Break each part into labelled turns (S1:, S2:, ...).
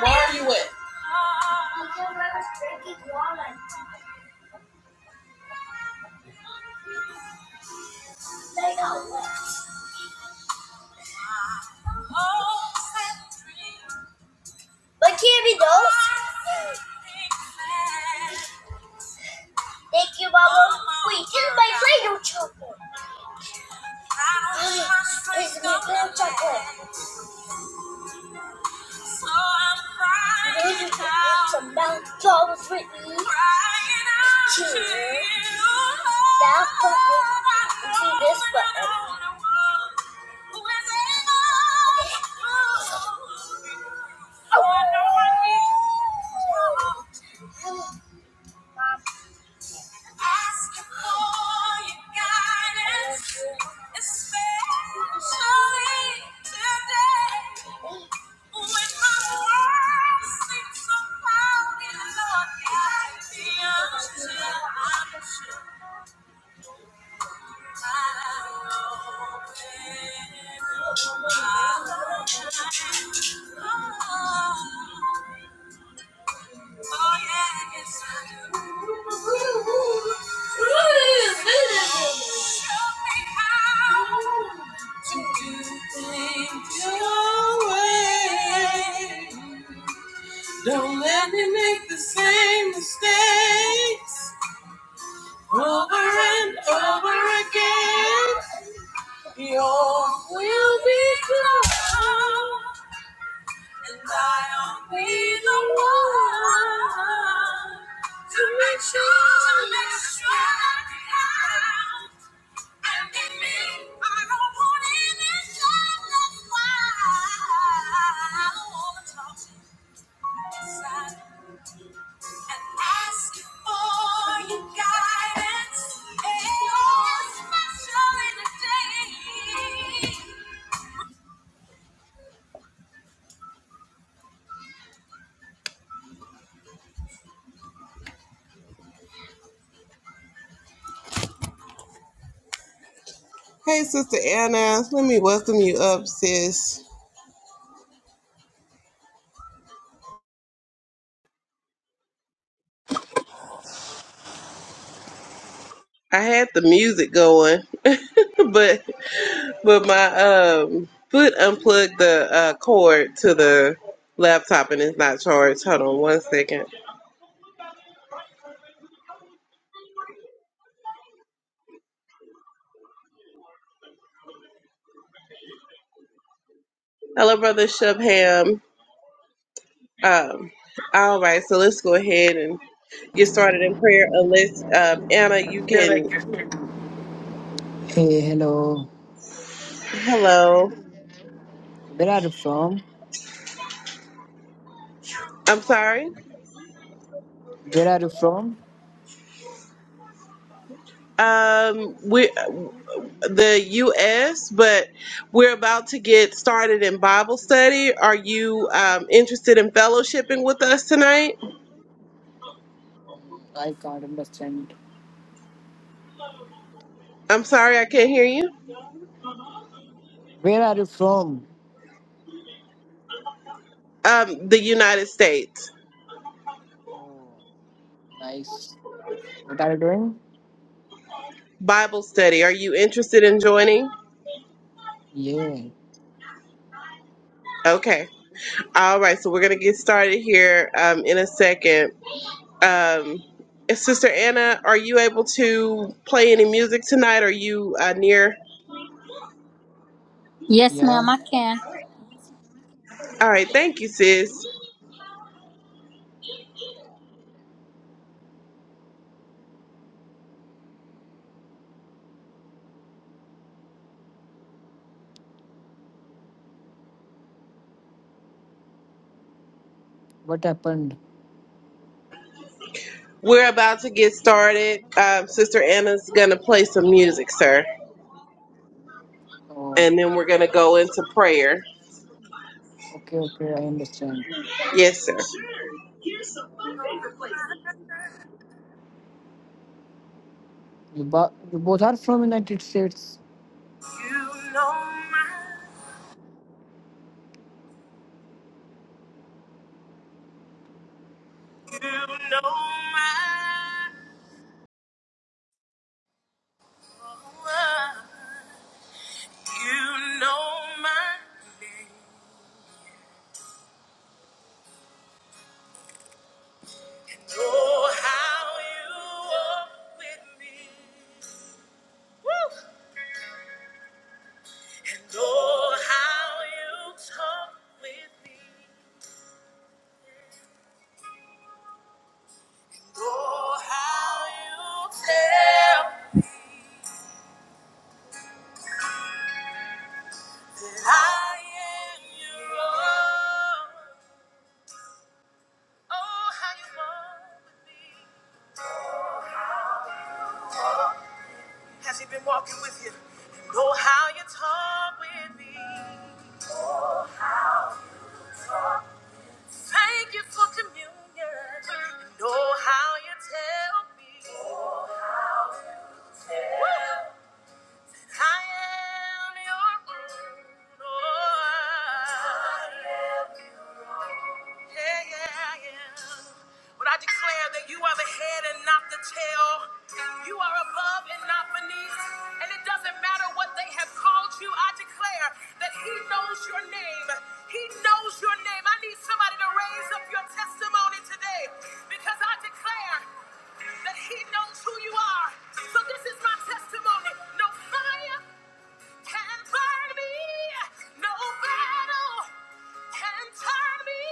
S1: Where are you at? To do things your way. Don't let me make the same mistakes over and over again. Your- Hey, Sister Anna, let me welcome you up, sis. I had the music going, but but my um foot unplugged the uh, cord to the laptop and it's not charged. Hold on one second. Hello, Brother Shubham. Um, all right, so let's go ahead and get started in prayer. Unless um, Anna, you can.
S2: Hey, hello.
S1: Hello.
S2: Where are you from?
S1: I'm sorry.
S2: Where are you from?
S1: Um, we the U.S., but we're about to get started in Bible study. Are you um, interested in fellowshipping with us tonight?
S2: I can't understand.
S1: I'm sorry, I can't hear you.
S2: Where are you from?
S1: Um, the United States
S2: Oh, nice. What are you doing?
S1: Bible study. Are you interested in joining?
S2: Yeah,
S1: Okay. All right, so we're gonna get started here um, in a second. Um, Sister Anna, are you able to play any music tonight? Are you uh, near?
S3: Yes,
S2: yeah.
S3: ma'am, I can.
S1: All right, thank you, sis.
S2: What happened?
S1: We're about to get started. Um, Sister Anna's going to play some music, sir.
S2: Oh,
S1: And then we're going to go into prayer.
S2: okay, okay. I understand.
S1: Yes, sir.
S2: You, bo- you both are from United States.
S3: You know my, you know my, oh, you know my name. And oh, how you walk with me. Woo! And oh, how you talk with me. Oh, how you tell that I am your own. Oh, how you walk with me. Has he been walking with you? And know how you talk with me. Thank you for communion. And know how you tell me. Woo! I am your own. Yeah, yeah, yeah. But I declare that you are the head and not the tail. You are above and not beneath. And it doesn't matter what they have called you. I declare that He knows your name. He knows your name. I need somebody to raise up your testimony today because I declare that He knows who you are. So this is my testimony. No fire can burn me. No battle can turn me.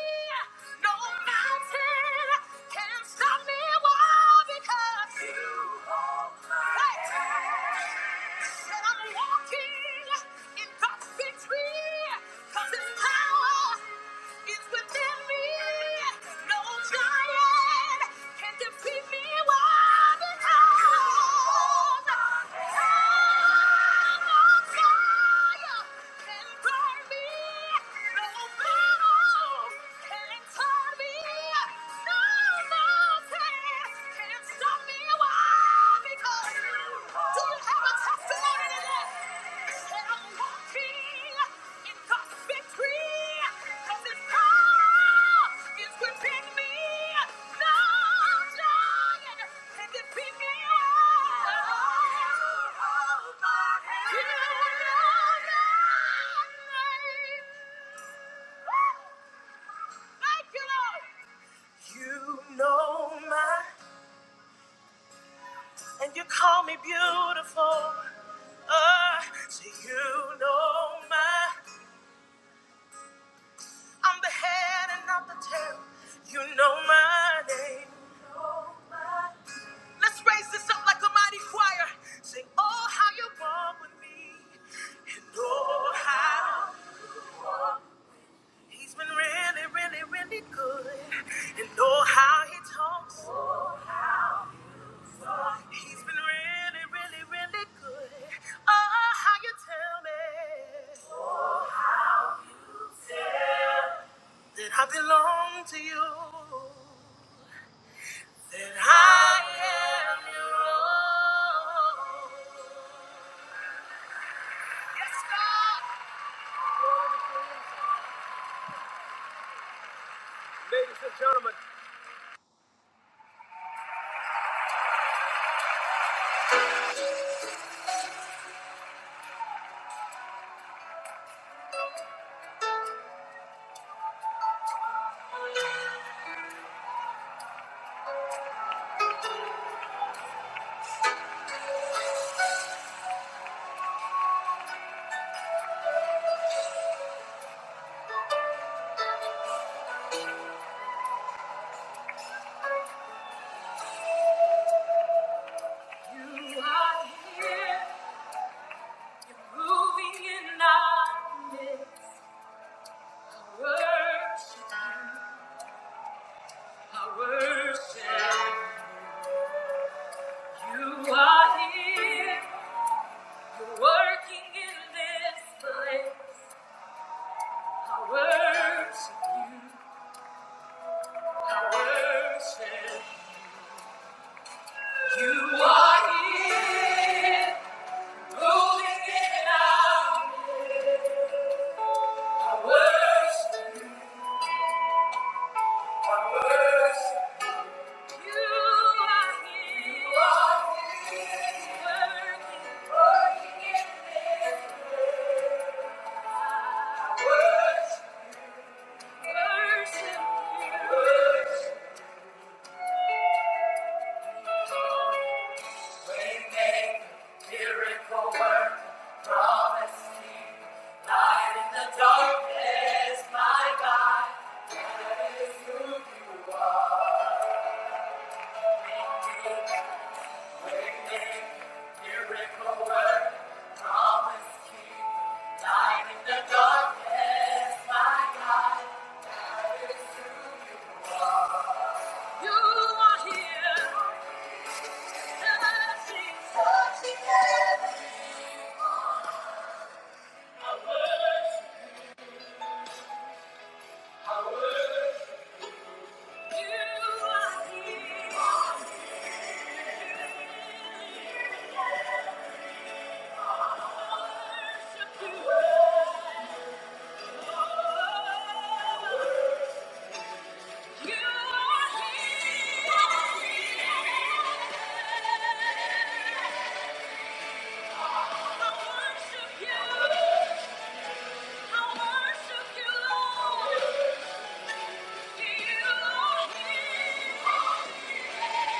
S3: No mountain can stop me. Why? Because you hold my hand. Said I'm walking in God's victory, 'cause His power is within me. No giant can defeat me. Why? Because I'm on fire. Can burn me. No battle can turn me. No, no. You know my And you call me beautiful. Uh, so you know my, I'm the head and not the tail. You know my name. Let's raise this up like a mighty choir. Sing, oh, how you walk with me. And oh, how he's been really, really, really good. And oh, how he talks. He's been really, really, really good. Oh, how you tell me that I belong to you. Then I am your own. Yes, God. You are here, moving in our midst. I worship, I worship. You are here, you're working in this place. I worship, I worship. You are here, moving in our midst. I worship, I worship. Darkness, my God, that is who you are. Thank you.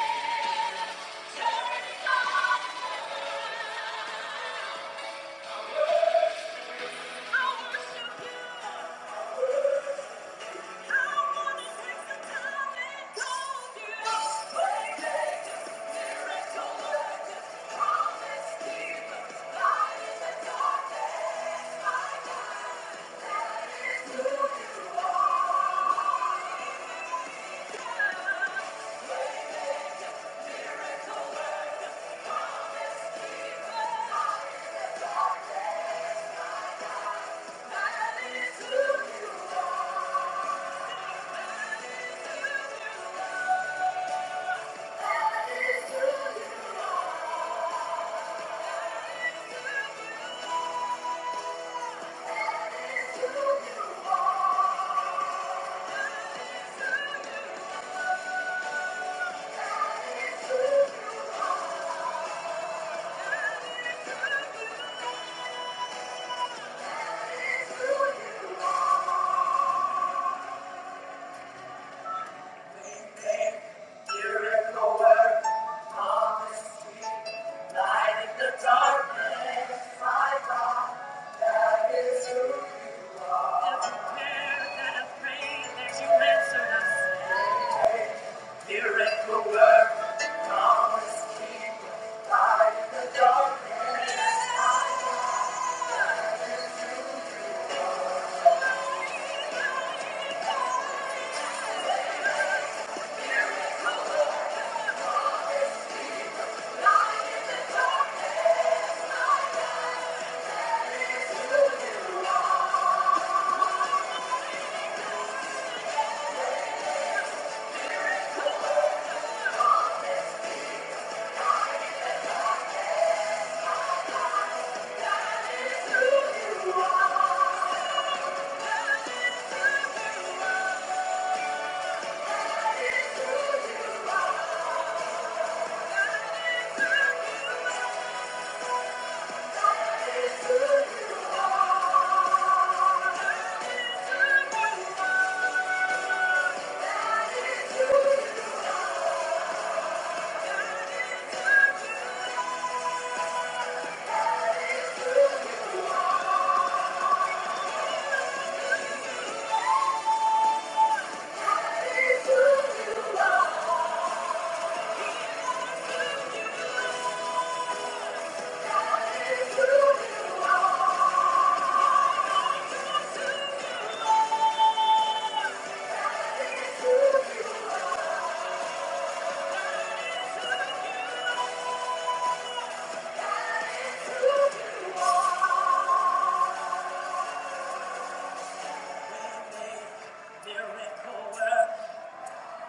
S3: Miracle work, we make miracle work,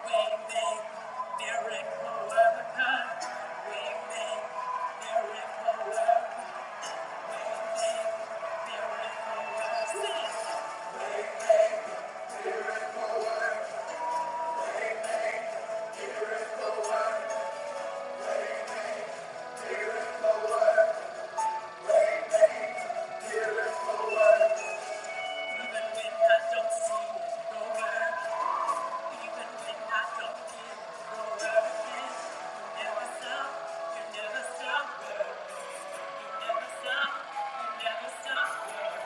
S3: we make miracle work, we make miracle work. Even when I don't see the word, even when I don't hear the word, you never stop, you never stop, you never stop, you never stop.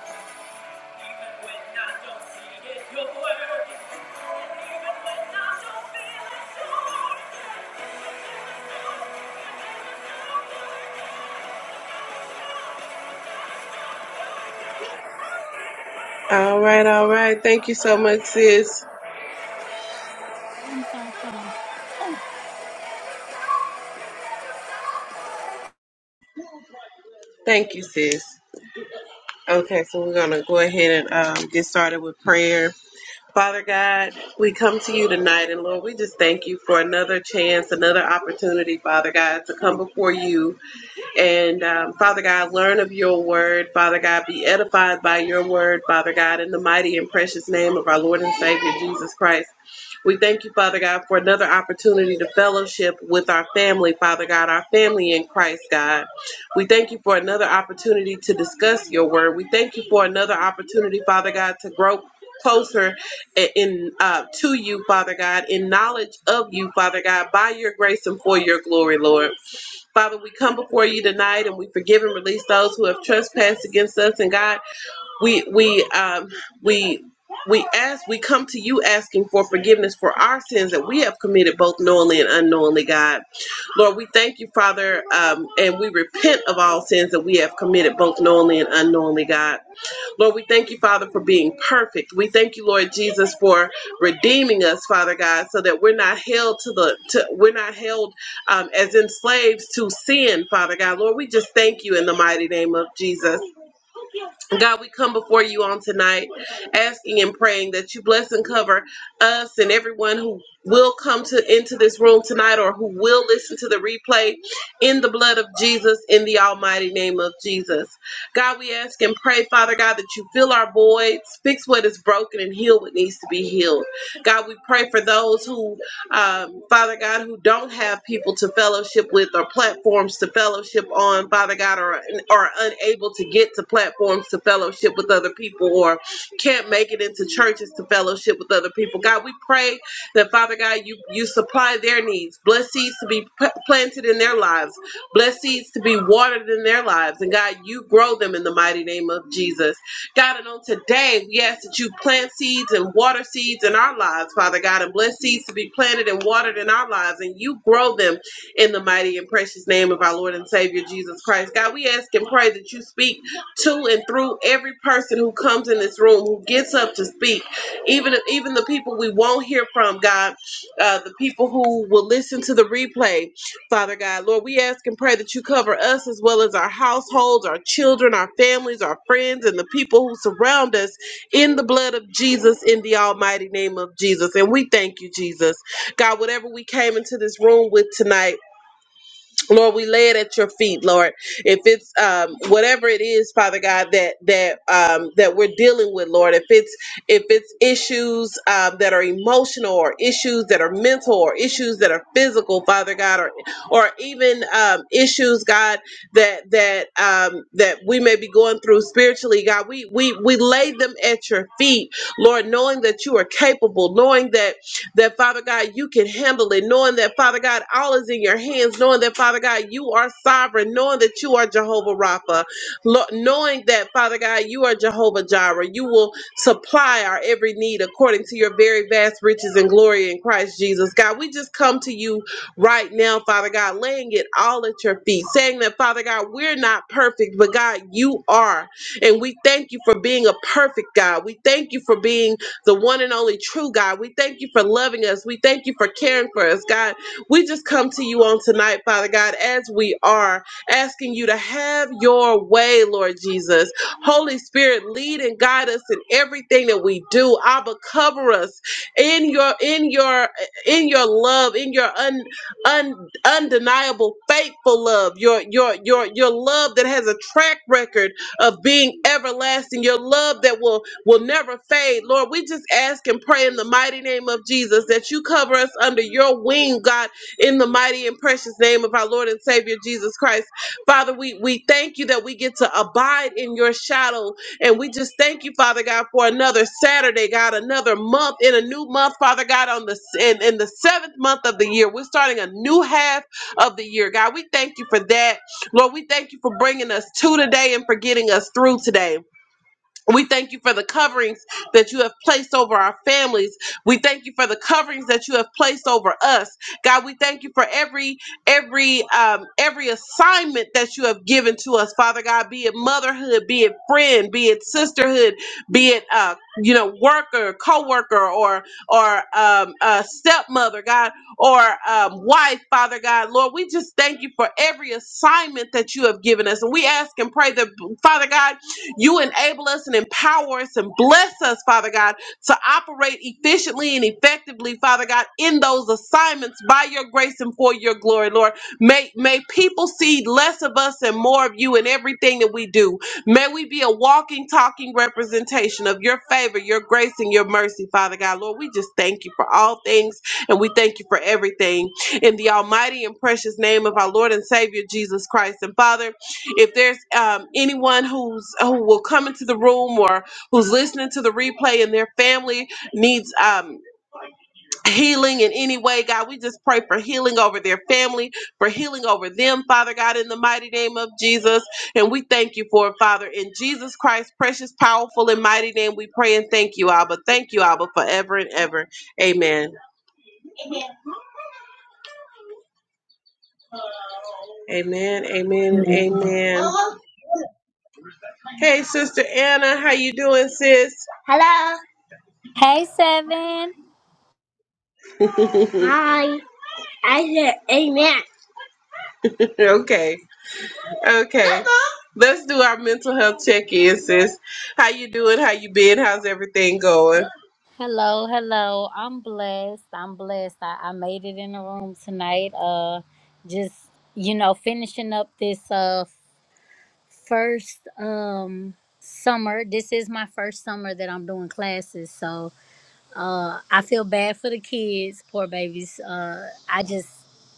S1: All right, all right. Thank you so much, sis.
S3: so
S1: Thank you, sis. Okay, so we're going to go ahead and um, get started with prayer. Father God, we come to you tonight, and Lord, we just thank you for another chance, another opportunity, Father God, to come before you and um, Father God, learn of your word. Father God, be edified by your word. Father God, in the mighty and precious name of our Lord and Savior Jesus Christ. We thank you, Father God, for another opportunity to fellowship with our family, Father God, our family in Christ, God. We thank you for another opportunity to discuss your word. We thank you for another opportunity, Father God, to grow closer in uh, to you, Father God, in knowledge of you, Father God, by your grace and for your glory, Lord. Father, we come before you tonight and we forgive and release those who have trespassed against us. And God, we we um we we ask we come to you asking for forgiveness for our sins that we have committed both knowingly and unknowingly god lord we thank you father um, and we repent of all sins that we have committed both knowingly and unknowingly god Lord, we thank you, Father, for being perfect. We thank you, Lord Jesus, for redeeming us, Father God, so that we're not held to the to, we're not held um, as in slaves to sin, Father God. Lord, we just thank you in the mighty name of Jesus. God, we come before you on tonight, asking and praying that you bless and cover us and everyone who will come to into this room tonight or who will listen to the replay in the blood of Jesus, in the almighty name of Jesus. God, we ask and pray, Father God, that you fill our voids, fix what is broken, and heal what needs to be healed. God, we pray for those who, um, Father God, who don't have people to fellowship with or platforms to fellowship on, Father God, or are unable to get to platforms to fellowship with other people or can't make it into churches to fellowship relationship with other people. God, we pray that Father God, you you supply their needs. Bless seeds to be p- planted in their lives. Bless seeds to be watered in their lives. And God, you grow them in the mighty name of Jesus. God, and on today, we ask that you plant seeds and water seeds in our lives, Father God, and bless seeds to be planted and watered in our lives, and you grow them in the mighty and precious name of our Lord and Savior Jesus Christ. God, we ask and pray that you speak to and through every person who comes in this room, who gets up to speak, even even the people we won't hear from, God, uh, the people who will listen to the replay, Father God, Lord, we ask and pray that you cover us as well as our households, our children, our families, our friends, and the people who surround us in the blood of Jesus, in the almighty name of Jesus, and we thank you, Jesus, God, whatever we came into this room with tonight. Lord, we lay it at your feet, Lord. If it's um, whatever it is, Father God, that that um, that we're dealing with, Lord. If it's if it's issues um, that are emotional, or issues that are mental, or issues that are physical, Father God, or or even um, issues, God, that that um, that we may be going through spiritually, God, we we we lay them at your feet, Lord, knowing that you are capable, knowing that that Father God, you can handle it, knowing that Father God, all is in your hands, knowing that Father God, you are sovereign, knowing that you are Jehovah Rapha, Lo- knowing that Father God, you are Jehovah Jireh, you will supply our every need according to your very vast riches and glory in Christ Jesus. God, we just come to you right now, Father God, laying it all at your feet, saying that Father God, we're not perfect, but God, you are. And we thank you for being a perfect God. We thank you for being the one and only true God. We thank you for loving us. We thank you for caring for us, God. We just come to you on tonight, Father God, as we are, asking you to have your way, Lord Jesus. Holy Spirit, lead and guide us in everything that we do. Abba, cover us in your in your in your love, in your un, un undeniable, faithful love, your your your your love that has a track record of being everlasting, your love that will will never fade. Lord, we just ask and pray in the mighty name of Jesus that you cover us under your wing, God, in the mighty and precious name of our Lord and Savior Jesus Christ. Father, we we thank you that we get to abide in your shadow and we just thank you, Father God, for another Saturday, God, another month in a new month, Father God, on the in, in the seventh month of the year. We're starting a new half of the year, God. We thank you for that. Lord, we thank you for bringing us to today and for getting us through today. We thank you for the coverings that you have placed over our families. We thank you for the coverings that you have placed over us. God, we thank you for every every um every assignment that you have given to us, Father God, be it motherhood, be it friend, be it sisterhood, be it uh you know worker, co-worker or or um uh stepmother, God, or um wife, Father God. Lord, we just thank you for every assignment that you have given us. And we ask and pray that Father God you enable us and empower us and bless us, Father God, to operate efficiently and effectively, Father God, in those assignments by your grace and for your glory, Lord. May, may people see less of us and more of you in everything that we do. May we be a walking, talking representation of your favor, your grace, and your mercy, Father God. Lord, we just thank you for all things and we thank you for everything. In the almighty and precious name of our Lord and Savior Jesus Christ. And Father, if there's um, anyone who's who will come into the room or who's listening to the replay and their family needs um, healing in any way, God, we just pray for healing over their family, for healing over them, Father God, in the mighty name of Jesus. And we thank you for it, Father. In Jesus Christ's precious, powerful, and mighty name, we pray and thank you, Abba. Thank you, Abba, forever and ever. Amen. Amen. Amen. and Amen. Hey, Sister Anna, how you doing, sis?
S3: Hey Seven.
S1: Hi. Okay. Okay. Let's do our mental health check-in, sis. How you doing? How you been? How's everything going?
S3: Hello, hello. I'm blessed. I'm blessed. I, I made it in the room tonight. Uh just you know, finishing up this uh first um summer. This is my first summer that I'm doing classes, so uh I feel bad for the kids, poor babies. Uh I just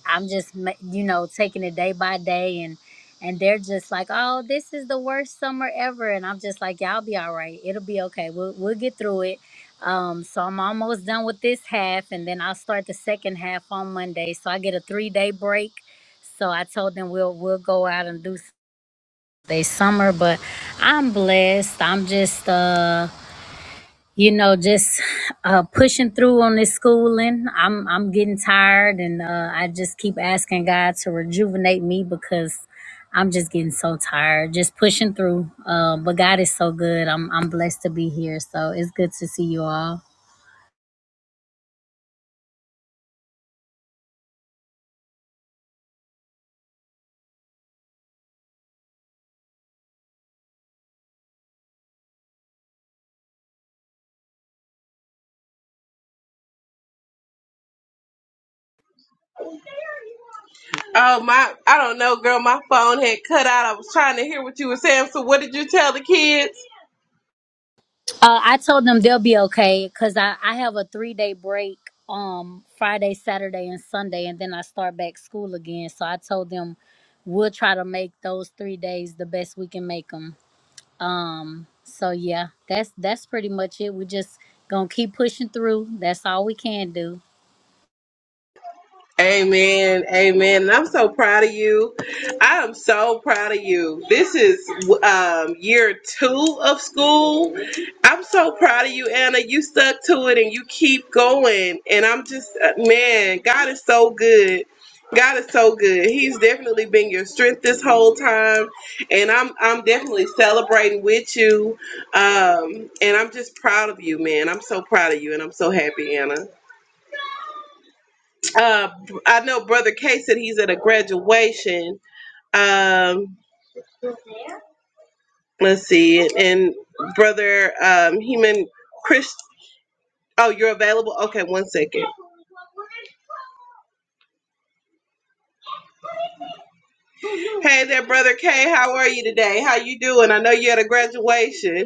S3: I'm just ma- you know taking it day by day and and they're just like, "Oh, this is the worst summer ever." And I'm just like, "Y'all be all right. It'll be okay. We'll we'll get through it." Um so I'm almost done with this half and then I'll start the second half on Monday. So I get a 3-day break. So I told them we'll we'll go out and do they summer, but I'm blessed. I'm just uh you know just uh pushing through on this schooling. I'm I'm getting tired and uh I just keep asking God to rejuvenate me because I'm just getting so tired, just pushing through. Uh, but God is so good. I'm I'm blessed to be here. So it's good to see you all.
S1: Oh my I don't know, girl. My phone had cut out. I was trying to hear what you were saying. So what did you tell the kids?
S3: Uh, I told them they'll be okay because I, I have a three day break um Friday, Saturday, and Sunday, and then I start back school again. So I told them we'll try to make those three days the best we can make them. Um, so yeah, that's that's pretty much it. We just gonna keep pushing through. That's all we can do.
S1: Amen. Amen. And I'm so proud of you. I am so proud of you. This is um, year two of school. I'm so proud of you, Anna. You stuck to it and you keep going. And I'm just, uh, man, God is so good. God is so good. He's definitely been your strength this whole time, and I'm I'm definitely celebrating with you. Um, and I'm just proud of you, man. I'm so proud of you, and I'm so happy, Anna. Uh, I know Brother K said he's at a graduation. Um, let's see, and Brother um, Heman Chris. Oh, you're available. Okay, one second. Hey there, Brother K. How are you today? How you doing? I know you're at a graduation.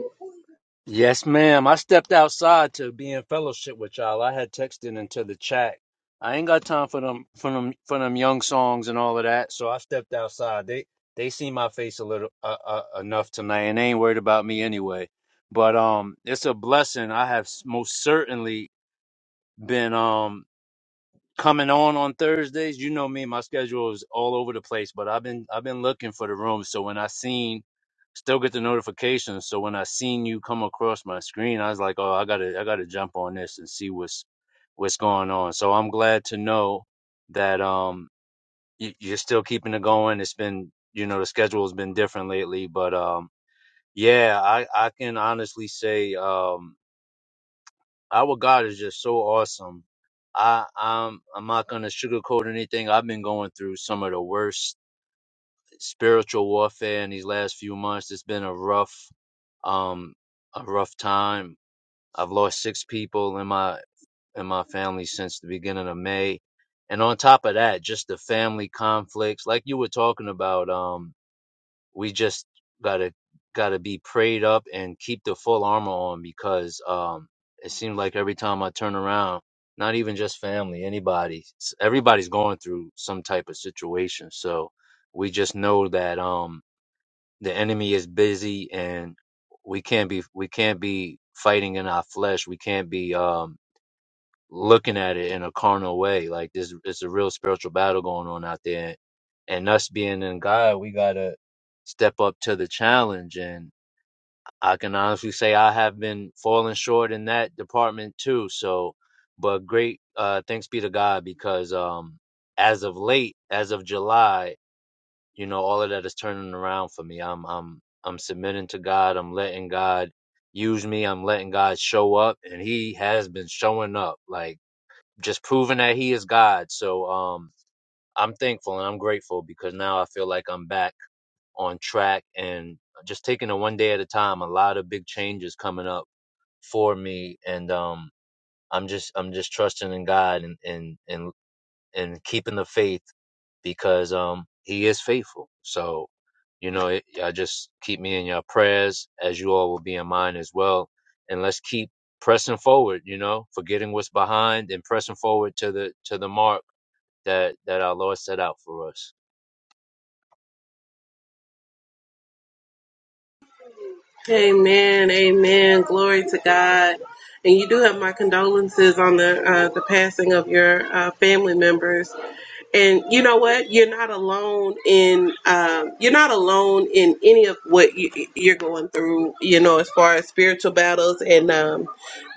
S4: Yes, ma'am. I stepped outside to be in fellowship with y'all. I had texted into the chat. I ain't got time for them for them for them young songs and all of that. So I stepped outside. They they see my face a little uh, uh, enough tonight, and they ain't worried about me anyway. But um, it's a blessing. I have s- most certainly been um coming on on Thursdays. You know me, my schedule is all over the place, but I've been I've been looking for the room. So when I seen, still get the notifications. So when I seen you come across my screen, I was like, oh, I gotta I gotta jump on this and see what's what's going on. So I'm glad to know that um you, you're still keeping it going. It's been you know the schedule has been different lately, but um yeah, I I can honestly say um our God is just so awesome. I I'm I'm not gonna sugarcoat anything. I've been going through some of the worst spiritual warfare in these last few months. It's been a rough um a rough time. I've lost six people in my in my family since the beginning of May. And on top of that, just the family conflicts, like you were talking about. Um, we just gotta gotta be prayed up and keep the full armor on because um it seems like every time I turn around, not even just family, anybody, s- everybody's going through some type of situation. So we just know that um the enemy is busy and we can't be we can't be fighting in our flesh. We can't be um looking at it in a carnal way. Like this, it's a real spiritual battle going on out there. And us being in God, we gotta step up to the challenge. And I can honestly say I have been falling short in that department too. So, but great, uh, thanks be to God because um, as of late, as of July, you know, all of that is turning around for me. I'm, I'm, I'm submitting to God. I'm letting God use me. I'm letting God show up, and He has been showing up. Like just proving that he is God. So um I'm thankful and I'm grateful because now I feel like I'm back on track and just taking it one day at a time. A lot of big changes coming up for me and um I'm just I'm just trusting in God and and and, and keeping the faith because um he is faithful. So you know, it, y'all just keep me in your prayers as you all will be in mine as well. And let's keep pressing forward, you know, forgetting what's behind and pressing forward to the to the mark that that our Lord set out for us.
S1: Amen. Amen. Glory to God. And you do have my condolences on the uh, the passing of your uh, family members. And you know what? You're not alone in um, you're not alone in any of what you, you're going through. You know, as far as spiritual battles and um,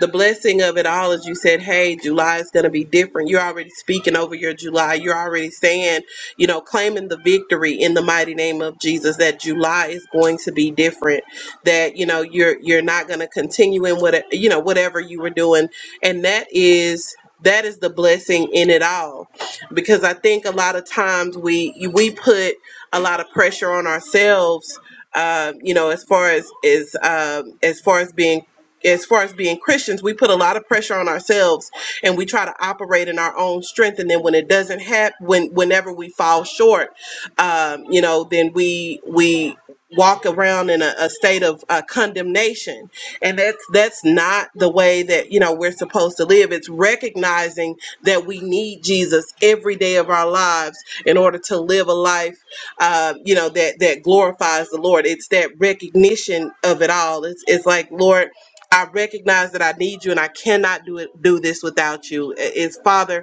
S1: the blessing of it all as you said, "Hey, July is going to be different." You're already speaking over your July. You're already saying, you know, claiming the victory in the mighty name of Jesus that July is going to be different that you know you're you're not going to continue in what you know whatever you were doing and that is that is the blessing in it all because i think a lot of times we we put a lot of pressure on ourselves um, you know as far as is um, as far as being as far as being Christians, we put a lot of pressure on ourselves and we try to operate in our own strength. And then when it doesn't happen, when whenever we fall short, um, you know, then we we walk around in a, a state of uh, condemnation and that's that's not the way that you know we're supposed to live it's recognizing that we need jesus every day of our lives in order to live a life uh, you know that that glorifies the lord it's that recognition of it all it's, it's like lord I recognize that I need you and I cannot do it do this without you. It's Father,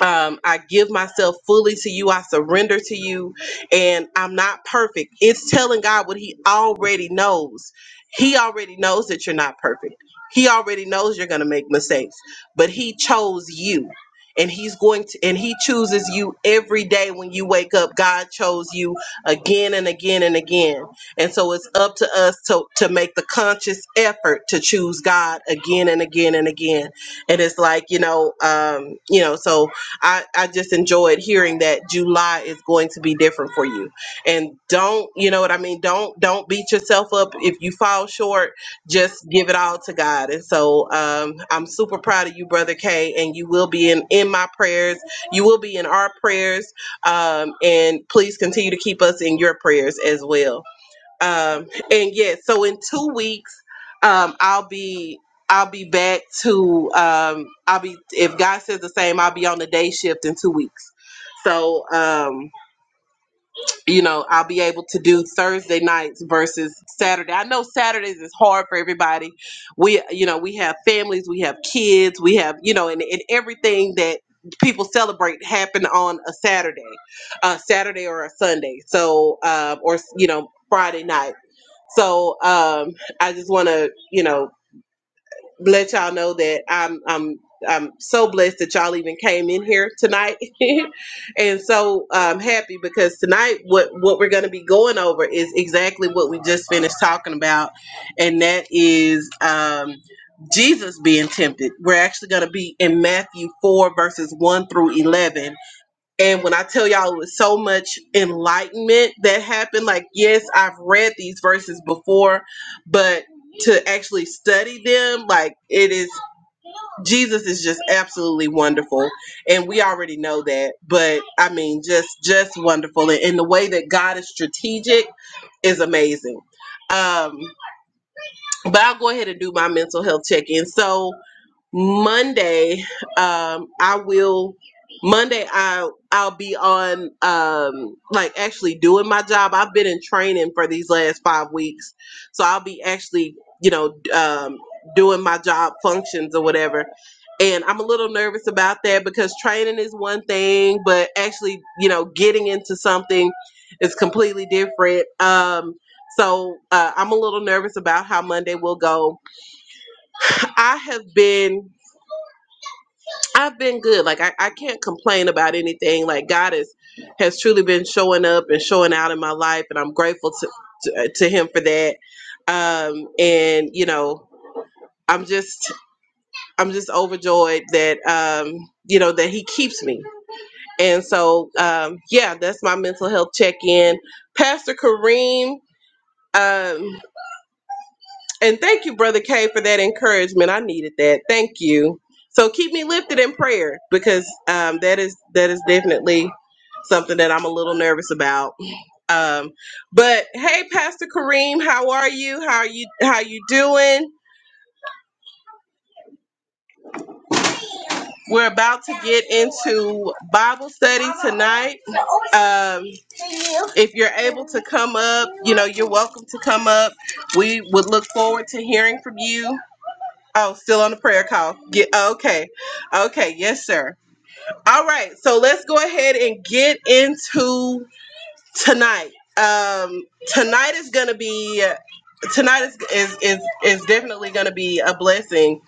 S1: um, I give myself fully to you. I surrender to you, and I'm not perfect. It's telling God what He already knows. He already knows that you're not perfect. He already knows you're going to make mistakes, but He chose you, and He's going to, and He chooses you every day when you wake up. God chose you again and again and again, and so it's up to us to to make the conscious effort to choose God again and again and again. And it's like you know, um, you know, so I, I just enjoyed hearing that July is going to be different for you. And don't, you know what I mean? Don't don't beat yourself up if you fall short. Just give it all to God. And so um, I'm super proud of you, brother K. And you will be in in my prayers. You will be in our prayers. Um, and please continue to keep us in your prayers as well um and yes so in two weeks um i'll be i'll be back to um i'll be if god says the same i'll be on the day shift in two weeks so um you know i'll be able to do thursday nights versus saturday i know saturdays is hard for everybody we you know we have families we have kids we have you know and, and everything that people celebrate happen on a saturday a saturday or a sunday so um or you know friday night so um, I just want to, you know, let y'all know that I'm I'm I'm so blessed that y'all even came in here tonight, and so um, happy because tonight what what we're going to be going over is exactly what we just finished talking about, and that is um, Jesus being tempted. We're actually going to be in Matthew four verses one through eleven and when I tell y'all it was so much enlightenment that happened, like, yes, I've read these verses before, but to actually study them, like, it is, Jesus is just absolutely wonderful. And we already know that, but I mean, just, just wonderful. And, and the way that God is strategic is amazing. Um, but I'll go ahead and do my mental health check in. So, Monday, um, I will. Monday, I I'll be on um, like actually doing my job. I've been in training for these last five weeks, so I'll be actually you know d- um, doing my job functions or whatever. And I'm a little nervous about that because training is one thing, but actually you know getting into something is completely different. Um, so uh, I'm a little nervous about how Monday will go. I have been. I've been good. Like I, I can't complain about anything. Like God is has truly been showing up and showing out in my life, and I'm grateful to to, uh, to Him for that. Um, and you know, I'm just I'm just overjoyed that um, you know that He keeps me. And so um, yeah, that's my mental health check in. Pastor Kareem. Um, And thank you, Brother K, for that encouragement. I needed that. Thank you. So keep me lifted in prayer because um, that is that is definitely something that I'm a little nervous about. Um, but hey, Pastor Kareem, how are you? How are you? How you doing? We're about to get into Bible study tonight. Um, if you're able to come up, you know you're welcome to come up. We would look forward to hearing from you. Oh, still on the prayer call. Get okay. Okay, yes, sir. All right, so let's go ahead and get into tonight. Um tonight is gonna be tonight is is is, is definitely gonna be a blessing.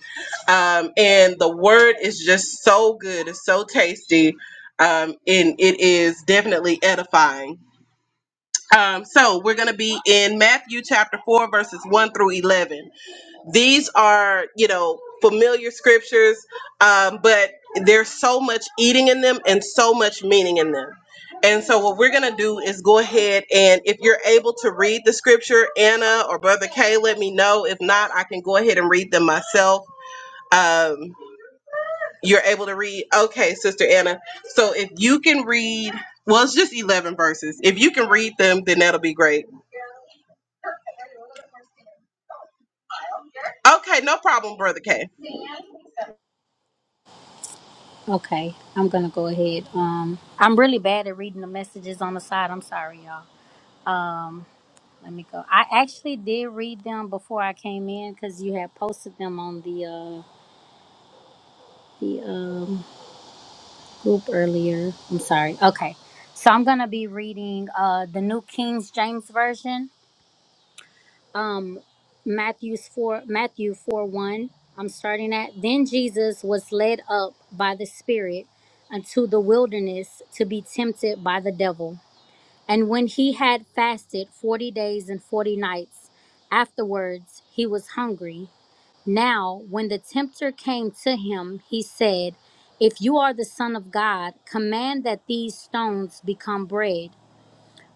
S1: Um and the word is just so good, it's so tasty. Um and it is definitely edifying. Um so we're gonna be in Matthew chapter four verses one through eleven these are you know familiar scriptures um, but there's so much eating in them and so much meaning in them and so what we're going to do is go ahead and if you're able to read the scripture anna or brother k let me know if not i can go ahead and read them myself um, you're able to read okay sister anna so if you can read well it's just 11 verses if you can read them then that'll be great okay no problem brother k
S3: Okay, I'm gonna go ahead. Um, I'm really bad at reading the messages on the side. I'm sorry, y'all. Um, Let me go. I actually did read them before I came in because you had posted them on the uh, the um, group earlier. I'm sorry. Okay, so I'm gonna be reading uh, the New King James Version. Um, Matthew's four Matthew four one. I'm starting at. Then Jesus was led up by the Spirit unto the wilderness to be tempted by the devil. And when he had fasted forty days and forty nights, afterwards he was hungry. Now, when the tempter came to him, he said, If you are the Son of God, command that these stones become bread.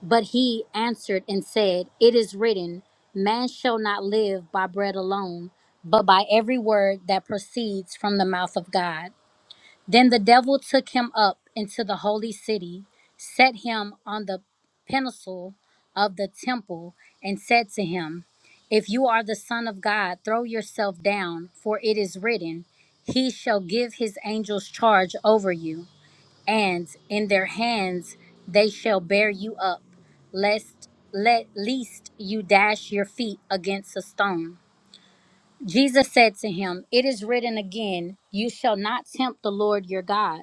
S3: But he answered and said, It is written, Man shall not live by bread alone, but by every word that proceeds from the mouth of God. Then the devil took him up into the holy city, set him on the pinnacle of the temple, and said to him, If you are the Son of God, throw yourself down, for it is written, 'He shall give his angels charge over you, and in their hands they shall bear you up, lest let least you dash your feet against a stone. Jesus said to him, It is written again, You shall not tempt the Lord your God.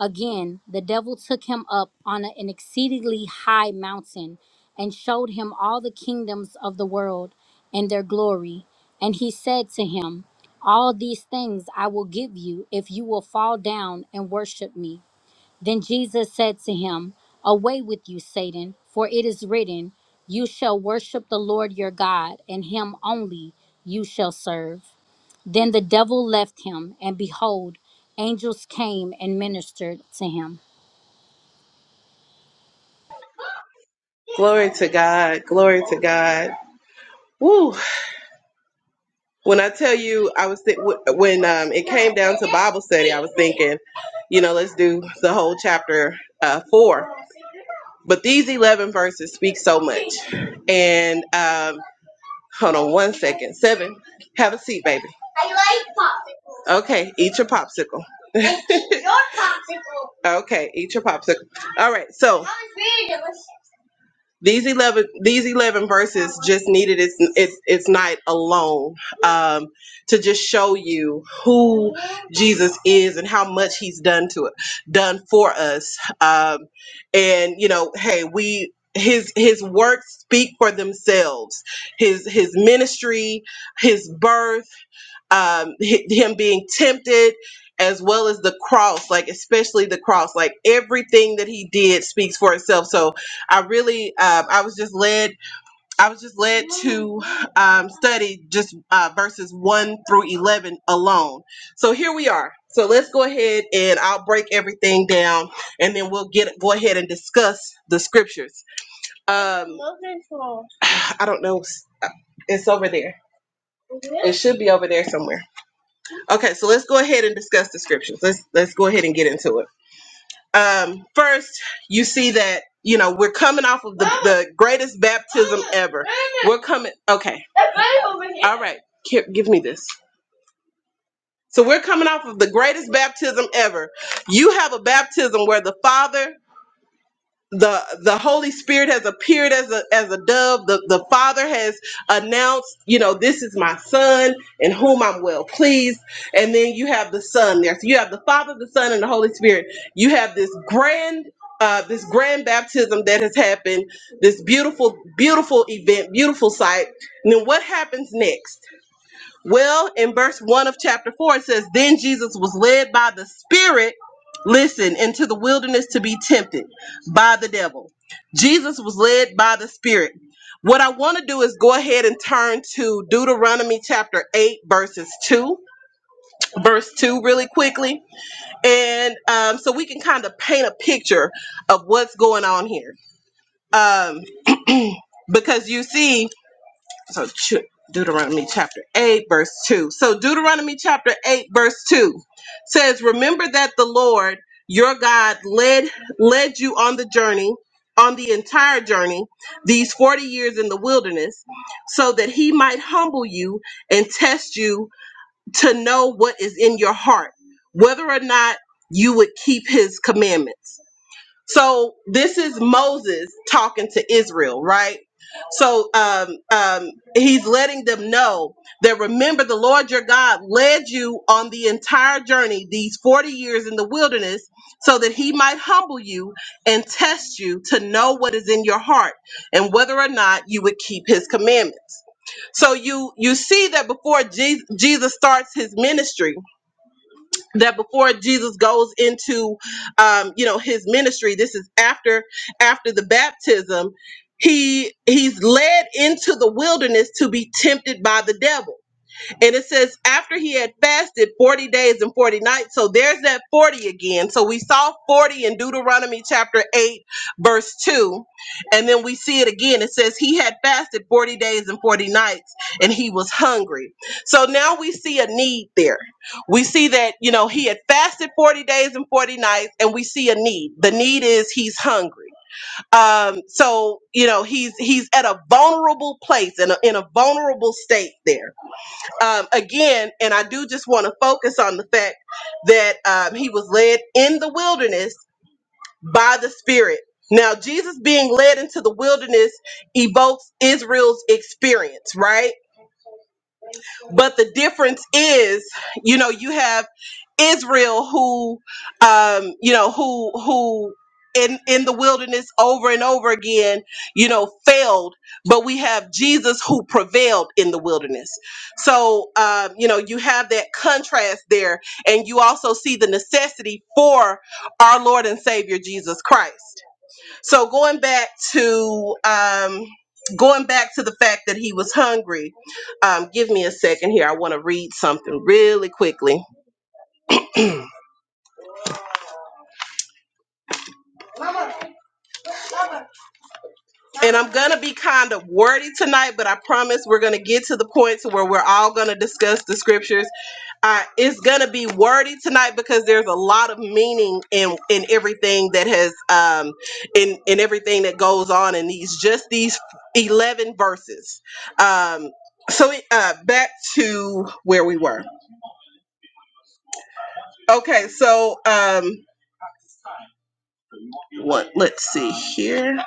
S3: Again, the devil took him up on a- an exceedingly high mountain and showed him all the kingdoms of the world and their glory. And he said to him, All these things I will give you if you will fall down and worship me. Then Jesus said to him, Away with you, Satan, for it is written, 'You shall worship the Lord your God, and him only you shall serve. Then the devil left him, and behold, angels came and ministered to him.
S1: Glory to God. Glory to God. Woo. When I tell you, I was thi- when um, it came down to Bible study, I was thinking, you know, let's do the whole chapter uh, four. But these eleven verses speak so much. And um, hold on one second. Seven. Have a seat, baby. Okay, eat your popsicle. Okay, eat your popsicle. All right, so these 11 these 11 verses just needed its its, its night alone um, to just show you who jesus is and how much he's done to it done for us um, and you know hey we his his works speak for themselves his his ministry his birth um, hi- him being tempted as well as the cross like especially the cross like everything that he did speaks for itself so i really um, i was just led i was just led to um, study just uh, verses 1 through 11 alone so here we are so let's go ahead and i'll break everything down and then we'll get go ahead and discuss the scriptures um, i don't know it's over there it should be over there somewhere Okay, so let's go ahead and discuss the scriptures. Let's let's go ahead and get into it. Um, first, you see that you know we're coming off of the, the greatest baptism ever. We're coming. Okay. All right. Ki- Give me this. So we're coming off of the greatest baptism ever. You have a baptism where the Father the the holy spirit has appeared as a as a dove the the father has announced you know this is my son in whom i'm well pleased and then you have the son there so you have the father the son and the holy spirit you have this grand uh, this grand baptism that has happened this beautiful beautiful event beautiful sight and then what happens next well, in verse 1 of chapter 4, it says, Then Jesus was led by the Spirit, listen, into the wilderness to be tempted by the devil. Jesus was led by the Spirit. What I want to do is go ahead and turn to Deuteronomy chapter 8, verses 2. Verse 2, really quickly. And um, so we can kind of paint a picture of what's going on here. Um, because you see, so ch- Deuteronomy chapter 8, verse 2. So Deuteronomy chapter 8, verse 2 says, Remember that the Lord your God led led you on the journey, on the entire journey, these 40 years in the wilderness, so that he might humble you and test you to know what is in your heart, whether or not you would keep his commandments. So this is Moses talking to Israel, right? So um, um, he's letting them know that remember the Lord your God led you on the entire journey, these 40 years in the wilderness, so that he might humble you and test you to know what is in your heart and whether or not you would keep his commandments. So you you see that before Jesus, Jesus starts his ministry, that before Jesus goes into um, you know his ministry, this is after after the baptism, he he's led into the wilderness to be tempted by the devil. And it says, after he had fasted 40 days and 40 nights. So there's that 40 again. So we saw 40 in Deuteronomy chapter 8, verse 2. And then we see it again. It says, he had fasted 40 days and 40 nights and he was hungry. So now we see a need there. We see that, you know, he had fasted 40 days and 40 nights and we see a need. The need is he's hungry um so you know he's he's at a vulnerable place and in a in a vulnerable state there um, again, and I do just want to focus on the fact that um, he was led in the wilderness by the Spirit. Now, Jesus being led into the wilderness evokes Israel's experience, right? But the difference is, you know, you have Israel who, um, you know, who who in in the wilderness over and over again, you know, failed. But we have Jesus who prevailed in the wilderness. So, um, you know, you have that contrast there, and you also see the necessity for our Lord and Savior Jesus Christ. So going back to um, going back to the fact that he was hungry. Um, give me a second here. I want to read something really quickly. and I'm gonna be kind of wordy tonight, but I promise we're gonna get to the point to where we're all gonna discuss the scriptures. Uh, it's gonna be wordy tonight because there's a lot of meaning in in everything that has um in in everything that goes on in these just these eleven verses. Um, so uh, back to where we were. Okay, so um, what? Let's see here.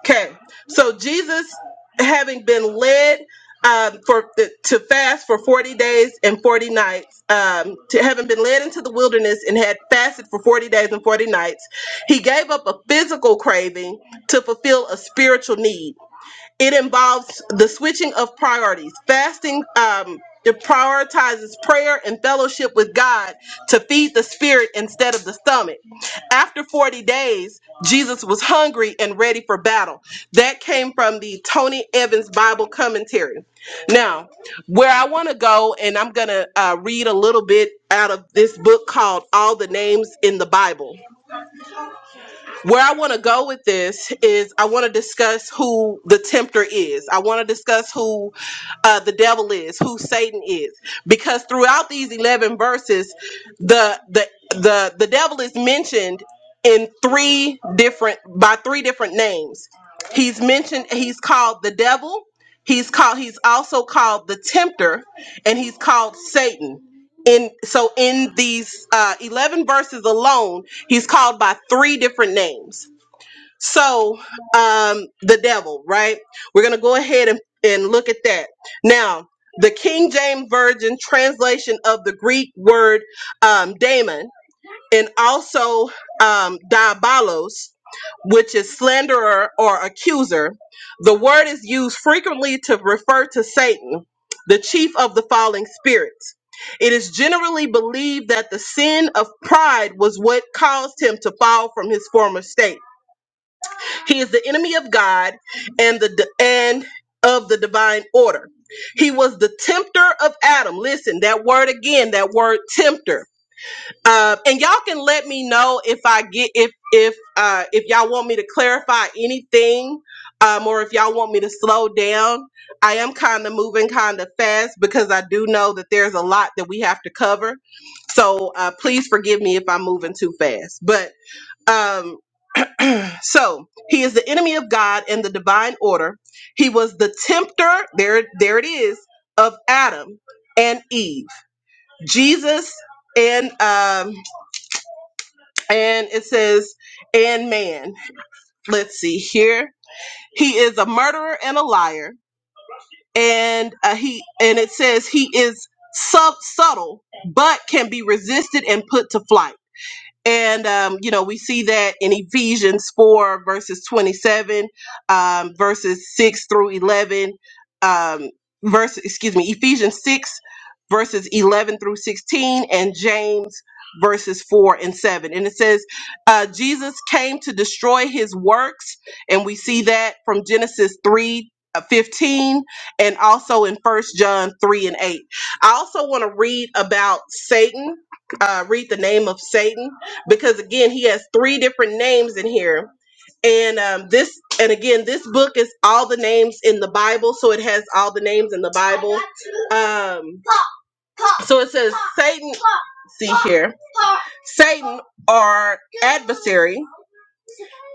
S1: Okay, so Jesus, having been led um, for the, to fast for forty days and forty nights, um, to having been led into the wilderness and had fasted for forty days and forty nights, he gave up a physical craving to fulfill a spiritual need. It involves the switching of priorities. Fasting um, it prioritizes prayer and fellowship with God to feed the spirit instead of the stomach. After 40 days, Jesus was hungry and ready for battle. That came from the Tony Evans Bible commentary. Now, where I want to go, and I'm going to uh, read a little bit out of this book called All the Names in the Bible where I want to go with this is I want to discuss who the tempter is. I want to discuss who uh, the devil is, who Satan is, because throughout these eleven verses, the the the the devil is mentioned in three different by three different names. He's mentioned. He's called the devil. He's called. He's also called the tempter, and he's called Satan in so in these uh, 11 verses alone he's called by three different names so um the devil right we're gonna go ahead and, and look at that now the king james version translation of the greek word um, daemon and also um, diabolos, which is slanderer or accuser. The word is used frequently to refer to Satan, the chief of the falling spirits. It is generally believed that the sin of pride was what caused him to fall from his former state. He is the enemy of God and the di- and of the divine order. He was the tempter of Adam. Listen, that word again, that word tempter. Um, and y'all can let me know if I get if if uh, if y'all want me to clarify anything, um, or if y'all want me to slow down. I am kind of moving kind of fast because I do know that there's a lot that we have to cover. So uh, please forgive me if I'm moving too fast. But um, so he is the enemy of God and the divine order. He was the tempter. There, there it is of Adam and Eve. Jesus and um, and it says, and man, let's see here. He is a murderer and a liar. And uh, he and it says he is sub subtle, but can be resisted and put to flight. And, um, you know, we see that in Ephesians 4, verses 27, um, verses 6 through 11, um, verse, excuse me, Ephesians 6, verses 11 through 16, and James, verses 4 and 7. And it says, uh, Jesus came to destroy his works. And we see that from Genesis 3. uh, 15 and also in first john 3 and 8 i also want to read about satan uh, read the name of satan because again he has three different names in here and um, this and again this book is all the names in the bible so it has all the names in the bible um, so it says satan see here satan our adversary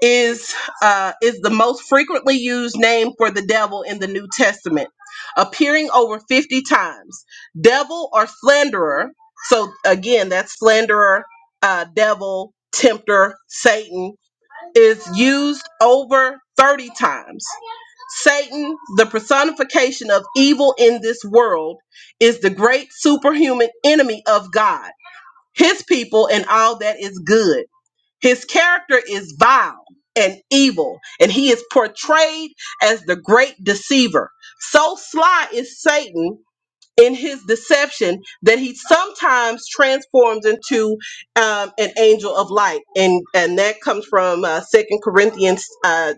S1: is uh, is the most frequently used name for the devil in the new testament appearing over 50 times devil or slanderer so again that's slanderer uh, devil tempter satan is used over 30 times. Satan, the personification of evil in this world, is the great superhuman enemy of God, his people, and all that is good. His character is vile and evil, and he is portrayed as the great deceiver. So sly is Satan in his deception that he sometimes transforms into um, an angel of light and and that comes from uh, second corinthians uh,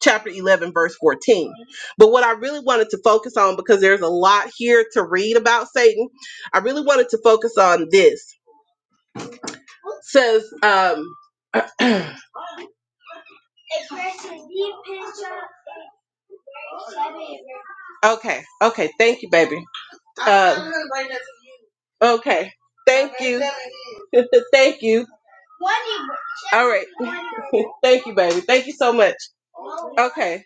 S1: chapter 11 verse 14 but what i really wanted to focus on because there's a lot here to read about satan i really wanted to focus on this It says um okay okay thank you baby um, okay thank you thank you All right. Thank you, baby. Thank you so much. Okay.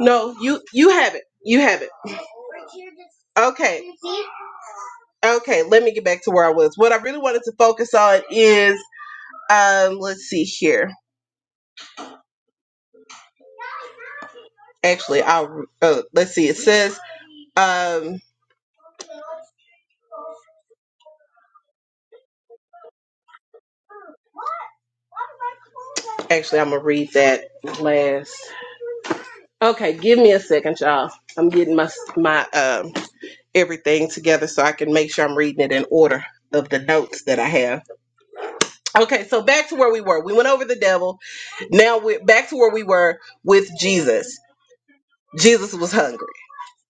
S1: No, you you have it. You have it. Okay. Okay, let me get back to where I was. What I really wanted to focus on is um let's see here. Actually, I'll uh, let's see. It says um actually I'm going to read that last. Okay, give me a second, y'all. I'm getting my my um everything together so I can make sure I'm reading it in order of the notes that I have. Okay, so back to where we were. We went over the devil. Now we're back to where we were with Jesus. Jesus was hungry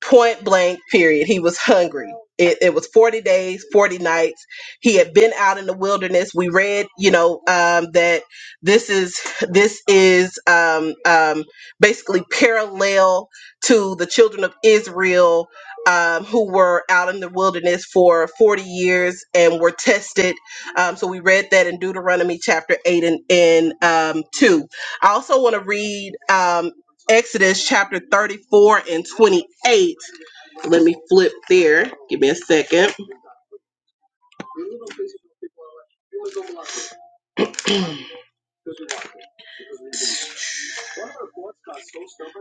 S1: point blank period he was hungry it, it was 40 days 40 nights he had been out in the wilderness we read you know um, that this is this is um, um, basically parallel to the children of israel um, who were out in the wilderness for 40 years and were tested um, so we read that in deuteronomy chapter 8 and, and um, 2 i also want to read um, Exodus chapter 34 and 28. Let me flip there. Give me a second.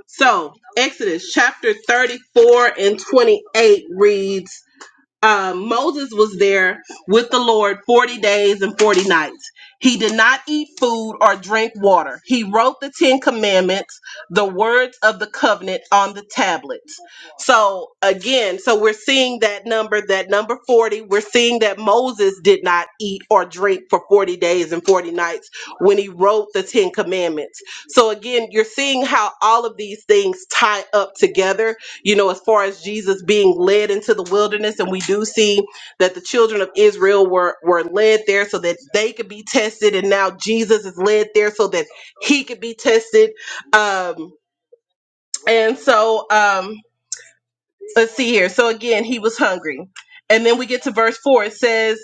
S1: So, Exodus chapter 34 and 28 reads um, Moses was there with the Lord 40 days and 40 nights. He did not eat food or drink water. He wrote the Ten Commandments, the words of the covenant on the tablets. So, again, so we're seeing that number, that number 40, we're seeing that Moses did not eat or drink for 40 days and 40 nights when he wrote the Ten Commandments. So, again, you're seeing how all of these things tie up together you know, as far as Jesus being led into the wilderness, and we do see that the children of Israel were were led there so that they could be tested, and now Jesus is led there so that he could be tested. Um, and so, um, let's see here. So again, he was hungry, and then we get to verse four. It says,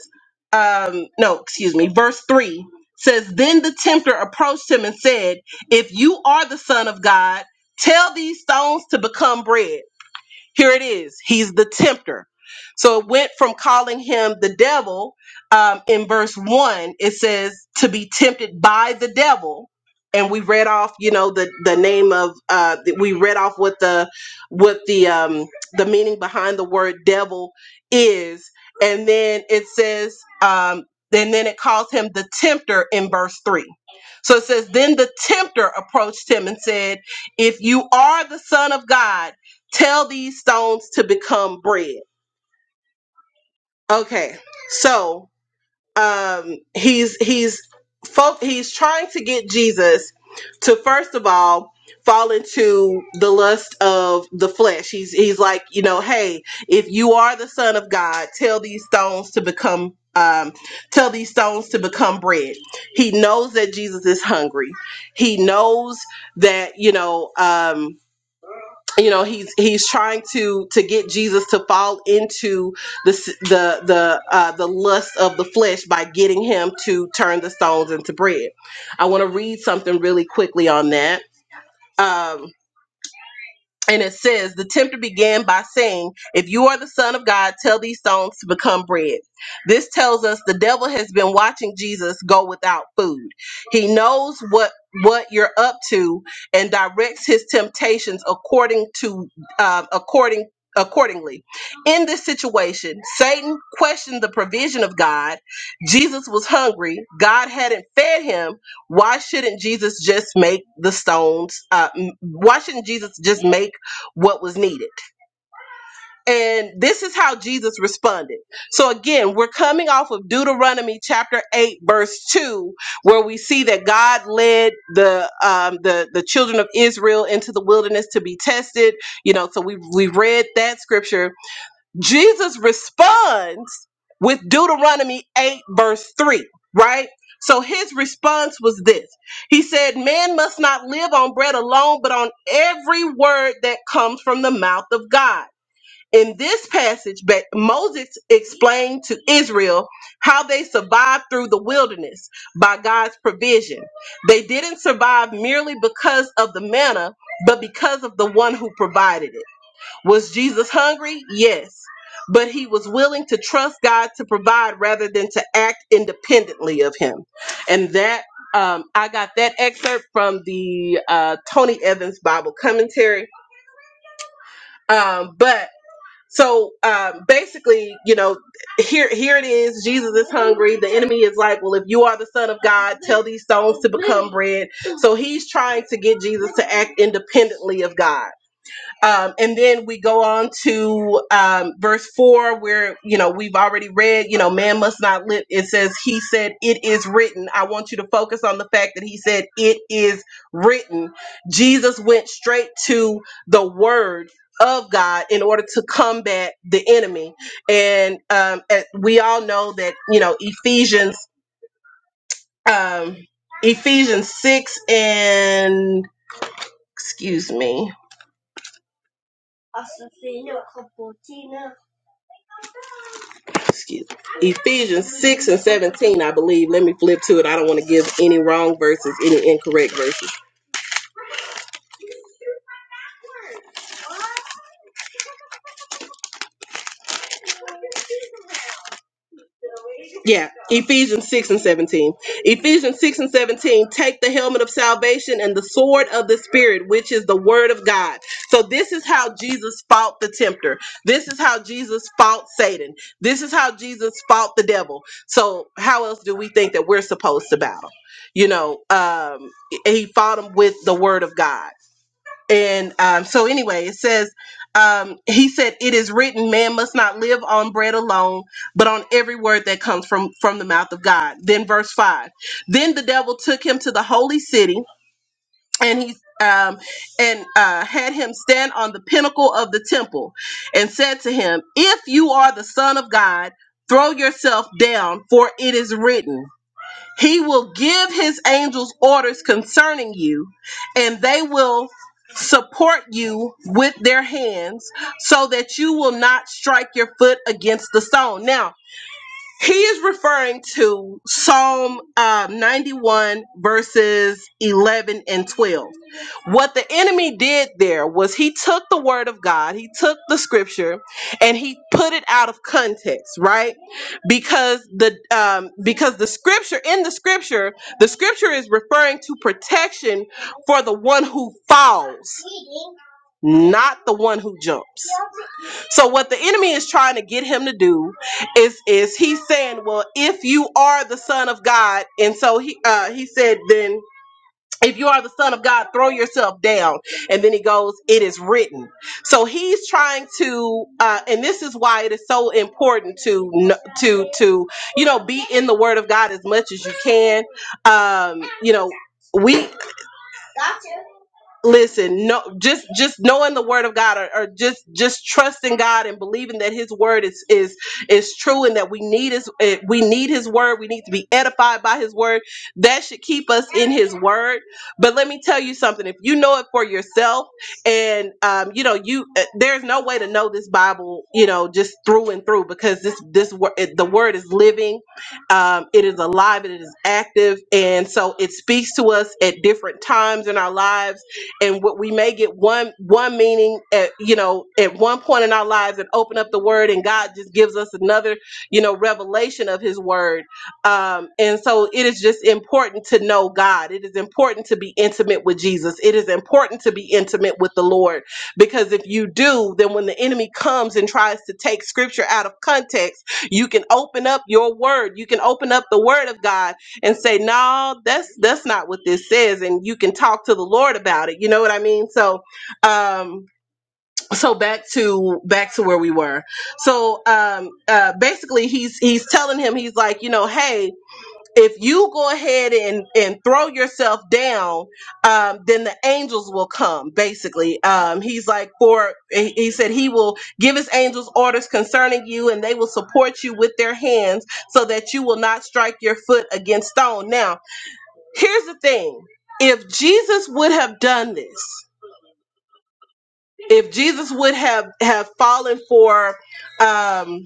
S1: um, no, excuse me, verse three says, then the tempter approached him and said, 'If you are the Son of God, tell these stones to become bread." Here it is. He's the tempter. So it went from calling him the devil um, in verse one. It says to be tempted by the devil, and we read off, you know, the the name of uh, that we read off what the what the um, the meaning behind the word devil is, and then it says, um, and then it calls him the tempter in verse three. So it says, then the tempter approached him and said, "If you are the son of God." tell these stones to become bread okay so um he's he's folk he's trying to get jesus to first of all fall into the lust of the flesh he's he's like you know hey if you are the son of god tell these stones to become um tell these stones to become bread he knows that jesus is hungry he knows that you know um you know he's he's trying to to get Jesus to fall into the s- the the uh, the lust of the flesh by getting him to turn the stones into bread. I want to read something really quickly on that. Um, and it says the tempter began by saying if you are the son of god tell these stones to become bread this tells us the devil has been watching jesus go without food he knows what what you're up to and directs his temptations according to um, according accordingly in this situation satan questioned the provision of god jesus was hungry god hadn't fed him why shouldn't jesus just make the stones uh, m- why shouldn't jesus just make what was needed. And this is how Jesus responded. So again, we're coming off of Deuteronomy chapter 8 verse 2 where we see that God led the um the the children of Israel into the wilderness to be tested, you know, so we we read that scripture Jesus responds with Deuteronomy 8, verse 3, right? So his response was this He said, Man must not live on bread alone, but on every word that comes from the mouth of God. In this passage, Ba- Moses explained to Israel how they survived through the wilderness by God's provision. They didn't survive merely because of the manna, but because of the one who provided it. Was Jesus hungry? Yes. But he was willing to trust God to provide rather than to act independently of him. And that, um, I got that excerpt from the uh, Tony Evans Bible commentary. Um, but so um, basically, you know, here here it is. Jesus is hungry. The enemy is like, well, if you are the son of God, tell these stones to become bread. So he's trying to get Jesus to act independently of God um, and then we go on to um, verse four, where you know we've already read. You know, man must not live. It says, "He said it is written." I want you to focus on the fact that he said it is written. Jesus went straight to the word of God in order to combat the enemy, and um, and we all know that you know Ephesians, um, Ephesians six and excuse me, excuse me, Ephesians 6 and 17, I believe. Let me flip to it. I don't want to give any wrong verses, any incorrect verses. Yeah, Ephesians 6 and 17. Ephesians 6 and 17, take the helmet of salvation and the sword of the Spirit, which is the word of God. So, this is how Jesus fought the tempter. This is how Jesus fought Satan. This is how Jesus fought the devil. So, how else do we think that we're supposed to battle? You know, um, he fought him with the word of God And um, so, anyway, it says, um, he said, "It is written, man must not live on bread alone, but on every word that comes from from the mouth of God." Then, verse five. Then the devil took him to the holy city, and he um, and uh, had him stand on the pinnacle of the temple, and said to him, "If you are the Son of God." Throw yourself down, for it is written. He will give his angels orders concerning you, and they will support you with their hands so that you will not strike your foot against the stone. Now, he is referring to Psalm uh, 91, verses 11 and 12. What the enemy did there was he took the word of God, he took the scripture, and he put it out of context, right? Because the um, because the scripture in the scripture, the scripture is referring to protection for the one who falls, not the one who jumps. So what the enemy is trying to get him to do is is he's saying, well, if you are the son of God, and so he uh, he said, then if you are the son of God, throw yourself down. And then he goes, it is written. So he's trying to, uh, and this is why it is so important to kn- to to you know be in the Word of God as much as you can. Um, you know. We listen no just just knowing the word of god or, or just just trusting god and believing that his word is is is true and that we need his eh, we need his word we need to be edified by his word that should keep us in his word but let me tell you something if you know it for yourself and um you know you eh, there's no way to know this bible you know just through and through because this this word the word is living um, it is alive and it is active and so it speaks to us at different times in our lives and what we may get one one meaning at you know at one point in our lives and open up the word and god just gives us another you know revelation of his word um and so it is just important to know god it is important to be intimate with jesus it is important to be intimate with the lord because if you do then when the enemy comes and tries to take scripture out of context you can open up your word you can open up the word of god and say, "No, that's that's not what this says," and you can talk to the Lord about it. You know what I mean? So, um, so back to back to where we were. So, um, uh, basically, he's he's telling him, he's like, you know, hey. If you go ahead and, and throw yourself down, um, then the angels will come. Basically, um, he's like, for he he said he will give his angels orders concerning you, and they will support you with their hands so that you will not strike your foot against stone. Now, Here's the thing. If Jesus would have done this, if Jesus would have have fallen for um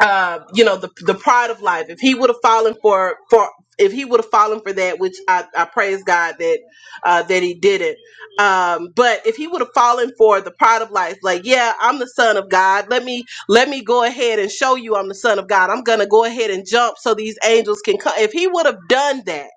S1: uh you know the the pride of life, if he would have fallen for for if he would have fallen for that, which I, I praise God that uh, that he didn't. Um, but if he would have fallen for the pride of life, like yeah, I'm the son of God. Let me let me go ahead and show you I'm the son of God. I'm gonna go ahead and jump so these angels can come. If he would have done that,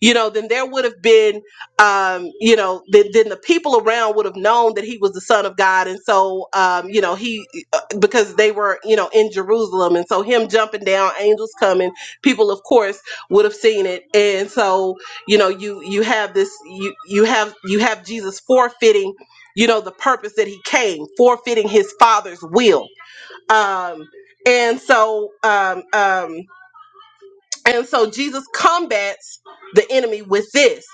S1: you know, then there would have been, um, you know, then, then the people around would have known that he was the son of God. And so, um, you know, he, uh, because they were, you know, in Jerusalem. And so him jumping down, angels coming, people, of course, would have seen it. And so, you know, you, you have this, you, you have, you have Jesus forfeiting, you know, the purpose that he came, forfeiting his father's will. Um, and so, um, um, and so Jesus combats the enemy with this.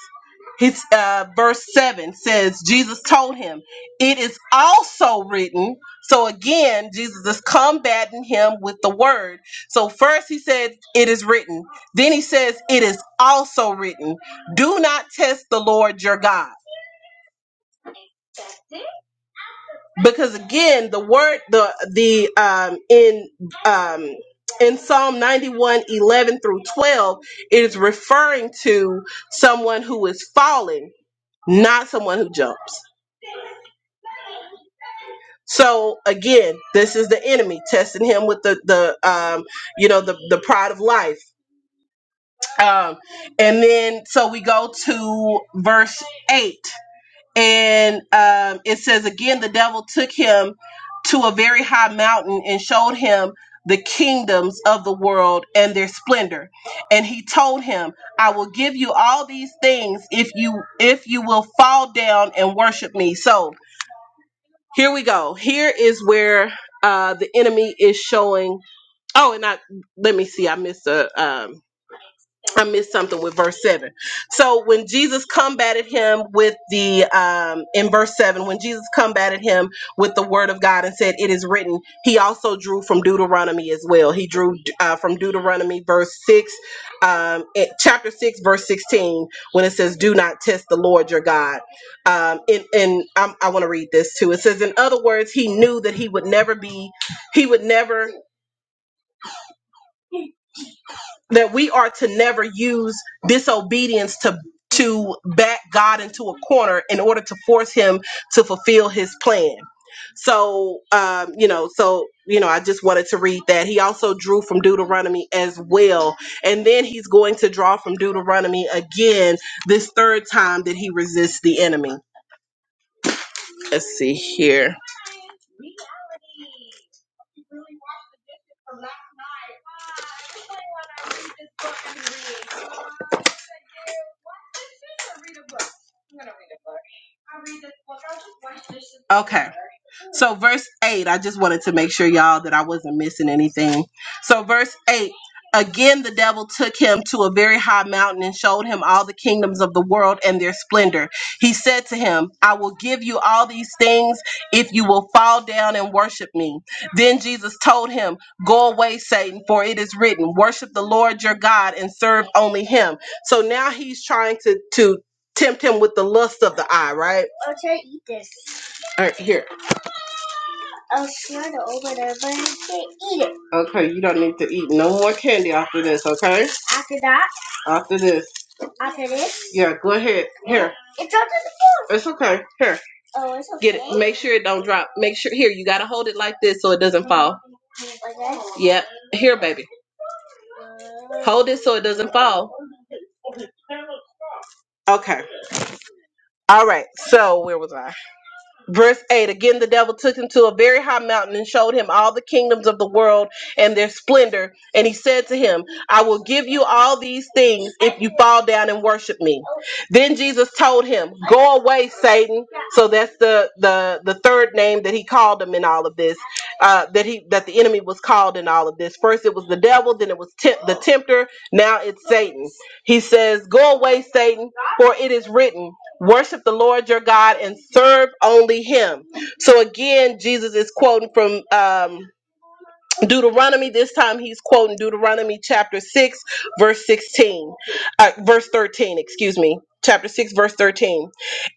S1: His uh, verse 7 says, Jesus told him, It is also written. So again, Jesus is combating him with the word. So first he said, It is written. Then he says, It is also written. Do not test the Lord your God. because again the word the the um in um in psalm 91 11 through 12 it is referring to someone who is falling not someone who jumps so again this is the enemy testing him with the the um you know the the pride of life um and then so we go to verse 8 And um, it says again, the devil took him to a very high mountain and showed him the kingdoms of the world and their splendor. And he told him, "I will give you all these things if you if you will fall down and worship me." So here we go. Here is where uh, the enemy is showing. Oh, and I let me see. I missed a. Um, I missed something with verse seven. So when Jesus combated him with the um, in verse seven, when Jesus combated him with the word of God and said, "It is written," he also drew from Deuteronomy as well. He drew uh, from Deuteronomy verse six, um, it- chapter six, verse sixteen, when it says, "Do not test the Lord your God." Um, and and I'm, I want to read this too. It says, "In other words, he knew that he would never be, he would never." that we are to never use disobedience to to back God into a corner in order to force him to fulfill his plan. So um, you know, so you know, I just wanted to read that. He also drew from Deuteronomy as well. And then he's going to draw from Deuteronomy again this third time that he resists the enemy. Let's see here. Okay. So, verse 8, I just wanted to make sure, y'all, that I wasn't missing anything. So, verse 8 again, the devil took him to a very high mountain and showed him all the kingdoms of the world and their splendor. He said to him, I will give you all these things if you will fall down and worship me. Then Jesus told him, Go away, Satan, for it is written, Worship the Lord your God and serve only him. So now he's trying to, to tempt him with the lust of the eye, right? All right, here. Okay, you don't need to eat no more candy after this, okay? After this. Yeah, go ahead. Here. It's okay. Here. Oh, it's okay. Get it. Make sure it don't drop. Make sure here, you gotta hold it like this so it doesn't fall. Okay. Yep. Here, baby. Hold it so it doesn't fall. Okay. All right. So where was I? Verse 8 Again, the devil took him to a very high mountain and showed him all the kingdoms of the world and their splendor. And he said to him, I will give you all these things if you fall down and worship me. Then Jesus told him, Go away, Satan. So that's the, the, the third name that he called him in all of this, uh, that he that the enemy was called in all of this. First it was the devil, then it was temp- the tempter, now it's Satan. He says, Go away, Satan, for it is written. Worship the Lord your God and serve only him. So again, Jesus is quoting from um, Deuteronomy, this time he's quoting Deuteronomy chapter 6, verse 16, uh, verse 13, excuse me, chapter 6, verse 13.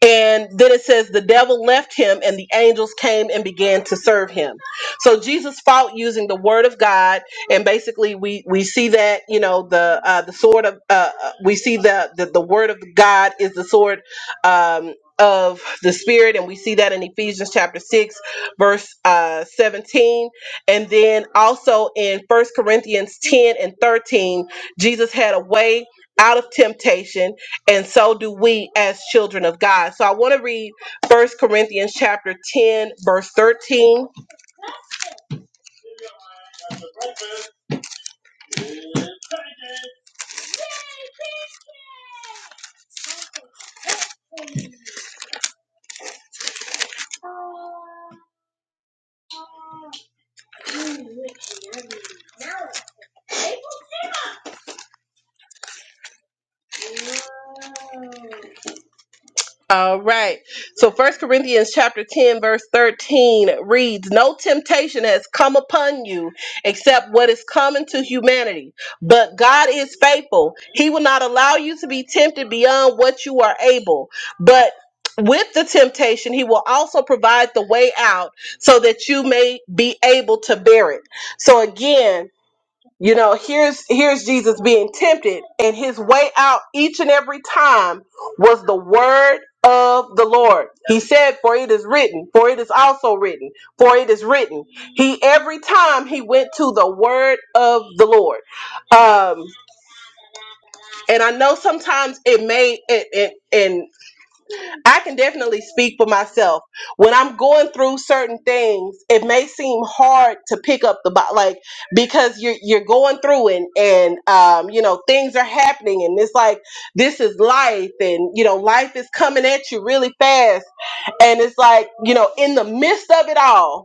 S1: And then it says, The devil left him, and the angels came and began to serve him. So Jesus fought using the word of God, and basically we we see that, you know, the uh, the sword of, uh, uh, we see the, the, the word of God is the sword um, of the spirit, and we see that in Ephesians chapter 6, verse uh, 17 and then also in First Corinthians 10 and 13, Jesus had a way out of temptation, and so do we as children of God. So I want to read First Corinthians chapter 10, verse 13 All right. So First Corinthians chapter 10 verse 13 reads, "No temptation has come upon you except what is common to humanity, but God is faithful. He will not allow you to be tempted beyond what you are able, but with the temptation, he will also provide the way out so that you may be able to bear it. So again, you know, here's here's Jesus being tempted, and his way out each and every time was the word of the Lord. He said, "For it is written, for it is also written, for it is written." He every time he went to the word of the Lord, um, and I know sometimes it may and and I can definitely speak for myself. When I'm going through certain things, it may seem hard to pick up the bo- like because you're you're going through and and um, you know things are happening and it's like this is life and you know life is coming at you really fast and it's like you know in the midst of it all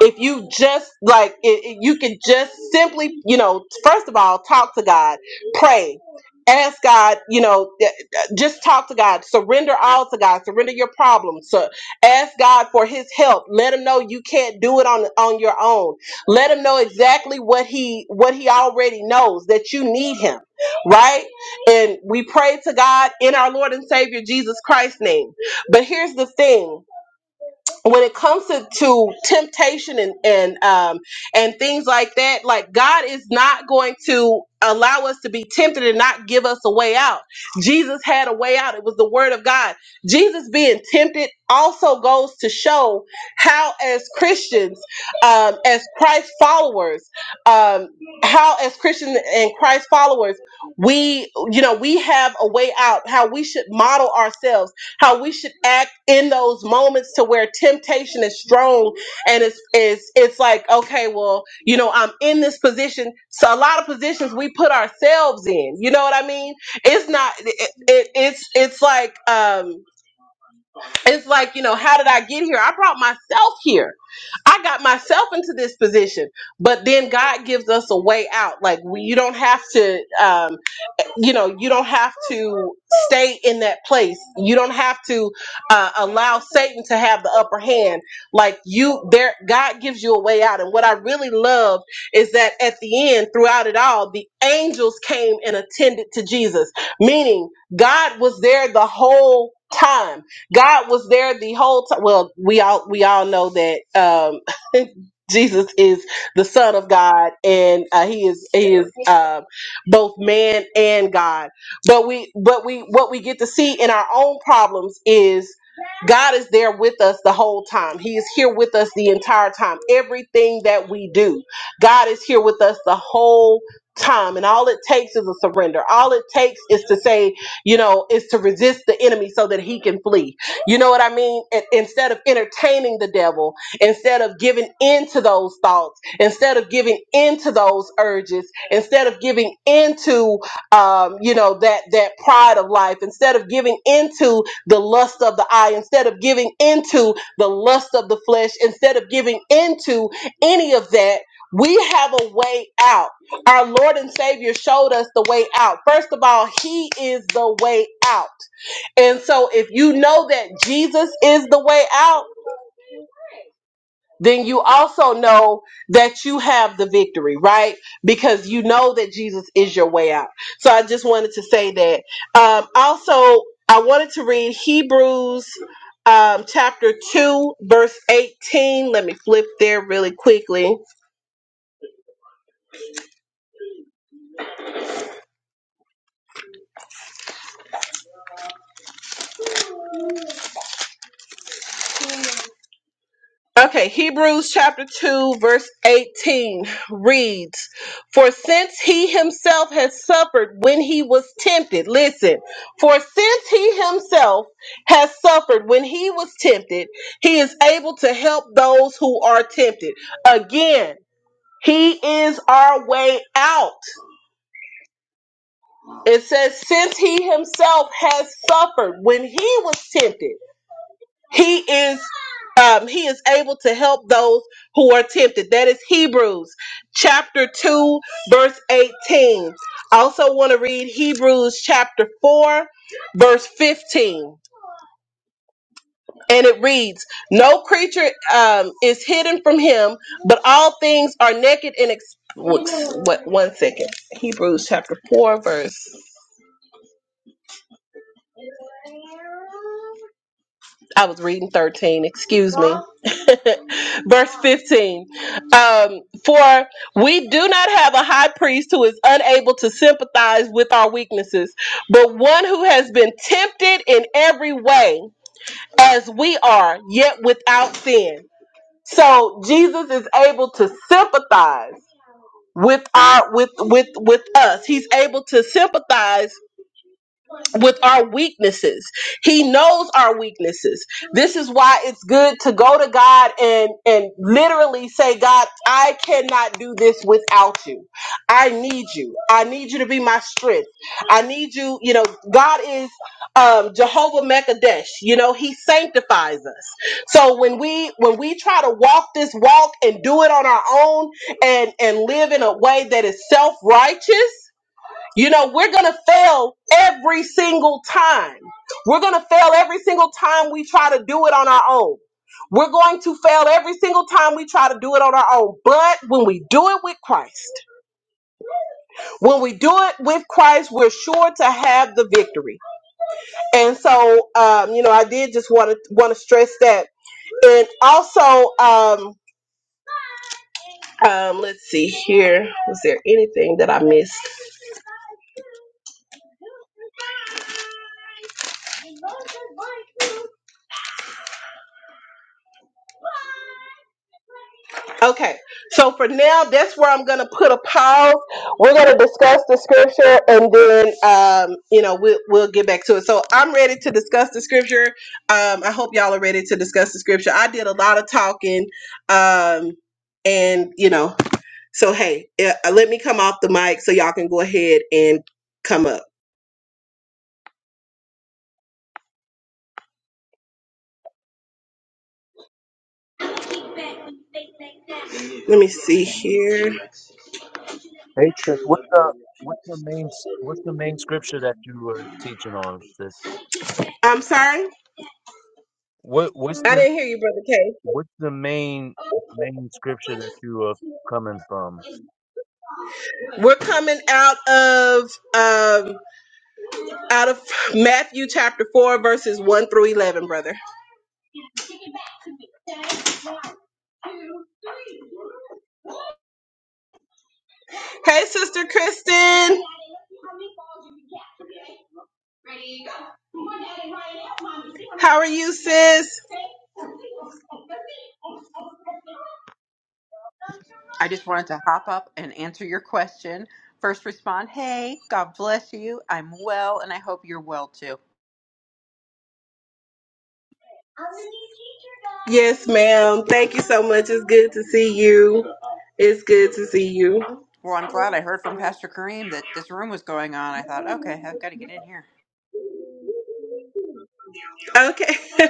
S1: if you just like it, it- you can just simply you know first of all talk to god pray ask god you know th- th- just talk to god surrender all to god surrender your problems so ask god for his help let him know you can't do it on on your own let him know exactly what he what he already knows that you need him right and we pray to god in our lord and savior jesus christ's name but here's the thing when it comes to, to temptation and and um and things like that like god is not going to allow us to be tempted and not give us a way out jesus had a way out it was the word of god jesus being tempted also goes to show how as christians um as christ followers um how as christians and christ followers we you know we have a way out how we should model ourselves how we should act in those moments to where temptation is strong and it's it's it's like okay well you know i'm in this position so a lot of positions we put ourselves in you know what i mean it's not it, it, it's it's like um it's like you know how did i get here i brought myself here i got myself into this position but then god gives us a way out like we, you don't have to um, you know you don't have to stay in that place you don't have to uh, allow satan to have the upper hand like you there god gives you a way out and what i really love is that at the end throughout it all the angels came and attended to jesus meaning god was there the whole time God was there the whole time. Well, we all we all know that um, Jesus is the Son of God, and uh, he is he is uh, both man and God. But we but we what we get to see in our own problems is God is there with us the whole time. He is here with us the entire time. Everything that we do, God is here with us the whole time and all it takes is a surrender all it takes is to say you know is to resist the enemy so that he can flee you know what I mean? And instead of entertaining the devil, instead of giving in to those thoughts, instead of giving into those urges, instead of giving into um, you know that that pride of life, instead of giving into the lust of the eye, instead of giving into the lust of the flesh, instead of giving into any of that, we have a way out. Our Lord and Savior showed us the way out. First of all, He is the way out. And so, if you know that Jesus is the way out, then you also know that you have the victory, right? Because you know that Jesus is your way out. So, I just wanted to say that. Um, also, I wanted to read Hebrews um, chapter 2, verse 18. Let me flip there really quickly. Okay, Hebrews chapter 2, verse 18 reads, For since he himself has suffered when he was tempted, listen, for since he himself has suffered when he was tempted, he is able to help those who are tempted. Again, he is our way out. It says, Since he himself has suffered when he was tempted. He is um, he is able to help those who are tempted. That is Hebrews chapter 2, verse 18. I also want to read Hebrews chapter 4, verse 15. And it reads, No creature um, is hidden from him, but all things are naked and ex- what, what one second. Hebrews chapter 4, verse I was reading 13, excuse me. Verse 15. Um, For we do not have a high priest who is unable to sympathize with our weaknesses, but one who has been tempted in every way as we are, yet without sin. So Jesus is able to sympathize with our with with with us. He's able to sympathize with our weaknesses. He knows our weaknesses. This is why it's good to go to God and and literally say, God, I cannot do this without you. I need you. I need you to be my strength. I need you. You know, God is um, Jehovah Mekadesh. You know, He sanctifies us. So when we when we try to walk this walk and do it on our own and and live in a way that is self righteous you know, we're going to fail every single time. We're going to fail every single time we try to do it on our own. We're going to fail every single time we try to do it on our own. But when we do it with Christ, when we do it with Christ, we're sure to have the victory. And so, um, you know, I did just want to want to stress that. And also, um, um, let's see here. Was there anything that I missed? Okay, so for now, that's where I'm going to put a pause. We're going to discuss the scripture, and then um, you know we'll we'll get back to it. So I'm ready to discuss the scripture. Um, I hope y'all are ready to discuss the scripture. I did a lot of talking, um, and you know, so hey, eh, uh, let me come off the mic so y'all can go ahead and come up. Let me see here.
S4: Hey, sis, what's the what's the main what's the main scripture that you were teaching on? sis?
S1: I'm sorry,
S4: What what's
S1: I
S4: the
S1: didn't hear you, brother K.
S4: what's the main main scripture that you are coming from?
S1: We're coming out of um, out of Matthew chapter 4, verses 1 through 11, brother. Hey, Sister Kristen. How are you, sis?
S5: I just wanted to hop up and answer your question. First respond, hey, God bless you. I'm well, and I hope you're well too.
S1: Yes, ma'am. Thank you so much. It's good to see you. It's good to see you.
S5: Well, I'm glad I heard from Pastor Kareem that this room was going on. I thought, okay, I've got to get in here.
S1: Okay.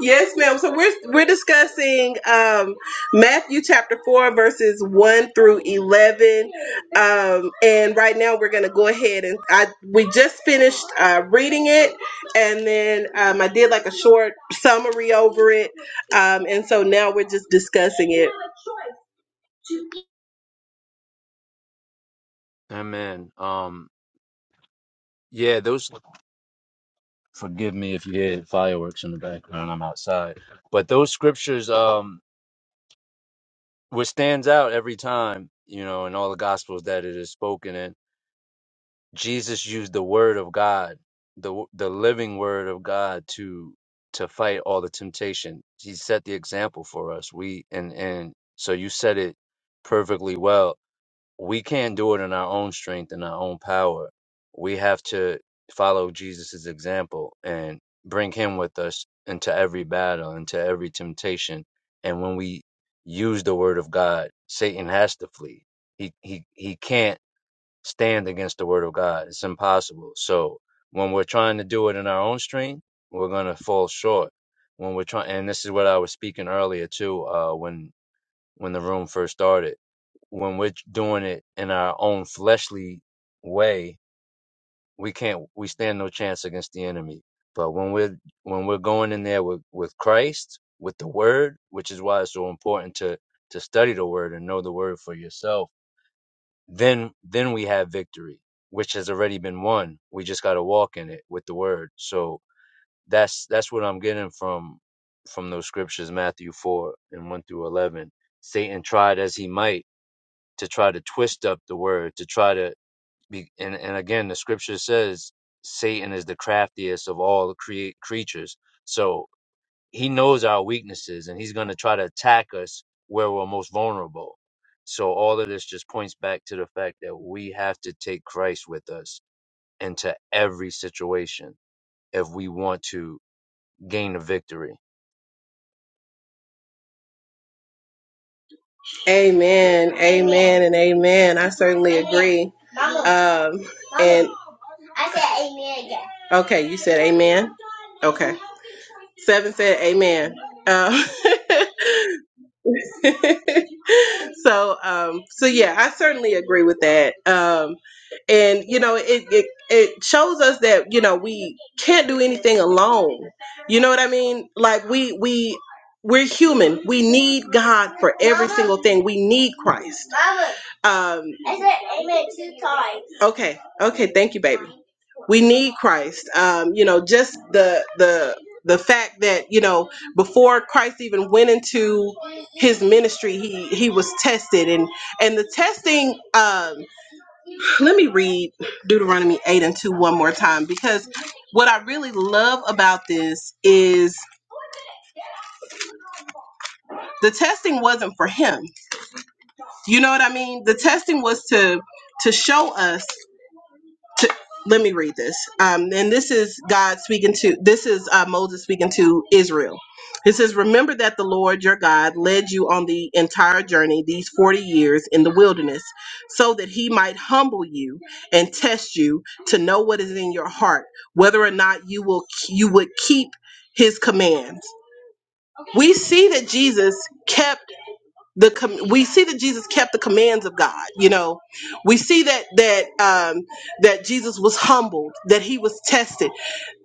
S1: yes, ma'am. So we're we're discussing um, Matthew chapter four verses one through eleven, um, and right now we're going to go ahead and I we just finished uh, reading it, and then um, I did like a short summary over it, um, and so now we're just discussing it.
S4: Amen. Um, yeah, those. Forgive me if you hear fireworks in the background. I'm outside, but those scriptures, um, what stands out every time, you know, in all the gospels that it is spoken in. Jesus used the word of God, the the living word of God to to fight all the temptation. He set the example for us. We and and so you said it perfectly well. We can't do it in our own strength and our own power. We have to follow Jesus's example and bring him with us into every battle, into every temptation. And when we use the word of God, Satan has to flee. He he he can't stand against the word of God. It's impossible. So when we're trying to do it in our own strength, we're gonna fall short. When we're trying, and this is what I was speaking earlier too, uh, when when the room first started, when we're doing it in our own fleshly way, we can't, we stand no chance against the enemy. But when we're when we're going in there with with Christ, with the Word, which is why it's so important to to study the Word and know the Word for yourself then then we have victory which has already been won we just got to walk in it with the word so that's that's what i'm getting from from those scriptures matthew 4 and 1 through 11 satan tried as he might to try to twist up the word to try to be and, and again the scripture says satan is the craftiest of all the crea- creatures so he knows our weaknesses and he's going to try to attack us where we're most vulnerable. So all of this just points back to the fact that we have to take Christ with us into every situation if we want to gain a victory.
S1: Amen. Amen. And amen. I certainly agree. Um, and okay, you said amen. Okay. Seven said, "Amen." Um, so, um, so yeah, I certainly agree with that. Um, and you know, it, it it shows us that you know we can't do anything alone. You know what I mean? Like we we we're human. We need God for every single thing. We need Christ. Um, okay, okay, thank you, baby. we need Christ. Um, you know, just the the the fact that you know before Christ even went into his ministry, he he was tested, and and the testing. Um, let me read Deuteronomy eight and two one more time because what I really love about this is the testing wasn't for him. You know what I mean? The testing was to to show us to, let me read this. Um, and this is God speaking to, this is uh, Moses speaking to Israel. It says, Remember that the Lord your God led you on the entire journey these 40 years in the wilderness, so that he might humble you and test you to know what is in your heart, whether or not you will you would keep his commands. We see that Jesus kept the com- we see that Jesus kept the commands of God. You know, we see that that um, that Jesus was humbled, that he was tested.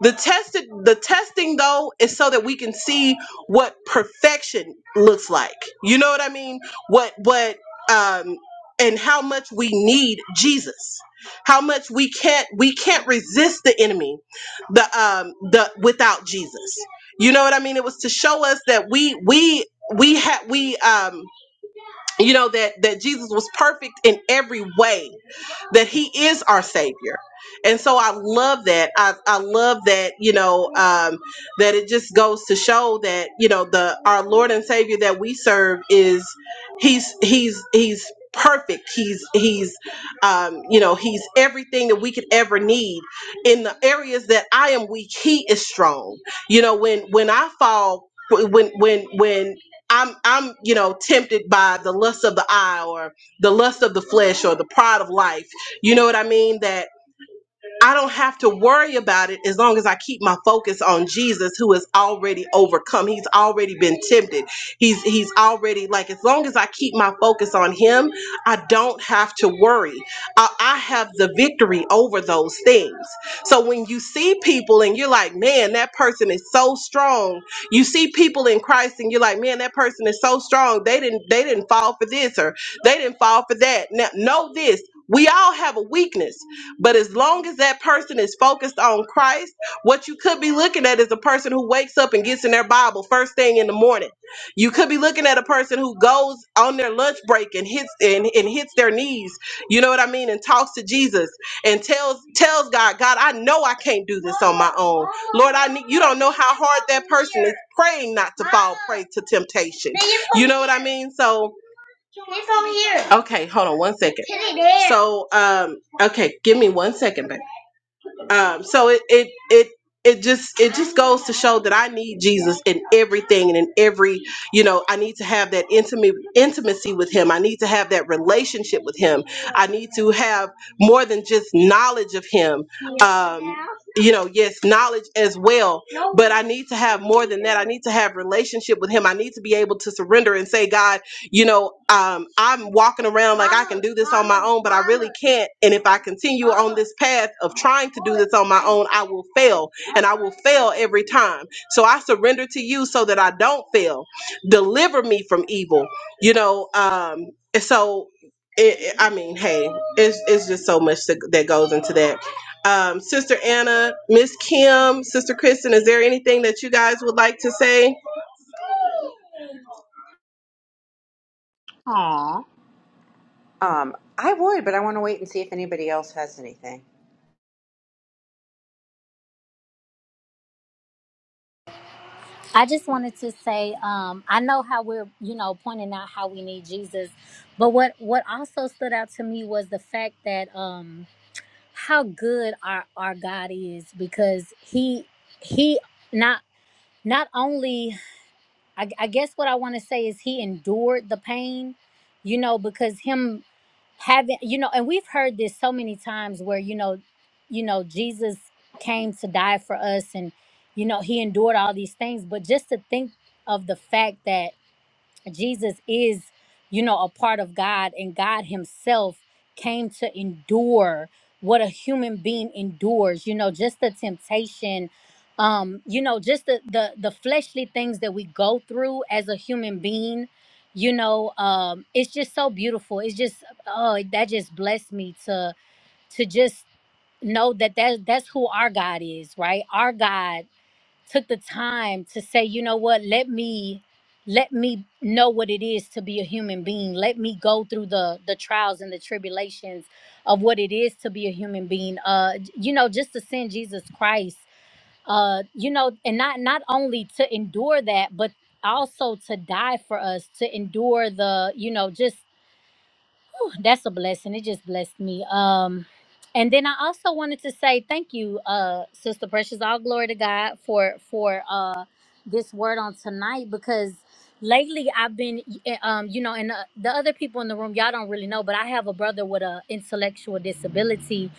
S1: The tested the testing though is so that we can see what perfection looks like. You know what I mean? What what um, and how much we need Jesus. How much we can't we can't resist the enemy, the um the without Jesus. You know what I mean? It was to show us that we we we had we um you know that that Jesus was perfect in every way that he is our savior and so i love that i, I love that you know um, that it just goes to show that you know the our lord and savior that we serve is he's he's he's perfect he's he's um you know he's everything that we could ever need in the areas that i am weak he is strong you know when when i fall when when when I'm I'm you know tempted by the lust of the eye or the lust of the flesh or the pride of life. You know what I mean? I don't have to worry about it as long as I keep my focus on Jesus who has already overcome. He's already been tempted. He's he's already like as long as I keep my focus on him, I don't have to worry. I, I have the victory over those things. So when you see people and you're like, man, that person is so strong. You see people in Christ and you're like, man, that person is so strong. They didn't they didn't fall for this or they didn't fall for that. Now know this. We all have a weakness. But as long as that person is focused on Christ, what you could be looking at is a person who wakes up and gets in their Bible first thing in the morning. You could be looking at a person who goes on their lunch break and hits and, and hits their knees, you know what I mean, and talks to Jesus and tells tells God, God, I know I can't do this on my own. Lord, I need you don't know how hard that person is praying not to fall prey to temptation. You know what I mean? So here. Okay, hold on one second. So, um, okay, give me one second, babe. Um, so it it it it just it just goes to show that I need Jesus in everything and in every you know I need to have that intimate intimacy with Him. I need to have that relationship with Him. I need to have more than just knowledge of Him. Um, you know, yes, knowledge as well, but I need to have more than that. I need to have relationship with Him. I need to be able to surrender and say, God you know, um, I'm walking around like I can do this on my own, but I really can't. And if I continue on this path of trying to do this on my own, I will fail and I will fail every time. So I surrender to you so that I don't fail. Deliver me from evil, you know. Um, and so, it, it- I mean, hey, it's, it's just so much that that goes into that. Um, Sister Anna, Miss Kim, Sister Kristen, is there anything that you guys would like to say?
S5: Aw. Um, I would, but I want to wait and see if anybody else has anything.
S3: I just wanted to say, um, I know how we're, you know, pointing out how we need Jesus, but what what also stood out to me was the fact that um, how good our our God is because he he not. not only I, I guess what I want to say is he endured the pain, you know, because him having you know, and we've heard this so many times where you know, you know, Jesus came to die for us, and you know, he endured all these things. But just to think of the fact that Jesus is, you know, a part of God, and God Himself came to endure what a human being endures. You know, just the temptation, um, you know, just the the the fleshly things that we go through as a human being. You know, um, it's just so beautiful. It's just oh, that just blessed me to to just know that that that's who our God is, right? Our God took the time to say, you know what, let me let me know what it is to be a human being. Let me go through the the trials and the tribulations of what it is to be a human being. Uh you know, just to send Jesus Christ uh you know and not not only to endure that but also to die for us to endure the you know just that's a blessing. It just blessed me. Um, and then I also wanted to say thank you, uh, Sister Precious. All glory to God for for uh this word on tonight because lately I've been eh, um you know and uh, the other people in the room y'all don't really know, but I have a brother with a intellectual disability.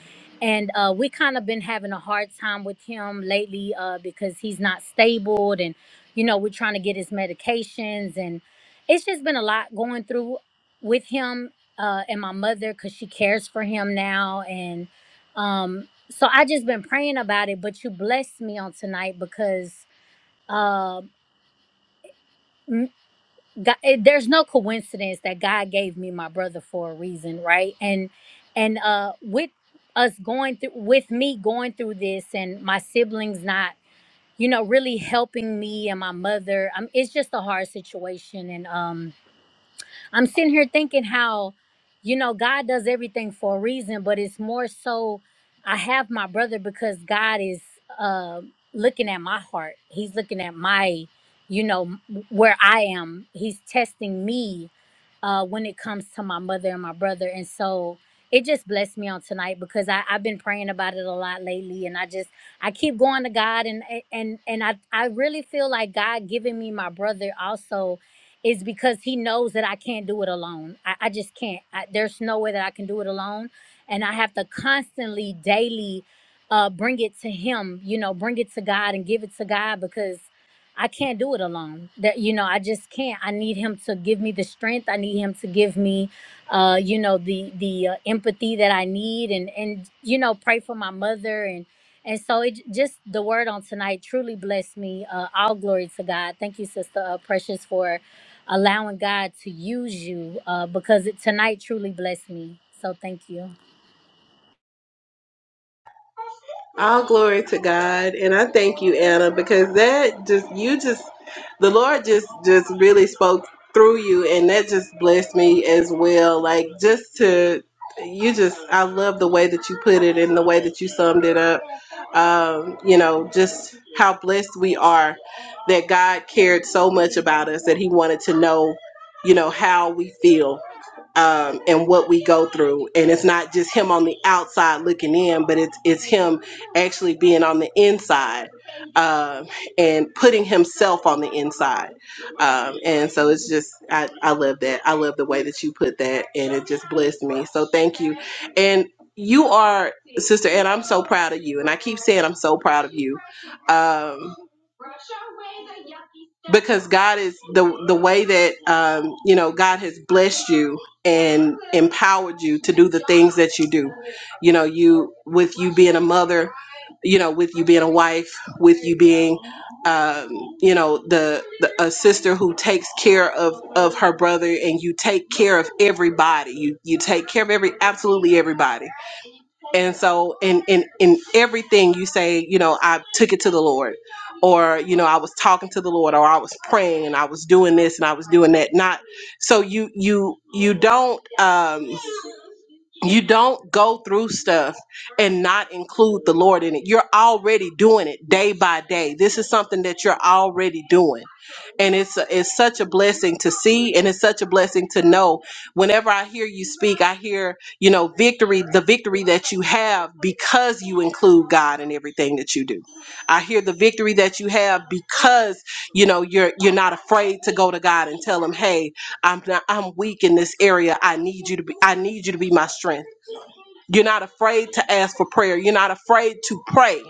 S3: And uh, we kind of been having a hard time with him lately uh, because he's not stable, and you know we're trying to get his medications, and it's just been a lot going through with him uh, and my mother because she cares for him now. And um, so I just been praying about it. But you blessed me on tonight because uh, m- God, it, there's no coincidence that God gave me my brother for a reason, right? And and uh, with us going through, with me going through this, and my siblings not, you know, really helping me and my mother. Um, it's just a hard situation, and um I'm sitting here thinking how, you know, God does everything for a reason, but it's more so I have my brother because God is uh, looking at my heart. He's looking at my, you know, where I am. He's testing me uh, when it comes to my mother and my brother. And so it just blessed me on tonight because I, I've been praying about it a lot lately. And I just, I keep going to God and, and, and I, I really feel like God giving me my brother also is because he knows that I can't do it alone. I, I just can't. I, there's no way that I can do it alone. And I have to constantly, daily, uh, bring it to him, you know, bring it to God and give it to God because I can't do it alone. That you know, I just can't. I need him to give me the strength. I need him to give me, uh, you know, the the uh, empathy that I need, and and you know, pray for my mother, and and so it just the word on tonight truly blessed me. Uh, all glory to God. Thank you, Sister uh, Precious, for allowing God to use you, uh, because it, tonight truly blessed me. So thank you.
S1: All glory to God. And I thank you, Anna, because that just, you just, the Lord just, just really spoke through you. And that just blessed me as well. Like, just to, you just, I love the way that you put it and the way that you summed it up. Um, you know, just how blessed we are that God cared so much about us that He wanted to know, you know, how we feel um, and what we go through. And it's not just him on the outside looking in, but it's it's him actually being on the inside um, and putting himself on the inside. Um, and so it's just, I, I love that. I love the way that you put that, and it just blessed me. So thank you. And you are, Sister Ann, I'm so proud of you. And I keep saying I'm so proud of you. Um, because God is the the way that um, you know God has blessed you and empowered you to do the things that you do. You know, you with you being a mother, you know, with you being a wife, with you being um, you know the, the a sister who takes care of of her brother, and you take care of everybody. You you take care of every absolutely everybody and so in in in everything you say, you know, I took it to the Lord or you know, I was talking to the Lord or I was praying and I was doing this and I was doing that. Not so you you you don't um you don't go through stuff and not include the Lord in it. You're already doing it day by day. This is something that you're already doing. And it's it's such a blessing to see and it's such a blessing to know. Whenever I hear you speak, I hear, you know, victory, the victory that you have because you include God in everything that you do. I hear the victory that you have because, you know, you're you're not afraid to go to God and tell him, "Hey, I'm not, I'm weak in this area. I need you to be I need you to be my strength. You're not afraid to ask for prayer. You're not afraid to pray.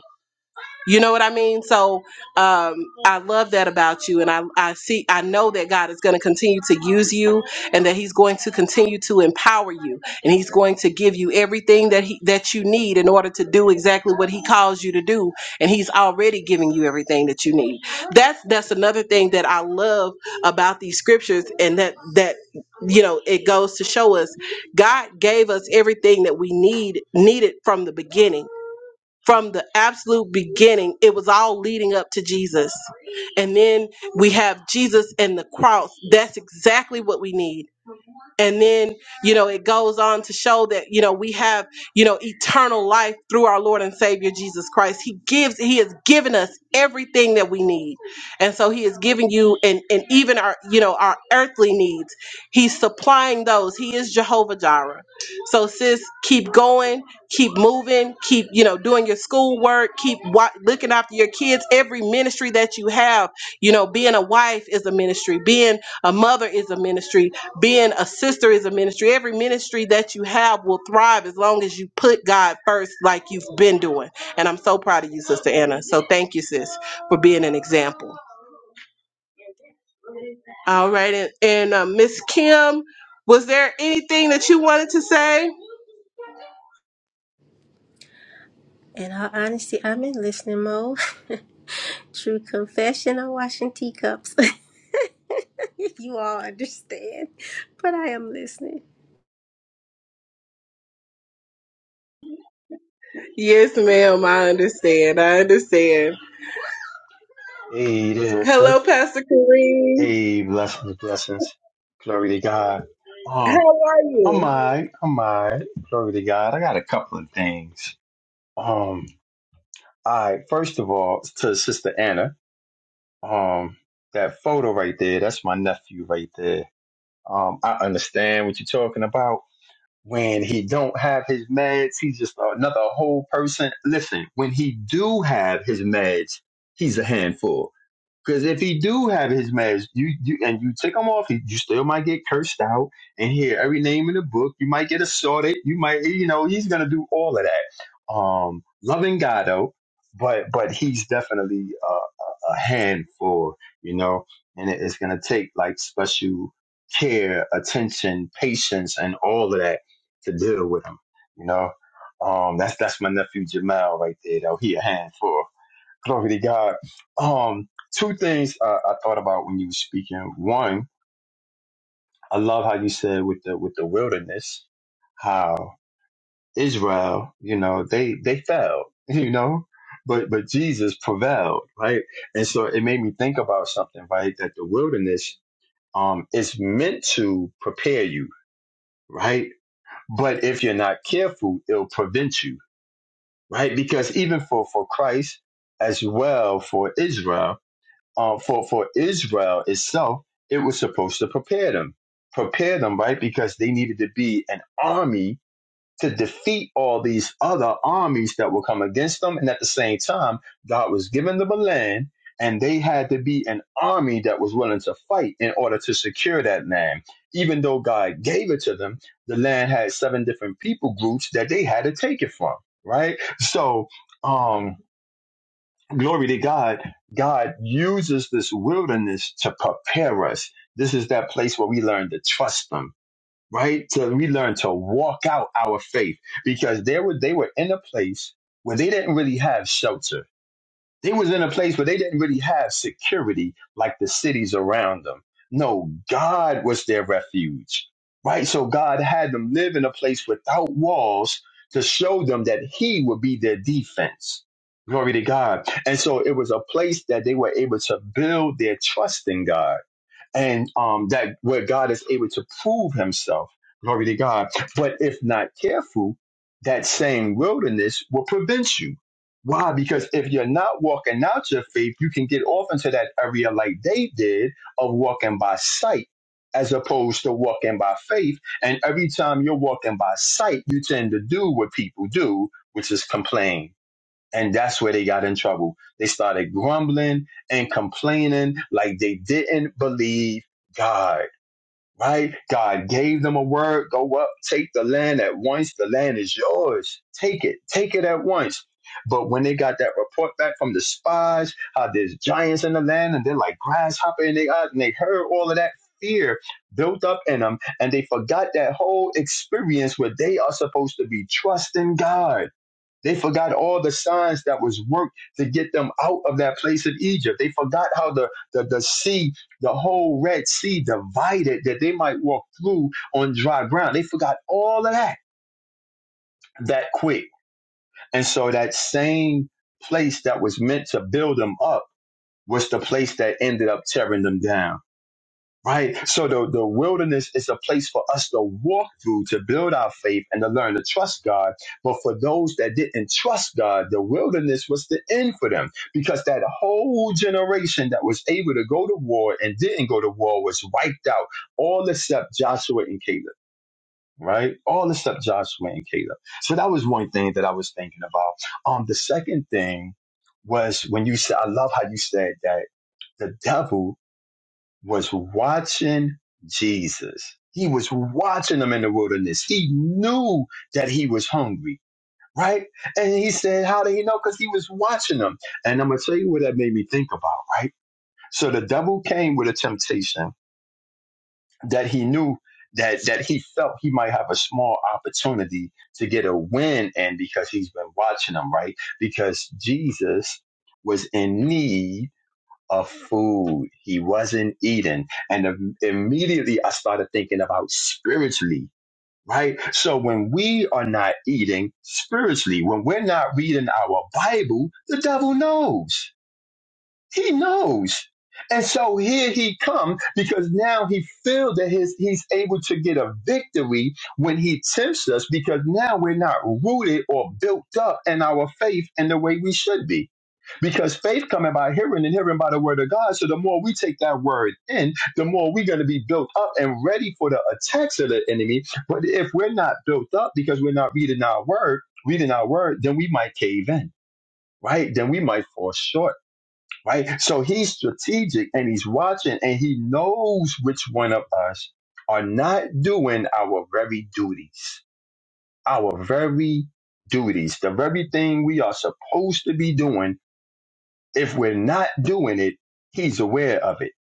S1: You know what I mean? So um, I love that about you, and I, I see I know that God is going to continue to use you, and that He's going to continue to empower you, and He's going to give you everything that he that you need in order to do exactly what He calls you to do, and He's already giving you everything that you need. That's that's another thing that I love about these scriptures, and that that you know it goes to show us God gave us everything that we need needed from the beginning from the absolute beginning it was all leading up to jesus and then we have jesus and the cross that's exactly what we need and then you know it goes on to show that you know we have you know eternal life through our lord and savior jesus christ he gives he has given us everything that we need and so he has given you and and even our you know our earthly needs he's supplying those he is jehovah jireh so sis keep going keep moving keep you know doing your schoolwork keep wa- looking after your kids every ministry that you have you know being a wife is a ministry being a mother is a ministry being a sister is a ministry. Every ministry that you have will thrive as long as you put God first, like you've been doing. And I'm so proud of you, Sister Anna. So thank you, sis, for being an example. All right. And, and uh, Miss Kim, was there anything that you wanted to say?
S6: In all honesty, I'm in listening mode. True confession, I'm washing teacups. you all understand, but I am listening.
S1: Yes, ma'am. I understand. I understand.
S7: Hey, there,
S1: Hello,
S7: sis.
S1: Pastor Kareem.
S7: Hey, blessings, blessings. Glory to God.
S1: How
S7: Um,
S1: are
S7: I'm
S1: you?
S7: alright. I'm alright. Glory to God. I got a couple of things. Um, all right. First of all, to Sister Anna. Um, that photo right there. That's my nephew right there. Um, I understand what you're talking about. when he don't have his meds, he's just another whole person. Listen, when he do have his meds, he's a handful. Because if he do have his meds, you, you and you take him off, he, you still might get cursed out and hear every name in the book. You might get assaulted. You might, you know, he's gonna do all of that. Um, loving God though, but but he's definitely a, a, a handful, you know, and it, it's gonna take like special care, attention, patience, and all of that to deal with him. You know, um, that's that's my nephew Jamal right there. Though he a handful. Glory to God. Um, two things uh, I thought about when you were speaking. One, I love how you said with the with the wilderness, how Israel, you know, they they fell, you know, but but Jesus prevailed, right? And so it made me think about something, right? That the wilderness um is meant to prepare you, right? But if you're not careful, it'll prevent you right? Because even for, for Christ as well for Israel, uh, for for Israel itself, it was supposed to prepare them, prepare them, right? Because they needed to be an army to defeat all these other armies that will come against them. And at the same time, God was giving them a land, and they had to be an army that was willing to fight in order to secure that land. Even though God gave it to them, the land had seven different people groups that they had to take it from, right? So, um, glory to God, God uses this wilderness to prepare us. This is that place where we learn to trust Him right? So we learn to walk out our faith because they were they were in a place where they didn't really have shelter. They was in a place where they didn't really have security like the cities around them. No, God was their refuge. Right? So God had them live in a place without walls to show them that he would be their defense. Glory to God. And so it was a place that they were able to build their trust in God and um, that where God is able to prove Himself. Glory to God. But if not careful, that same wilderness will prevent you. Why? Because if you're not walking out your faith, you can get off into that area like they did of walking by sight as opposed to walking by faith. And every time you're walking by sight, you tend to do what people do, which is complain and that's where they got in trouble. They started grumbling and complaining like they didn't believe God, right? God gave them a word go up, take the land at once. The land is yours. Take it, take it at once. But when they got that report back from the spies, how there's giants in the land and they're like grasshopper in their eyes, and they heard all of that fear built up in them, and they forgot that whole experience where they are supposed to be trusting God they forgot all the signs that was worked to get them out of that place of Egypt. They forgot how the, the, the sea, the whole Red Sea divided that they might walk through on dry ground. They forgot all of that that quick. And so that same place that was meant to build them up was the place that ended up tearing them down. Right. So the, the wilderness is a place for us to walk through to build our faith and to learn to trust God. But for those that didn't trust God, the wilderness was the end for them because that whole generation that was able to go to war and didn't go to war was wiped out, all except Joshua and Caleb. Right? All except Joshua and Caleb. So that was one thing that I was thinking about. Um, the second thing was when you said, I love how you said that the devil was watching Jesus. He was watching them in the wilderness. He knew that he was hungry, right? And he said, How did he know? Because he was watching them." And I'm going to tell you what that made me think about, right? So the devil came with a temptation that he knew that that he felt he might have a small opportunity to get a win and because he's been watching them, right? Because Jesus was in need of food. He wasn't eating. And im- immediately I started thinking about spiritually, right? So when we are not eating spiritually, when we're not reading our Bible, the devil knows. He knows. And so here he come because now he feels that his, he's able to get a victory when he tempts us because now we're not rooted or built up in our faith in the way we should be because faith coming by hearing and hearing by the word of God. So the more we take that word in, the more we're going to be built up and ready for the attacks of the enemy. But if we're not built up because we're not reading our word, reading our word, then we might cave in. Right, then we might fall short, right? So he's strategic and he's watching and he knows which one of us are not doing our very duties, our very duties, the very thing we are supposed to be doing if we're not doing it, he's aware of it,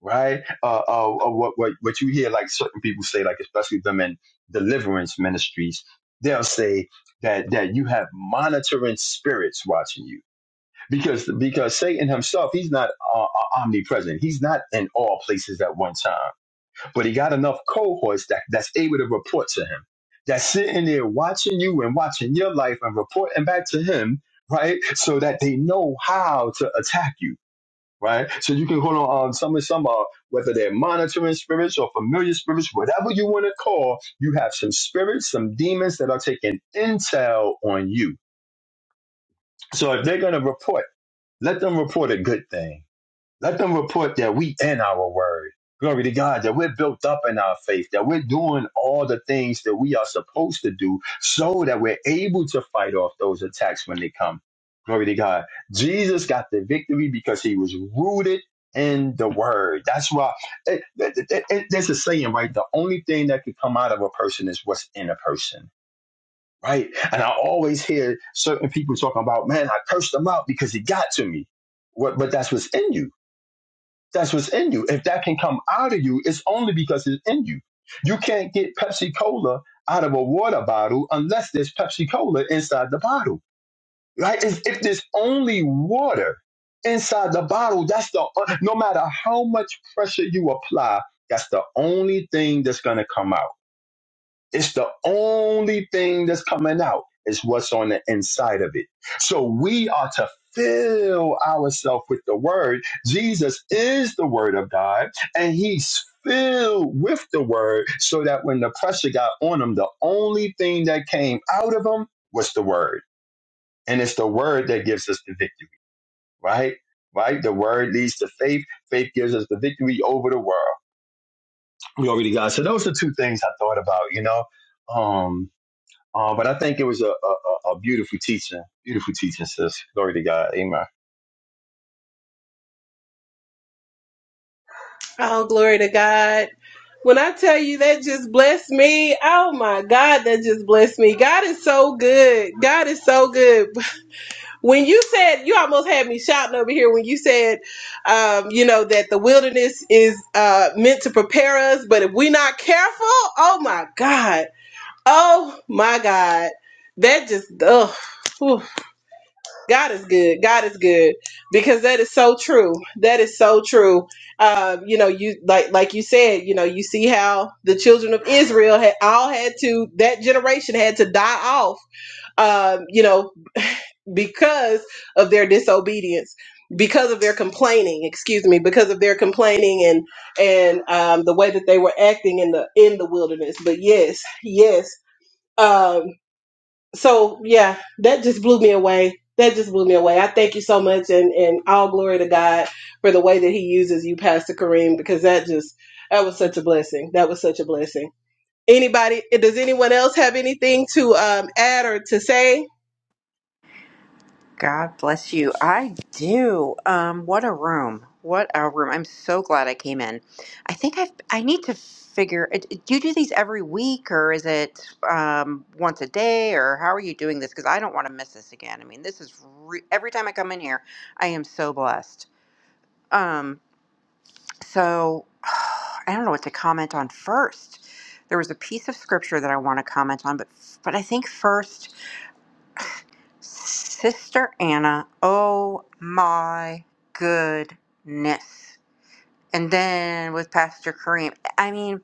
S7: right? Uh, uh, uh, what, what, what you hear, like certain people say, like especially them in deliverance ministries, they'll say that, that you have monitoring spirits watching you because, because Satan himself, he's not uh, uh, omnipresent. He's not in all places at one time, but he got enough cohorts that, that's able to report to him. That's sitting there watching you and watching your life and reporting back to him, right? So that they know how to attack you right? So you can call on um, some some are whether they're monitoring spirits or familiar spirits, whatever you want to call. You have some spirits, some demons that are taking intel on you. So if they're going to report, let them report a good thing let them report that we in our word. Glory to God that we're built up in our faith, that we're doing all the things that we are supposed to do so that we're able to fight off those attacks when they come. Glory to God. Jesus got the victory because he was rooted in the word. That's why it, it, it, it- there's a saying, right? The only thing that could come out of a person is what's in a person. Right. And I always hear certain people talking about, man, I cursed him out because he got to me. What, but that's what's in you that's what's in you. If that can come out of you, it's only because it's in you. You can't get Pepsi Cola out of a water bottle unless there's Pepsi Cola inside the bottle, right? If, if there's only water inside the bottle, that's the uh, no matter how much pressure you apply, that's the only thing that's going to come out. It's the only thing that's coming out is what's on the inside of it. So we are to fill ourselves with the word. Jesus is the word of God, and he's filled with the word so that when the pressure got on him, the only thing that came out of him was the word. And it's the word that gives us the victory, right? Right? The word leads to faith. Faith gives us the victory over the world. Glory to God. So those are two things I thought about, you know. Um, uh, but I think it was a, a, a beautiful teaching, beautiful teaching, sis. Glory to God, Amen.
S1: Oh, glory to God. When I tell you that just blessed me, oh my God, that just blessed me. God is so good. God is so good. When you said, you almost had me shouting over here when you said, um, you know, that the wilderness is uh, meant to prepare us, but if we're not careful, oh my God, oh my God, that just, ugh. God is good. God is good because that is so true. That is so true. Um, you know, you like like you said, you know, you see how the children of Israel had all had to that generation had to die off. Um, you know, because of their disobedience because of their complaining excuse me because of their complaining and and um, the way that they were acting in the in the wilderness but yes yes Um, so yeah, that just blew me away. That just blew me away. I thank you so much, and and all glory to God for the way that He uses you, Pastor Kareem, because that just that was such a blessing. That was such a blessing. Anybody? Does anyone else have anything to um, add or to say?
S5: God bless you. I do. Um, what a room. What a room. I'm so glad I came in. I think I've, I need to figure, uh, do you do these every week or is it um, once a day or how are you doing this? Because I don't want to miss this again. I mean, this is, re- every time I come in here, I am so blessed. Um, so I don't know what to comment on first. There was a piece of scripture that I want to comment on, but, but I think first Sister Anna, oh my goodness. And then with Pastor Kareem, I mean,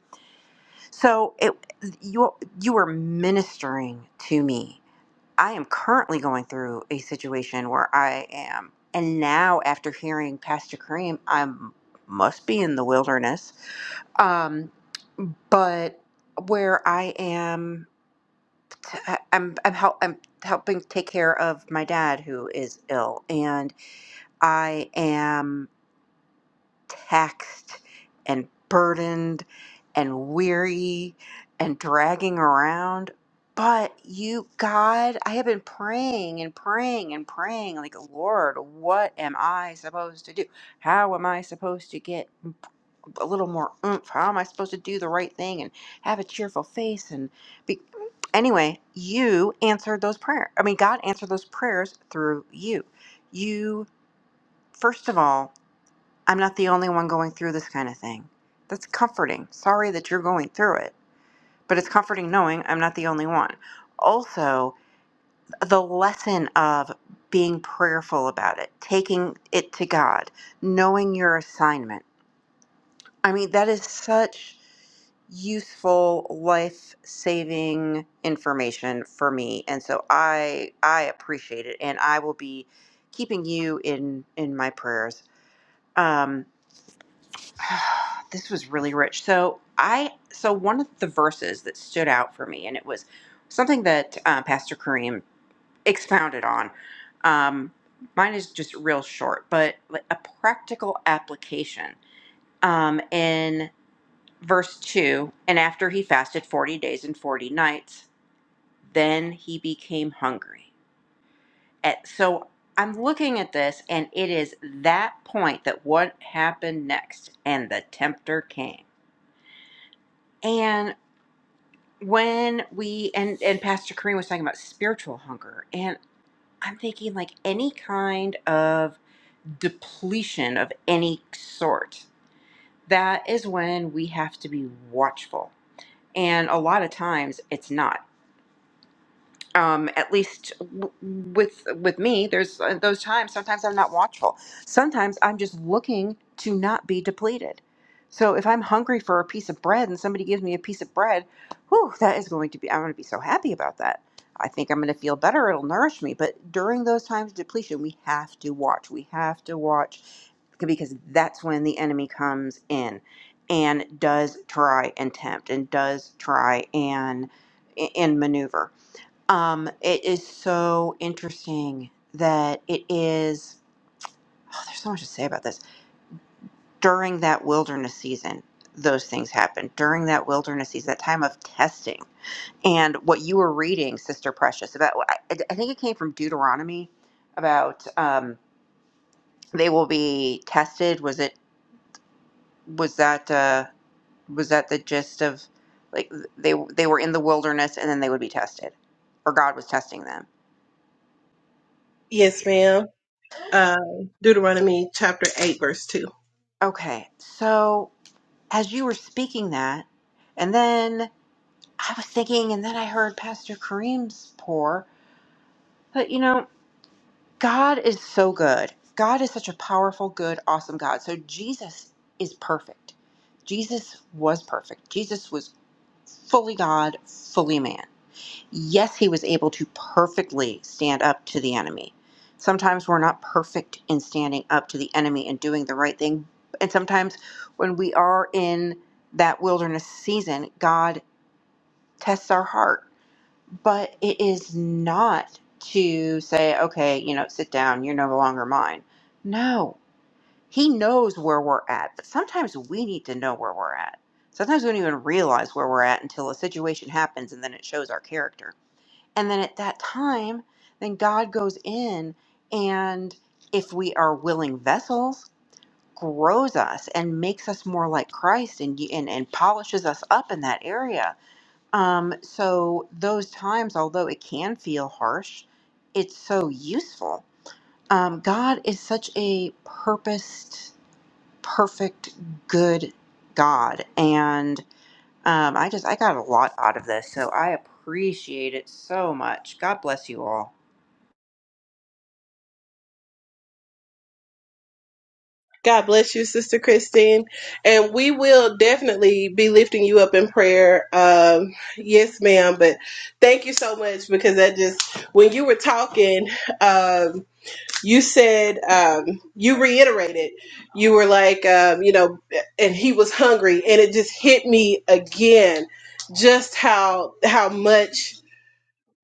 S5: so it you you were ministering to me. I am currently going through a situation where I am, and now after hearing Pastor Kareem, I must be in the wilderness. Um, but where I am, I'm I'm, help, I'm helping take care of my dad who is ill, and I am taxed and burdened and weary and dragging around. But you, God, I have been praying and praying and praying, like, Lord, what am I supposed to do? How am I supposed to get a little more oomph? How am I supposed to do the right thing and have a cheerful face? And be... anyway, you answered those prayers. I mean, God answered those prayers through you. You, first of all, I'm not the only one going through this kind of thing. That's comforting. Sorry that you're going through it, but it's comforting knowing I'm not the only one. Also, the lesson of being prayerful about it, taking it to God, knowing your assignment. I mean, that is such useful life saving information for me and so i i appreciate it and i will be keeping you in in my prayers um this was really rich. So I so one of the verses that stood out for me, and it was something that uh, Pastor Kareem expounded on. Um, mine is just real short, but like a practical application um, in verse two. And after he fasted forty days and forty nights, then he became hungry. At, so I'm looking at this, and it is that point that what happened next, and the tempter came. and. when we and and pastor Kareem was talking about spiritual hunger and i'm thinking like any kind of depletion of any sort that is when we have to be watchful and a lot of times it's not um, at least w- with with me there's uh, those times sometimes i'm not watchful sometimes i'm just looking to not be depleted so if i'm hungry for a piece of bread and somebody gives me a piece of bread whew, that is going to be i'm going to be so happy about that i think i'm going to feel better it'll nourish me but during those times of depletion we have to watch we have to watch because that's when the enemy comes in and does try and tempt and does try and and maneuver um, it is so interesting that it is. Oh, there's so much to say about this. During that wilderness season, those things happen. During that wilderness season, that time of testing, and what you were reading, Sister Precious, about. well, I, I think it came from Deuteronomy about um, they will be tested. Was it? Was that? Uh, was that the gist of? Like they they were in the wilderness and then they would be tested, or God was testing them.
S1: Yes, ma'am. Uh, Deuteronomy chapter eight, verse two.
S5: Okay, so as you were speaking that, and then I was thinking, and then I heard Pastor Kareem's pour. But you know, God is so good. God is such a powerful, good, awesome God. So Jesus is perfect. Jesus was perfect. Jesus was fully God, fully man yes, he was able to perfectly stand up to the enemy. Sometimes we're not perfect in standing up to the enemy and doing the right thing. And sometimes when we are in that wilderness season, God tests our heart. But it is not to say, okay, you know, sit down, you're no longer mine. No, He knows where we're at. But sometimes we need to know where we're at. Sometimes we don't even realize where we're at until a situation happens and then it shows our character and then at that time, then God goes in and if we are willing vessels, grows us and makes us more like Christ and and, and polishes us up in that area. Um, so those times, although it can feel harsh, it's so useful. Um, God is such a purposed, perfect, good God. And um, I just I got a lot out of this, so I appreciate it so much. God bless you all.
S1: God bless you, Sister Christine. And we will definitely be lifting you up in prayer. Um, yes, ma'am. But thank you so much because that just, when you were talking, um, you said, um, you reiterated, you were like, um, you know, and he was hungry. And it just hit me again just how, how much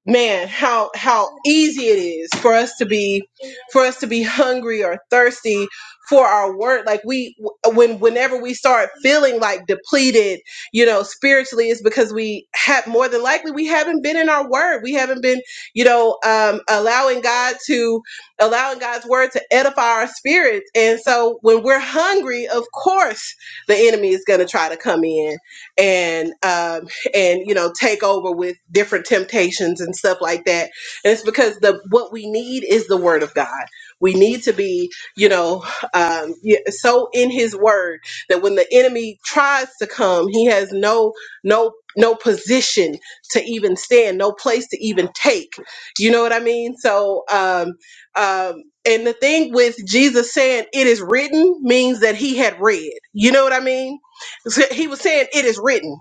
S1: man how how easy it is for us to be for us to be hungry or thirsty for our word like we when whenever we start feeling like depleted you know spiritually it's because we have more than likely we haven't been in our word we haven't been you know um allowing god to allowing god's word to edify our spirits and so when we're hungry of course the enemy is going to try to come in and um and you know take over with different temptations and stuff like that and it's because the what we need is the word of god we need to be you know um, yeah, so in his word that when the enemy tries to come he has no no no position to even stand no place to even take you know what i mean so um um and the thing with jesus saying it is written means that he had read you know what i mean So he was saying it is written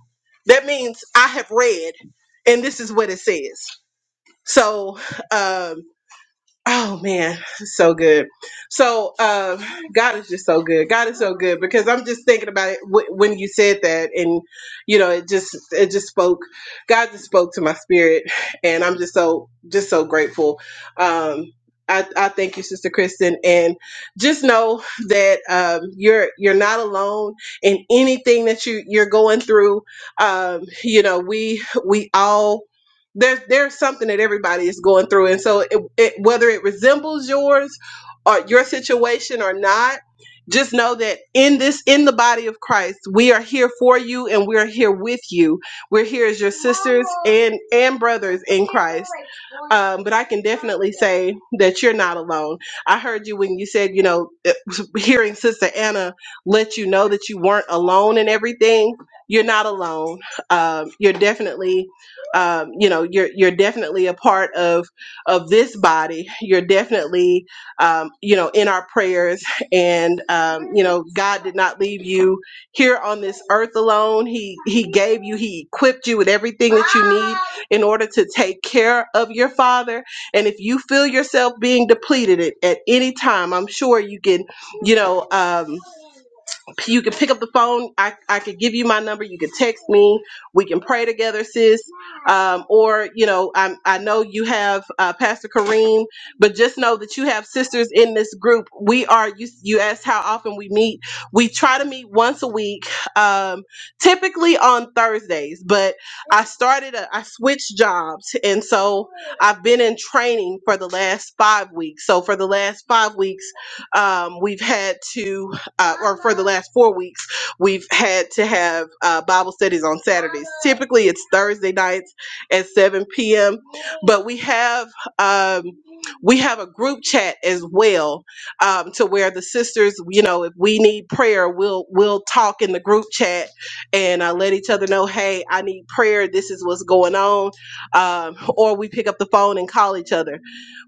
S1: that means I have read, and this is what it says. So, um, Oh man, so good. So uh, God is just so good. God is so good because I'm just thinking about it w- when you said that, and you know, it just it just spoke. God just spoke to my spirit, and I'm just so just so grateful. Um, I, I thank you, Sister Kristen, and just know that um, you're you're not alone in anything that you you're going through. Um, you know, we we all there's there's something that everybody is going through and so it, whether it resembles yours or your situation or not, just know that in this, in the body of Christ, we are here for you and we're here with you. We're here as your sisters and, and brothers in Christ. Um, but I can definitely say that you're not alone. I heard you when you said, you know, it- hearing Sister Anna let you know that you weren't alone in everything. You're not alone. Um, you're definitely um, you know you're you're definitely a part of of this body, you're definitely, um, you know, in our prayers. And um, you know, God did not leave you here on this earth alone. He He gave you, He equipped you with everything that you need in order to take care of your father. And if you feel yourself being depleted at, at any time, I'm sure you can, you know. Um, you can pick up the phone. I, I could give you my number. You can text me. We can pray together, sis. Um, or, you know, i I know you have uh, Pastor Kareem, but just know that you have sisters in this group. We are, you, you asked how often we meet. We try to meet once a week, um, typically on Thursdays, but I started, a, I switched jobs. And so I've been in training for the last five weeks. So for the last five weeks, um, we've had to, uh, or for the last four weeks, we've had to have uh, Bible studies on Saturdays. Typically, it's Thursday nights at 7 p.m., but we have um, we have a group chat as well, um, to where the sisters, you know, if we need prayer, we'll we'll talk in the group chat and uh, let each other know, hey, I need prayer. This is what's going on, um, or we pick up the phone and call each other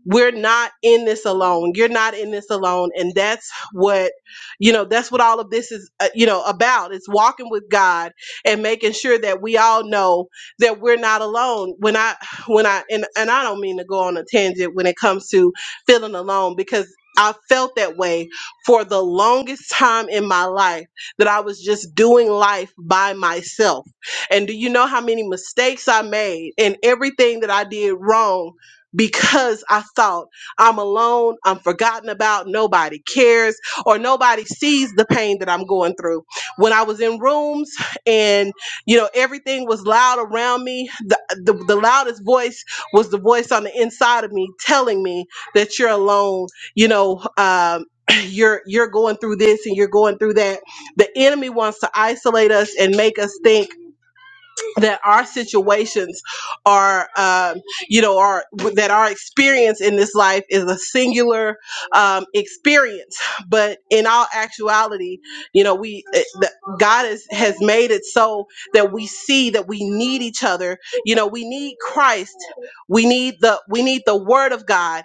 S1: we're not in this alone you're not in this alone and that's what you know that's what all of this is uh, you know about it's walking with god and making sure that we all know that we're not alone when i when i and, and i don't mean to go on a tangent when it comes to feeling alone because I felt that way for the longest time in my life that I was just doing life by myself. And do you know how many mistakes I made and everything that I did wrong because I thought I'm alone, I'm forgotten about, nobody cares, or nobody sees the pain that I'm going through. When I was in rooms and you know everything was loud around me, the, the, the loudest voice was the voice on the inside of me telling me that you're alone, you know, um, you're you're going through this and you're going through that. The enemy wants to isolate us and make us think that our situations are um, you know are that our experience in this life is a singular um, experience but in all actuality you know we it- the, god is, has made it so that we see that we need each other you know we need christ we need the we need the word of god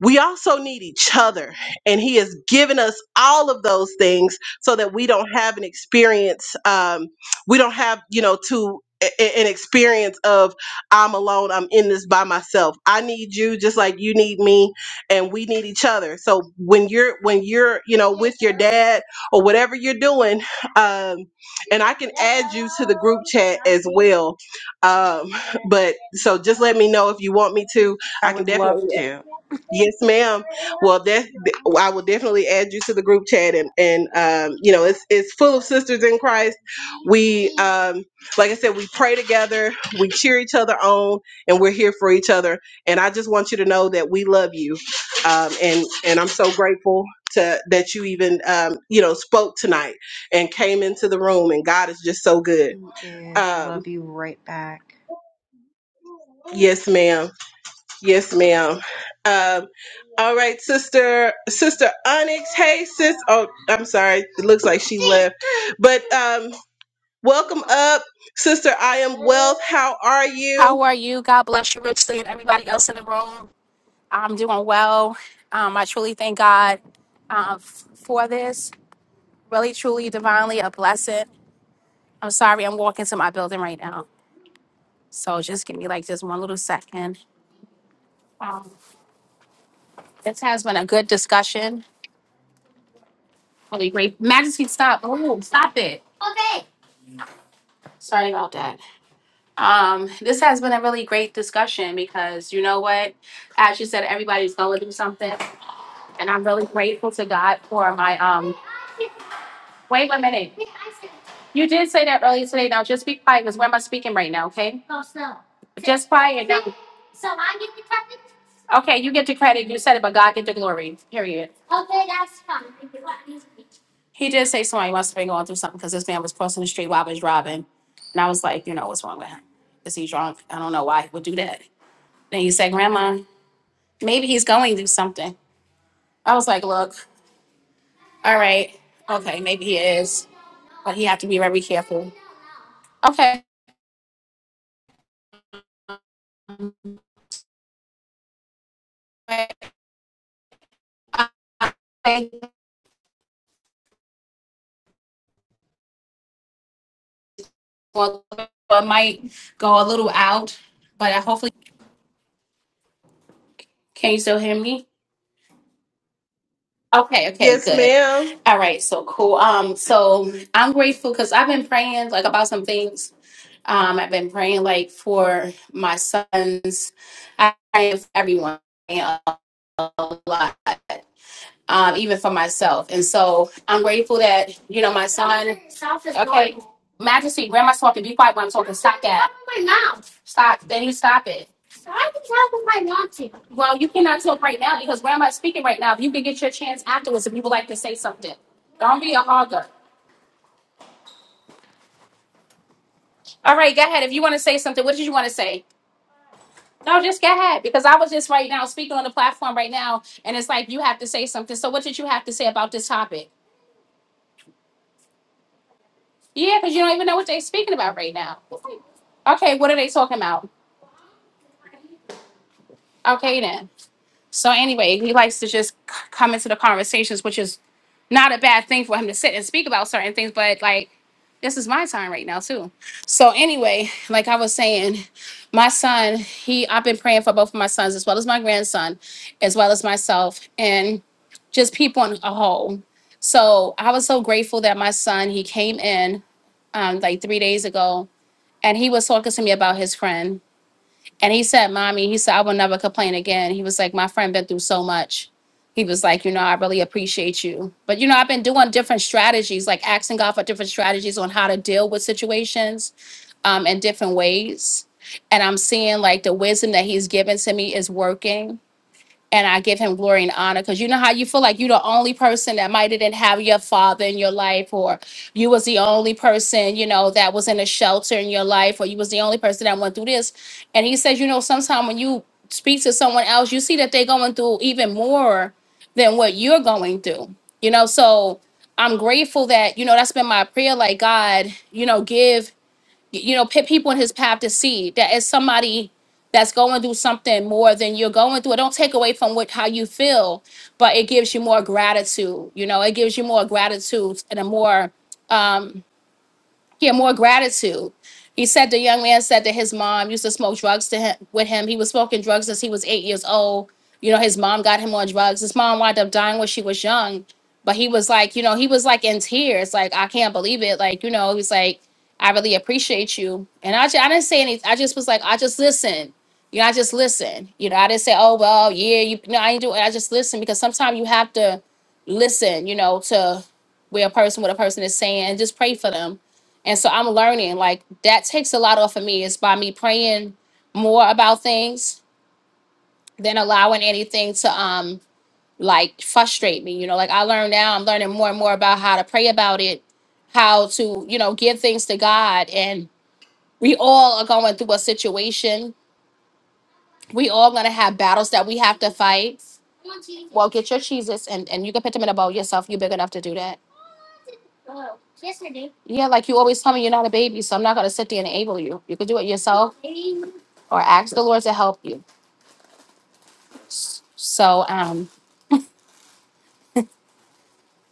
S1: we also need each other, and He has given us all of those things so that we don't have an experience. Um, we don't have, you know, to a- a- an experience of I'm alone. I'm in this by myself. I need you just like you need me, and we need each other. So when you're when you're you know with your dad or whatever you're doing, um, and I can add you to the group chat as well. Um, but so just let me know if you want me to.
S5: I
S1: I can
S5: would love
S1: definitely
S5: to.
S1: Yes, ma'am. Well, that I will definitely add you to the group chat, and and um, you know, it's it's full of sisters in Christ. We, um, like I said, we pray together, we cheer each other on, and we're here for each other. And I just want you to know that we love you, um, and and I'm so grateful to that you even um, you know spoke tonight and came into the room, and God is just so good.
S5: He is.
S1: Um,
S5: Love you right back.
S1: yes, ma'am. Yes, ma'am. Um, all right, sister, sister Onyx. Hey, sis. Oh, I'm sorry. It looks like she left. But um, welcome up, sister. I am wealth. How are you?
S8: How are you? God bless you richly and everybody else in the room. I'm doing well. Um, I truly thank God uh, f- for this. Really, truly, divinely a blessing. I'm sorry, I'm walking to my building right now. So just give me like just one little second. Um, this has been a good discussion. Really great. Majesty, stop. Oh, stop it. Sorry about that. Um, this has been a really great discussion because you know what? As you said, everybody's going through something and I'm really grateful to God for my um Wait one minute. You did say that earlier today. Now just be quiet because where am I speaking right now? Okay. Just quiet. Okay, you get the credit. You said it, but God get the glory. Period. He did say somebody must have been going through something because this man was crossing the street while I was driving. And I was like, you know, what's wrong with him? Is he drunk? I don't know why he would do that. Then you said, Grandma, maybe he's going through something. I was like, look, all right, okay, maybe he is, but he have to be very careful. Okay. I- I- Well, I might go a little out, but I hopefully can you still hear me? Okay, okay,
S1: Yes,
S8: good.
S1: ma'am.
S8: All right, so cool. Um, so I'm grateful because I've been praying like about some things. Um, I've been praying like for my sons. I pray for everyone a lot, um, even for myself. And so I'm grateful that you know my son, Majesty, Grandma's talking. Be quiet when I'm talking. Stop that. Stop. Then you stop it. Well, you cannot talk right now because grandma's speaking right now. If You can get your chance afterwards if you would like to say something. Don't be a hogger. All right, go ahead. If you want to say something, what did you want to say? No, just go ahead because I was just right now speaking on the platform right now, and it's like you have to say something. So, what did you have to say about this topic? Yeah, because you don't even know what they're speaking about right now. Okay, what are they talking about? Okay, then. So anyway, he likes to just c- come into the conversations, which is not a bad thing for him to sit and speak about certain things, but like this is my time right now too. So anyway, like I was saying, my son, he I've been praying for both of my sons as well as my grandson, as well as myself, and just people on a whole. So I was so grateful that my son he came in um, like three days ago, and he was talking to me about his friend. And he said, Mommy, he said, I will never complain again. He was like, My friend been through so much. He was like, You know, I really appreciate you. But, you know, I've been doing different strategies, like asking God for different strategies on how to deal with situations um, in different ways. And I'm seeing like the wisdom that he's given to me is working and I give him glory and honor because you know how you feel like you're the only person that might didn't have your father in your life, or you was the only person you know that was in a shelter in your life, or you was the only person that went through this. And he says, you know, sometimes when you speak to someone else, you see that they're going through even more than what you're going through. You know, so I'm grateful that you know that's been my prayer. Like God, you know, give you know, put people in his path to see that as somebody that's going through something more than you're going through, it don't take away from what how you feel, but it gives you more gratitude. You know, it gives you more gratitude and a more um yeah, more gratitude. He said the young man said that his mom used to smoke drugs to him with him. He was smoking drugs since he was eight years old. You know, his mom got him on drugs. His mom wound up dying when she was young. But he was like, you know, he was like in tears, like, I can't believe it. Like, you know, he's like, I really appreciate you. And I, ju- I didn't say anything. I just was like, I just listen. You know, I just listen. You know, I didn't say, oh, well, yeah, you no, I ain't doing it. I just listen because sometimes you have to listen, you know, to where a person, what a person is saying, and just pray for them and so I'm learning like that takes a lot off of me is by me praying more about things than allowing anything to um like frustrate me. You know, like I learned now, I'm learning more and more about how to pray about it, how to, you know, give things to God. And we all are going through a situation. We all gonna have battles that we have to fight. Well, get your cheeses and, and you can put them in a bowl yourself. You're big enough to do that. Yeah, like you always tell me you're not a baby, so I'm not gonna sit there and enable you. You can do it yourself or ask the Lord to help you So um,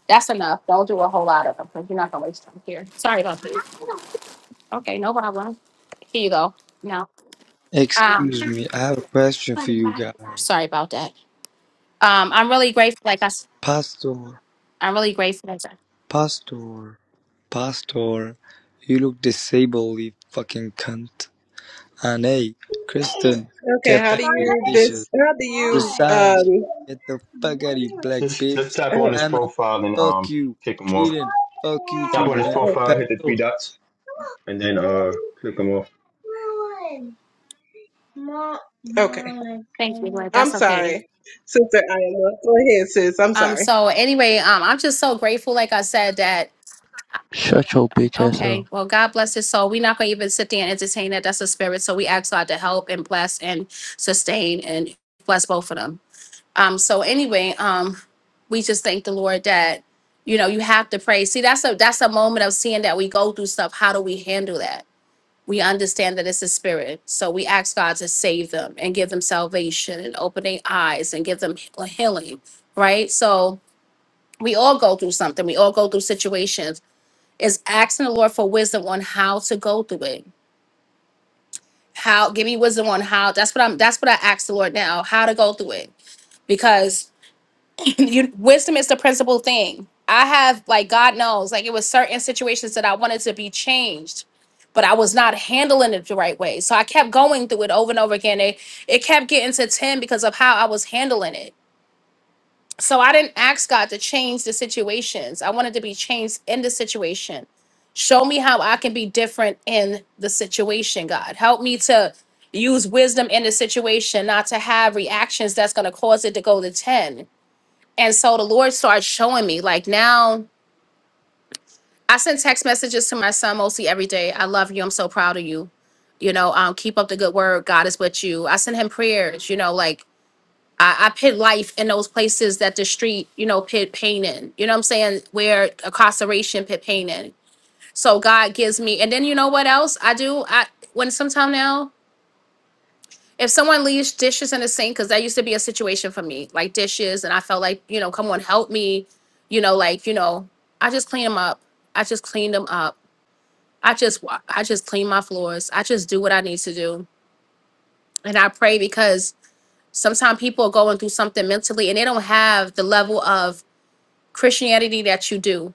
S8: that's enough. Don't do a whole lot of them because you're not gonna waste time here. Sorry about that. Okay, no problem. Here you go. No, I'm
S9: Excuse me, I have a question for you guys.
S8: sorry about that. Um, I'm really grateful. Like I, s-
S9: Pastor,
S8: I'm really grateful. That,
S9: Pastor, Pastor, you look disabled, you fucking cunt. And hey, Kristen,
S1: Okay.
S9: get
S1: How
S9: back
S1: do
S9: to the
S1: you
S9: dishes.
S1: this? How do you
S9: Precise,
S1: um?
S9: get the fuck out of you, black
S7: Sis,
S9: bitch.
S7: just tap on
S1: oh,
S7: his
S9: Anna,
S7: profile and
S9: fuck
S7: um,
S9: you.
S7: kick him off.
S9: Treating, fuck you
S7: Tap on
S9: too,
S7: his
S9: man.
S1: oh,
S7: profile, hit the
S9: Pastor,
S7: three dots, and then uh, click him off.
S1: Okay.
S8: thank you. Like
S1: I'm
S8: that's okay.
S1: sorry, sister. I am wealth. Go ahead, sis. I'm
S8: Um.
S1: sorry.
S8: So anyway, um, I'm just so grateful. Like I said, that
S10: Shut your bitch ass up.
S8: okay. Well, God bless his soul. We're not gonna even sit there and entertain that. That's a spirit. So we ask God to help and bless and sustain and bless both of them. Um, so anyway, um, we just thank the Lord that you know you have to pray. See, that's a that's a moment of seeing that we go through stuff. How do we handle that? We understand that it's a spirit, so we ask God to save them and give them salvation and open their eyes and give them he- healing. Right. So we all go through something. We all go through situations. Is asking the Lord for wisdom on how to go through it. How give me wisdom on how. That's what I'm. That's what I ask the Lord now. How to go through it because you, wisdom is the principal thing. I have, like, God knows, like, it was certain situations that I wanted to be changed, but I was not handling it the right way. So I kept going through it over and over again. It, it kept getting to 10 because of how I was handling it. So I didn't ask God to change the situations. I wanted to be changed in the situation. Show me how I can be different in the situation, God. Help me to use wisdom in the situation, not to have reactions that's going to cause it to go to 10 and so the Lord started showing me, like now I send text messages to my son mostly every day. I love you. I'm so proud of you. You know, um, keep up the good work. God is with you. I send him prayers, you know, like I, I put life in those places that the street, you know, put pain in. You know what I'm saying? Where incarceration put pain in. So God gives me, and then you know what else I do? I when sometime now if someone leaves dishes in the sink, because that used to be a situation for me, like dishes, and I felt like, you know, come on, help me, you know, like, you know, I just clean them up. I just clean them up. I just, wa- I just clean my floors. I just do what I need to do, and I pray because sometimes people are going through something mentally, and they don't have the level of Christianity that you do.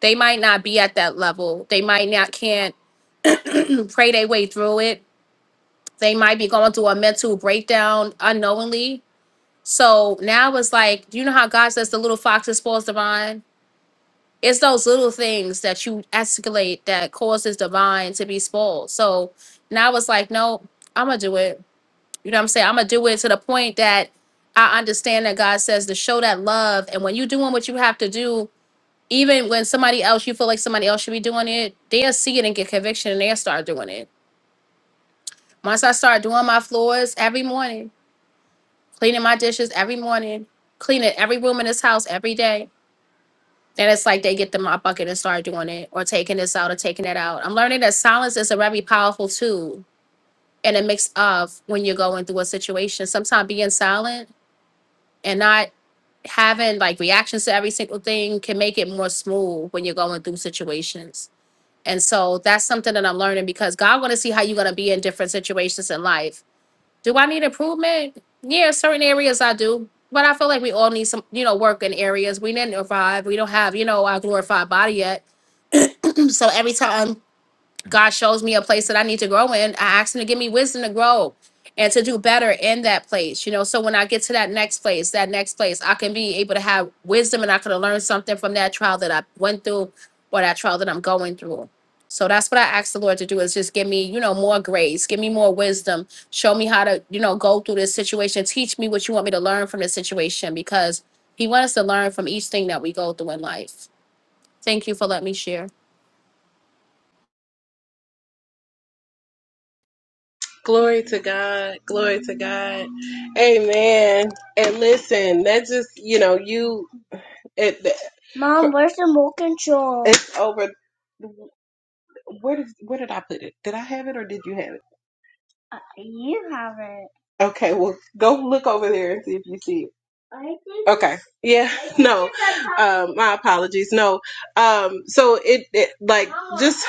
S8: They might not be at that level. They might not can't pray their way through it. They might be going through a mental breakdown unknowingly So now it's like, you know how God says the little foxes spoils the vine? It's those little things that you escalate that causes the vine to be spoiled. So now it's like, no, I'm gonna do it. You know what I'm saying? I'm gonna do it to the point that I understand that God says to show that love. And when you're doing what you have to do, even when somebody else, you feel like somebody else should be doing it, they'll see it and get conviction and they'll start doing it. Once I start doing my floors every morning, cleaning my dishes every morning, cleaning every room in this house every day, And it's like they get the mop bucket and start doing it or taking this out or taking that out. I'm learning that silence is a very powerful tool and a mix of when you're going through a situation. Sometimes being silent and not having like reactions to every single thing can make it more smooth when you're going through situations. And so that's something that I'm learning because God want to see how you're going to be in different situations in life. Do I need improvement? Yeah, certain areas I do. But I feel like we all need some, you know, work in areas. We didn't arrive. We don't have, you know, our glorified body yet So every time God shows me a place that I need to grow in, I ask Him to give me wisdom to grow and to do better in that place. You know, so when I get to that next place, that next place, I can be able to have wisdom and I can learn something from that trial that I went through or that trial that I'm going through. So that's what I ask the Lord to do is just give me, you know, more grace, give me more wisdom, show me how to, you know, go through this situation, teach me what you want me to learn from this situation because He wants us to learn from each thing that we go through in life. Thank you for letting me share.
S1: Glory to God. Glory to God. Amen. And listen, that just you know you. It it's over. Where did where did I put it? Did I have it or did you have it? Okay, well, go look over there and see if you see it. Okay. Yeah. No. Um, my apologies. No. Um, so it, it like just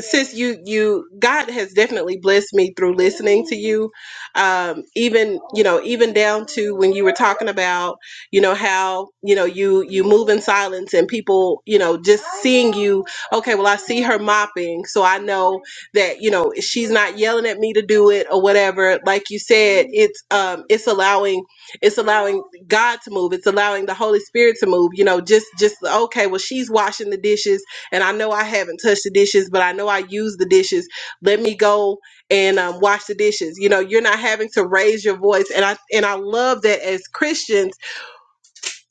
S1: since you you God has definitely blessed me through listening to you. Um, even you know even down to when you were talking about you know how you know you you move in silence and people you know just seeing you. Okay. Well, I see her mopping, so I know that you know she's not yelling at me to do it or whatever like you said it's um it's allowing it's allowing god to move it's allowing the holy spirit to move you know just just okay well she's washing the dishes and i know i haven't touched the dishes but i know i use the dishes let me go and um, wash the dishes you know you're not having to raise your voice and i and i love that as christians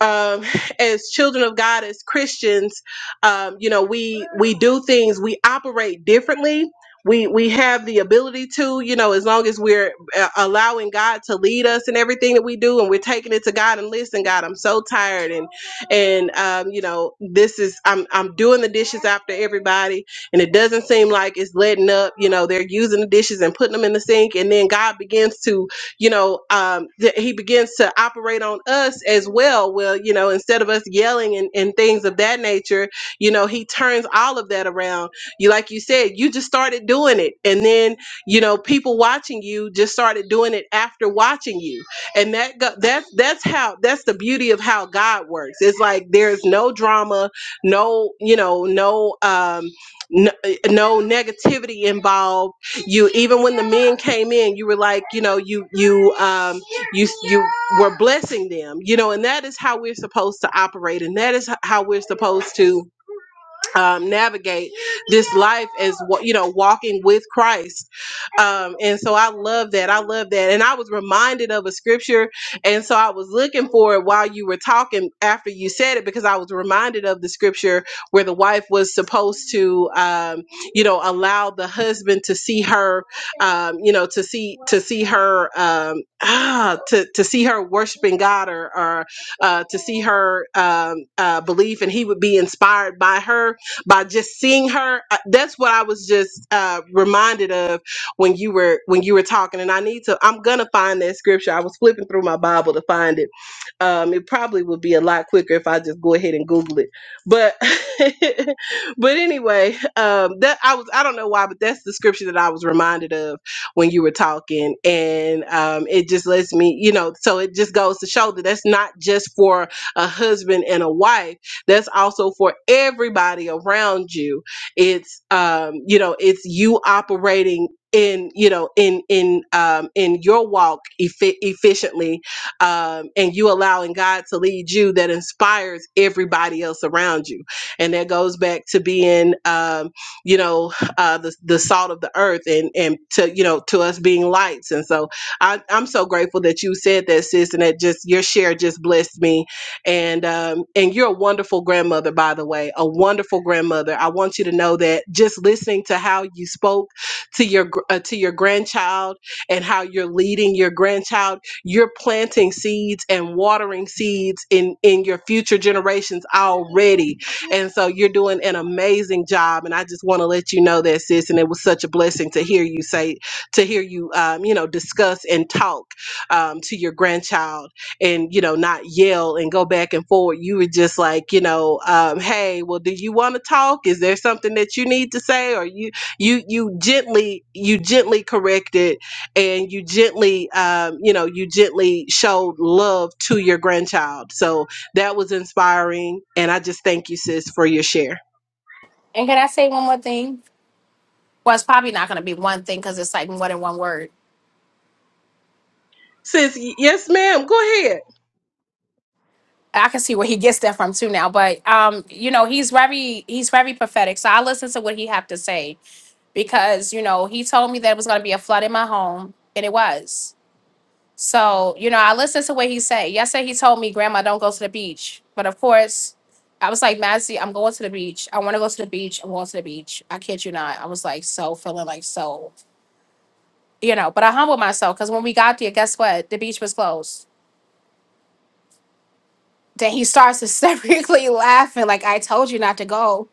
S1: um, as children of God, as Christians, um, you know, we we do things, we operate differently. We we have the ability to, you know, as long as we're uh, allowing God to lead us in everything that we do, and we're taking it to God and listen, God, I'm so tired, and and um, you know, this is I'm I'm doing the dishes after everybody, and it doesn't seem like it's letting up. You know, they're using the dishes and putting them in the sink, and then God begins to you know, um, that he begins to operate on us as well. Well, you know, instead of us yelling and, and things of that nature, you know, he turns all of that around. You, like you said, you just started doing it. And then, you know, people watching you just started doing it after watching you. And that, go- that's, that's how, that's the beauty of how God works. It's like, there's no drama, no, you know, no, um, no, no negativity involved you even when the men came in, you were like, you know, you you um you you were blessing them, you know, and that is how we're supposed to operate, and that is how we're supposed to um, navigate this life as wa- you know walking with christ um, and so i love that i love that and i was reminded of a scripture and so i was looking for it while you were talking after you said it because i was reminded of the scripture where the wife was supposed to um, you know allow the husband to see her um, you know to see to see her um, ah, to, to see her worshiping god or, or uh, to see her um, uh, belief and he would be inspired by her by just seeing her uh, that's what i was just uh reminded of when you were when you were talking and i need to i'm gonna find that scripture i was flipping through my bible to find it um it probably would be a lot quicker if i just go ahead and google it but but anyway um that i was i don't know why but that's the scripture that i was reminded of when you were talking and um it just lets me you know so it just goes to show that that's not just for a husband and a wife that's also for everybody around you it's um you know it's you operating in you know in in um in your walk effi- efficiently um and you allowing god to lead you that inspires everybody else around you and that goes back to being um you know uh the, the salt of the earth and and to you know to us being lights and so I, i'm so grateful that you said that sis and that just your share just blessed me and um, and you're a wonderful grandmother, by the way, a wonderful grandmother. I want you to know that just listening to how you spoke to your gr- uh, to your grandchild and how you're leading your grandchild, you're planting seeds and watering seeds in in your future generations already, and so you're doing an amazing job. And I just want to let you know that, sis. And it was such a blessing to hear you say to hear you um, you know discuss and talk um, to your grandchild and you know not yell and go back and forward you were just like you know um, hey well do you want to talk is there something that you need to say or you you you gently you gently corrected and you gently um, you know you gently showed love to your grandchild so that was inspiring and i just thank you sis for your share
S8: And can I say one more thing? Well, it's probably not going to be one thing because it's like more than one word.
S1: sis y- yes ma'am go ahead
S8: I can see where he gets that from too now, but um, you know, he's very he's very prophetic. So I listen to what he have to say because you know he told me that it was going to be a flood in my home, and it was. So you know, I listened to what he said. Yesterday, he told me, "Grandma, don't go to the beach." But of course, I was like, "Massey, I'm going to the beach. I want to go to the beach. I'm going to the beach." I kid you not. I was like so feeling like so. you know, but I humbled myself because when we got there, guess what? The beach was closed. Then he starts hysterically laughing, like, I told you not to go.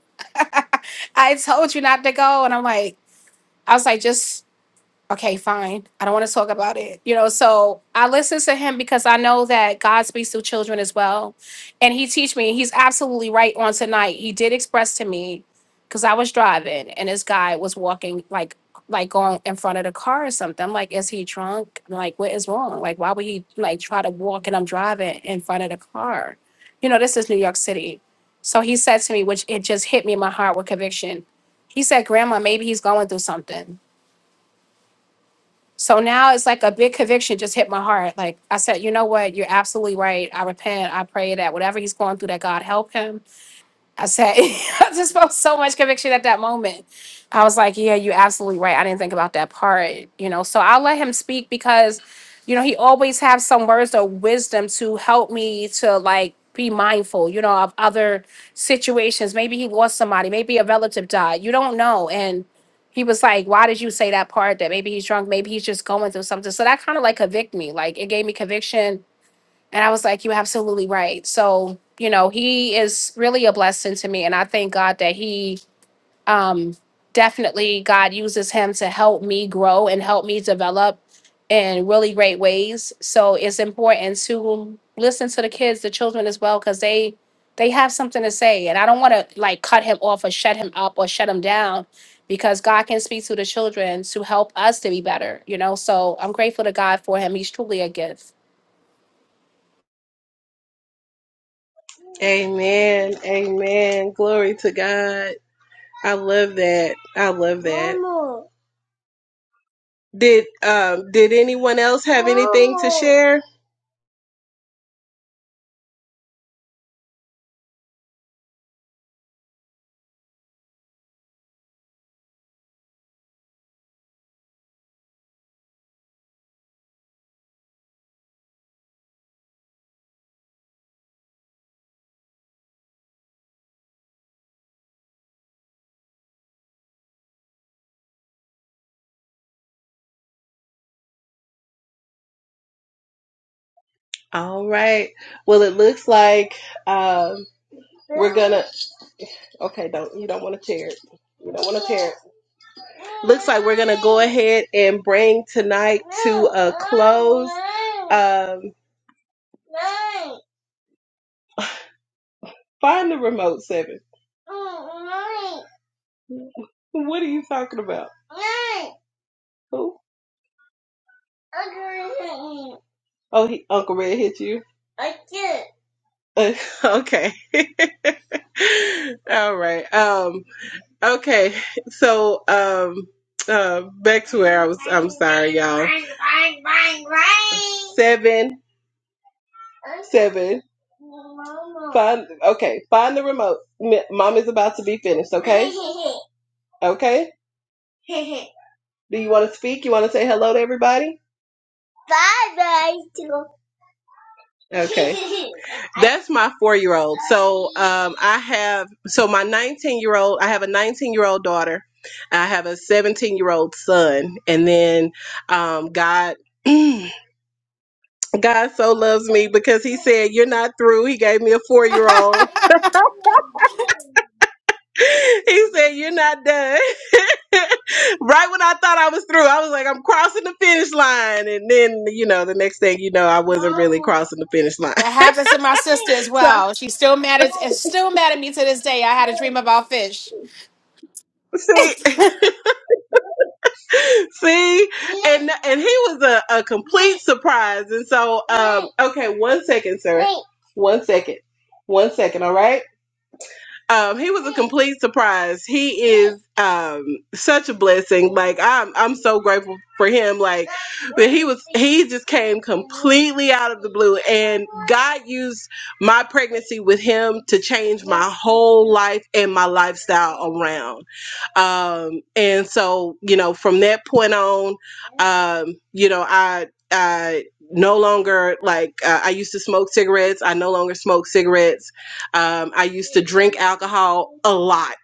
S8: I told you not to go. And I'm like, I was like, just okay, fine. I don't want to talk about it. You know, so I listen to him because I know that God speaks to children as well. And he teach me, he's absolutely right on tonight. He did express to me because I was driving and this guy was walking like like going in front of the car or something. I'm like, is he drunk? Like, what is wrong? Like, why would he like try to walk and I'm driving in front of the car? You know, this is New York City. So he said to me, which it just hit me in my heart with conviction. He said, Grandma, maybe he's going through something so now it's like a big conviction just hit my heart. Like I said, you know what? You're absolutely right. I repent. I pray that whatever he's going through, that God help him. I said, I just felt so much conviction at that moment. I was like, yeah, you're absolutely right. I didn't think about that part, you know. So I'll let him speak because, you know, he always has some words of wisdom to help me to like be mindful, you know, of other situations. Maybe he lost somebody, maybe a relative died. You don't know. And he was like, why did you say that part? That maybe he's drunk, maybe he's just going through something. So that kind of like convict me. Like it gave me conviction and I was like, You're absolutely right. So, you know, he is really a blessing to me. And I thank God that he um definitely God uses him to help me grow and help me develop in really great ways. So it's important to listen to the kids, the children as well, because they they have something to say. And I don't want to like cut him off or shut him up or shut him down because God can speak to the children to help us to be better, you know. So I'm grateful to God for him. He's truly a gift.
S1: amen amen glory to god i love that i love that Did um did anyone else have anything to share? All right. Well, it looks like um we're gonna. Okay, don't you don't want to tear it. You don't want to tear it. Looks like we're gonna go ahead and bring tonight to a close. Um, find the remote seven. What are you talking about? Who? Oh, he, Uncle Red hit you. okay. All right. Um. Okay, so um, uh, back to where I was. I'm sorry, y'all. Seven, seven. Find okay. Find the remote. M- Mom is about to be finished. Okay. Okay. Do you want to speak? You want to say hello to everybody? Okay. That's my four year old. So um, I have so my 19 year old. I have a 19 year old daughter. I have a 17 year old son, and then um, God. God so loves me because he said, You're not through. He gave me a four year old. he said, You're not done. right when I thought I was through, I was like, I'm crossing the finish line. And then, you know, the next thing you know, I wasn't really crossing the finish line.
S8: That happens to my sister as well. She's still mad
S1: So,
S8: at, is still mad at me to this day. I had a dream about fish.
S1: see, see, and and he was a, a complete surprise. And so, um, okay, one second, sir. One second. One second, all right? Um, he was a complete surprise. He is um, such a blessing. Like I'm, I'm so grateful for him. Like, but he was, he just came completely out of the blue, and God used my pregnancy with him to change my whole life and my lifestyle around. Um, and so, you know, from that point on, um, you know, I, I no longer like uh, I used to smoke cigarettes. I no longer smoke cigarettes um, I used to drink alcohol a lot.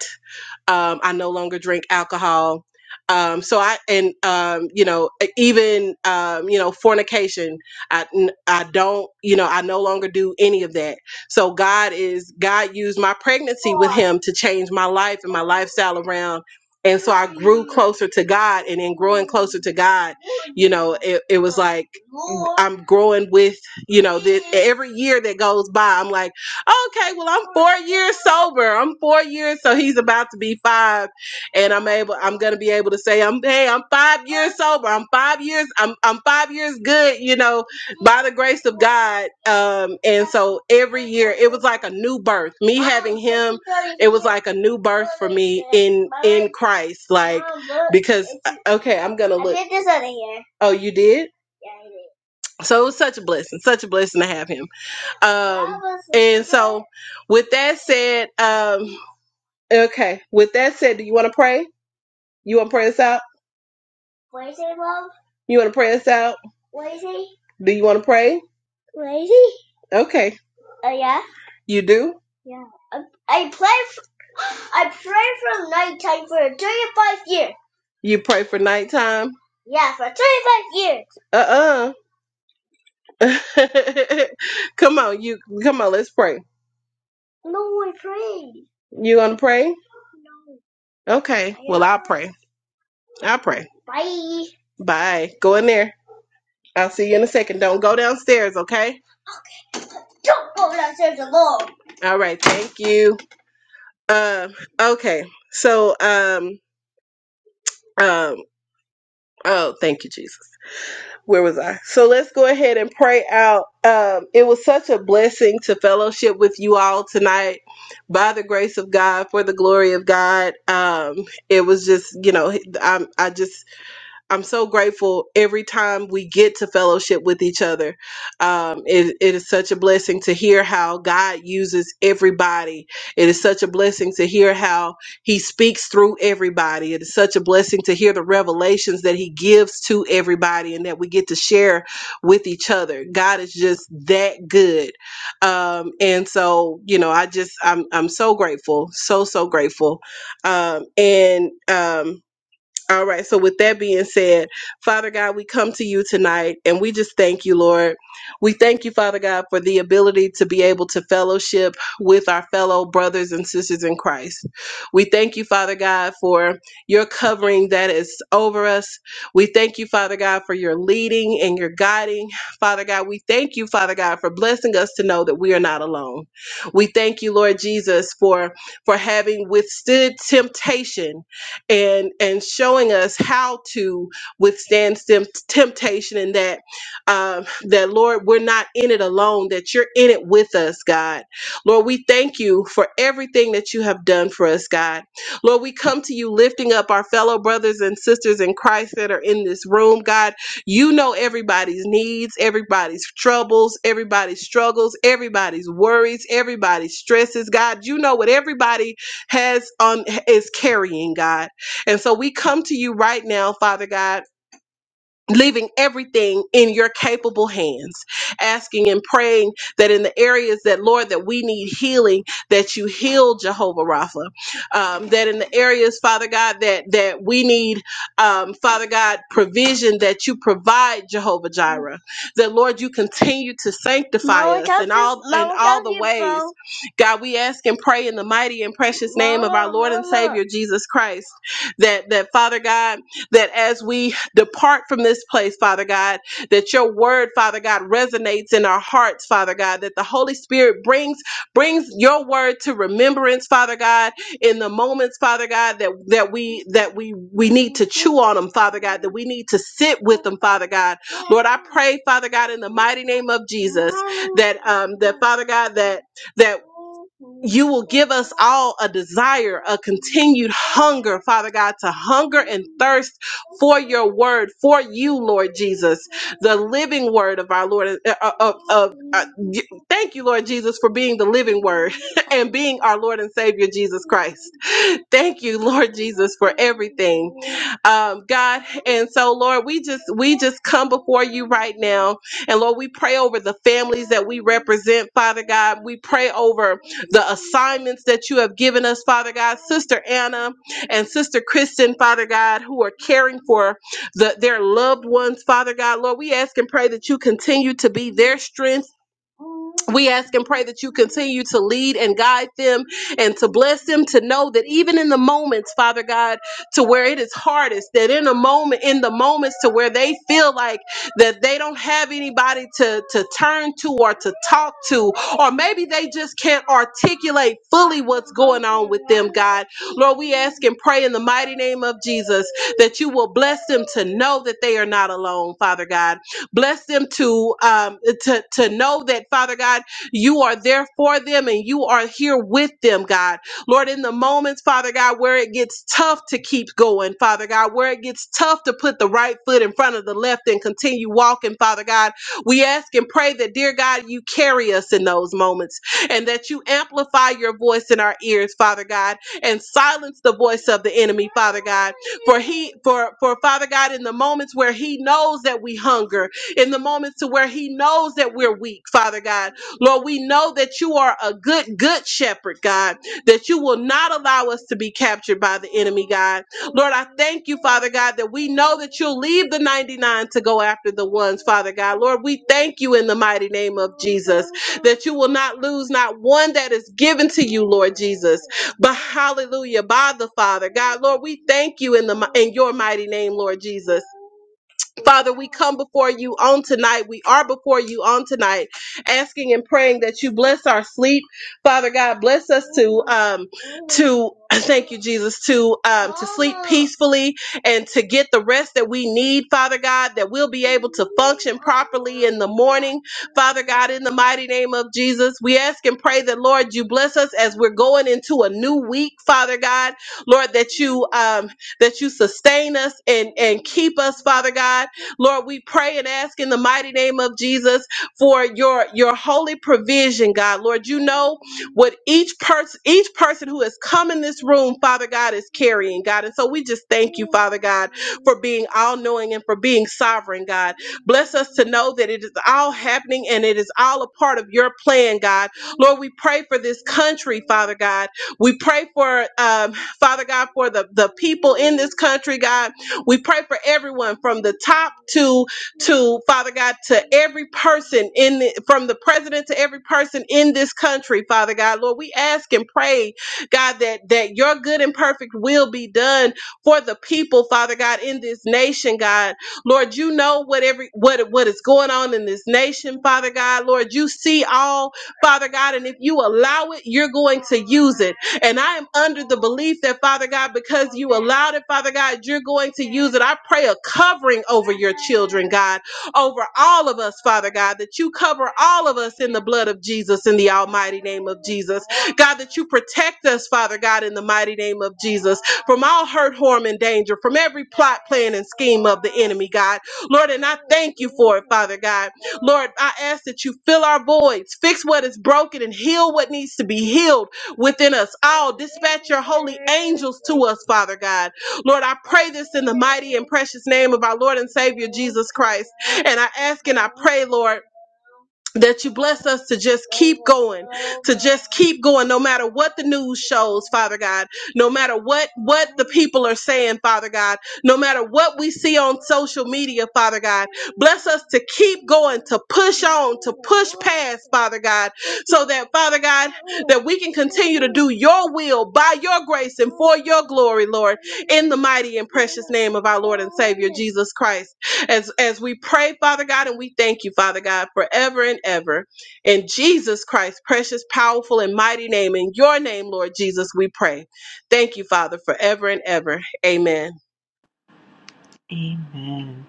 S1: Um, I no longer drink alcohol. Um, so I and um, you know e- even um, you know fornication. I n- I don't you know I no longer do any of that. So God is God used my pregnancy with Him to change my life and my lifestyle around. And so I grew closer to God, and in growing closer to God, you know, it, it was like I'm growing with, you know, this, every year that goes by, I'm like okay, well, I'm four years sober. I'm four years, so he's about to be five, and I'm able. I'm gonna be able to say, I'm hey, I'm five years sober. I'm five years. I'm I'm five years good. You know, by the grace of God. Um, and so every year it was like a new birth. Me having him, it was like a new birth for me in in Christ. Like because okay, I'm gonna look. I did this over here. Oh, you did. So it was such a blessing, such a blessing to have him. Um, and so, with that said, um, okay. With that said, do you want to pray? You want to pray us out? You want to pray us out? Do you want to pray? Okay, you do. You pray for nighttime. Uh uh come on, you come on. Let's pray. You want to pray? Okay. Well, I'll pray. I'll pray. Bye. Go in there. I'll see you in a second. Don't go downstairs, okay? All right. Thank you. Um. Okay. So, um, um, Oh, thank you, Jesus. Where was I? So let's go ahead and pray out. Um, it was such a blessing to fellowship with you all tonight by the grace of God, for the glory of God. Um, it was just, you know, I'm, I just I'm so grateful every time we get to fellowship with each other. Um, it, it is such a blessing to hear how God uses everybody. It is such a blessing to hear how He speaks through everybody. It is such a blessing to hear the revelations that He gives to everybody and that we get to share with each other. God is just that good. Um, and so, you know, I just, I'm, I'm so grateful, so, so grateful. Um, and, um, all right. So, with that being said, Father God, we come to you tonight and we just thank you, Lord. We thank you, Father God, for the ability to be able to fellowship with our fellow brothers and sisters in Christ. We thank you, Father God, for your covering that is over us. We thank you, Father God, for your leading and your guiding. Father God, we thank you, Father God, for blessing us to know that we are not alone. We thank you, Lord Jesus, for for having withstood temptation and and showing us how to withstand tem- temptation and that um, that Lord we're not in it alone that you're in it with us God Lord we thank you for everything that you have done for us God Lord we come to you lifting up our fellow brothers and sisters in Christ that are in this room God you know everybody's needs everybody's troubles everybody's struggles everybody's worries everybody's stresses God you know what everybody has on is carrying God and so we come to you right now, Father God leaving everything in your capable hands asking and praying that in the areas that lord that we need healing that you heal jehovah rapha um, that in the areas father god that that we need um, father god provision that you provide jehovah jireh that lord you continue to sanctify Lower us in down all your- in lower all down the your ways phone. god we ask and pray in the mighty and precious name of our lord and Mama. savior jesus christ that that father god that as we depart from this place, Father God, that your word, Father God, resonates in our hearts, Father God, that the Holy Spirit brings brings your word to remembrance, Father God, in the moments, Father God, that that we that we we need to chew on them, Father God, that we need to sit with them, Father God. Lord, I pray, Father God, in the mighty name of Jesus, that um that Father God, that that you will give us all a desire, a continued hunger, Father God, to hunger and thirst for your word, for you, Lord Jesus, the living word of our Lord. uh, uh, uh, uh, uh, y- thank you, Lord Jesus, for being the living word and being our Lord and Savior, Jesus Christ. Thank you, Lord Jesus, for everything, um, God. And so, Lord, we just we just come before you right now, and Lord, we pray over the families that we represent, Father God. We pray over the assignments that you have given us, Father God. Sister Anna and Sister Kristen, Father God, who are caring for the, their loved ones, Father God. Lord, we ask and pray that you continue to be their strength we ask and pray that you continue to lead and guide them and to bless them to know that even in the moments, Father God, to where it is hardest, that in a moment, in the moments to where they feel like that they don't have anybody to, to turn to or to talk to, or maybe they just can't articulate fully what's going on with them, God. Lord, we ask and pray in the mighty name of Jesus that you will bless them to know that they are not alone, Father God Bless them to um, to to know that Father God, you are there for them and you are here with them, God. Lord, in the moments, Father God, where it gets tough to keep going, Father God, where it gets tough to put the right foot in front of the left and continue walking, Father God, we ask and pray that, dear God, you carry us in those moments and that you amplify your voice in our ears, Father God, and silence the voice of the enemy, Father God. For he, for for Father God, in the moments where he knows that we hunger in the moments to where he knows that we're weak, Father God. Lord, we know that you are a good, good shepherd, God, that you will not allow us to be captured by the enemy, God. Lord, I thank you, Father God, that we know that you'll leave the 99 to go after the ones, Father God. Lord, we thank you in the mighty name of Jesus that you will not lose not one that is given to you, Lord Jesus. But hallelujah, by the Father, God, Lord, we thank you in the in your mighty name, Lord Jesus. Father, we come before you on tonight. We are before you on tonight, asking and praying that you bless our sleep. Father God, bless us to um to thank you, Jesus, to um to sleep peacefully and to get the rest that we need, Father God, that we'll be able to function properly in the morning. Father God, in the mighty name of Jesus, we ask and pray that Lord you bless us as we're going into a new week, Father God. Lord, that you um that you sustain us and and keep us, Father God Lord, we pray and ask in the mighty name of Jesus for your your holy provision, God. Lord, you know what each person each person who has come in this room, Father God, is carrying, God. And so we just thank you, Father God, for being all knowing and for being sovereign, God. Bless us to know that it is all happening and it is all a part of your plan, God. Lord, we pray for this country, Father God. We pray for um, Father God for the, the people in this country, God. We pray for everyone from the top to to Father God to every person in the, from the president to every person in this country, Father God. Lord, we ask and pray, God, that that your good and perfect will be done for the people, Father God, in this nation, God. Lord, you know what every what what is going on in this nation, Father God. Lord, you see all, Father God, and if you allow it, you're going to use it. And I am under the belief that, Father God, because you allowed it, Father God, you're going to use it. I pray a covering over your children, God, over all of us, Father God, that you cover all of us in the blood of Jesus, in the almighty name of Jesus. God, that you protect us, Father God, in the mighty name of Jesus, from all hurt, harm, and danger, from every plot, plan, and scheme of the enemy, God. Lord, and I thank you for it, Father God. Lord, I ask that you fill our voids, fix what is broken, and heal what needs to be healed within us all. Dispatch your holy angels to us, Father God. Lord, I pray this in the mighty and precious name of our Lord and Savior Jesus Christ. And I ask and I pray, Lord that you bless us to just keep going to just keep going no matter what the news shows father god no matter what what the people are saying father god no matter what we see on social media father god bless us to keep going to push on to push past father god so that father god that we can continue to do your will by your grace and for your glory lord in the mighty and precious name of our lord and savior jesus christ as as we pray, Father God, and we thank you, Father God, forever and ever. In Jesus Christ's precious, powerful, and mighty name, in your name, Lord Jesus, we pray. Thank you, Father, forever and ever. Amen.
S5: Amen.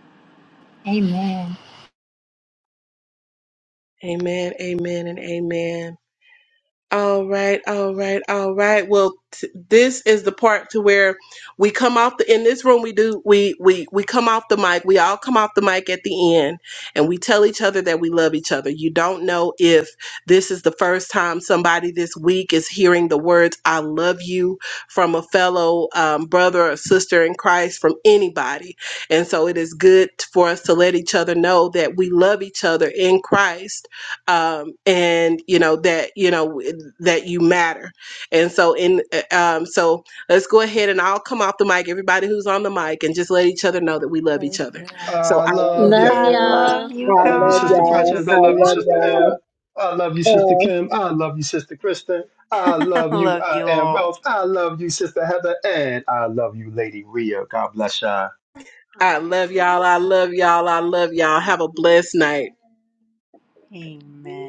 S1: Amen. Amen and amen. All right, all right, all right. Well, t- this is the part to where we come off the in this room. We do we we we come off the mic. We all come off the mic at the end, and we tell each other that we love each other. You don't know if this is the first time somebody this week is hearing the words "I love you" from a fellow um, brother or sister in Christ from anybody, and so it is good for us to let each other know that we love each other in Christ um, and you know that you know w- that you matter and so in uh, um, so let's go ahead and i'll come off the mic everybody who's on the mic and just let each other know that we love each other so
S7: I
S1: i love
S7: love
S3: Love
S5: I
S1: y'all
S3: y'all.
S7: you.
S5: love you
S7: I
S1: i
S7: love you,
S1: love
S7: Sister
S1: y'all
S7: Precious. I
S5: guys.
S7: love
S1: i
S7: you,
S1: love
S7: Sister Anna.
S1: y'all
S7: I love you, Sister Kim. I love you, Sister Kristen. I love you,
S5: love
S7: I
S5: you
S7: am
S5: all.
S7: Wells. I love you, Sister Heather, and I love you, Lady Rhea. God bless you
S1: i love y'all i love y'all i love y'all have a blessed night
S5: Amen.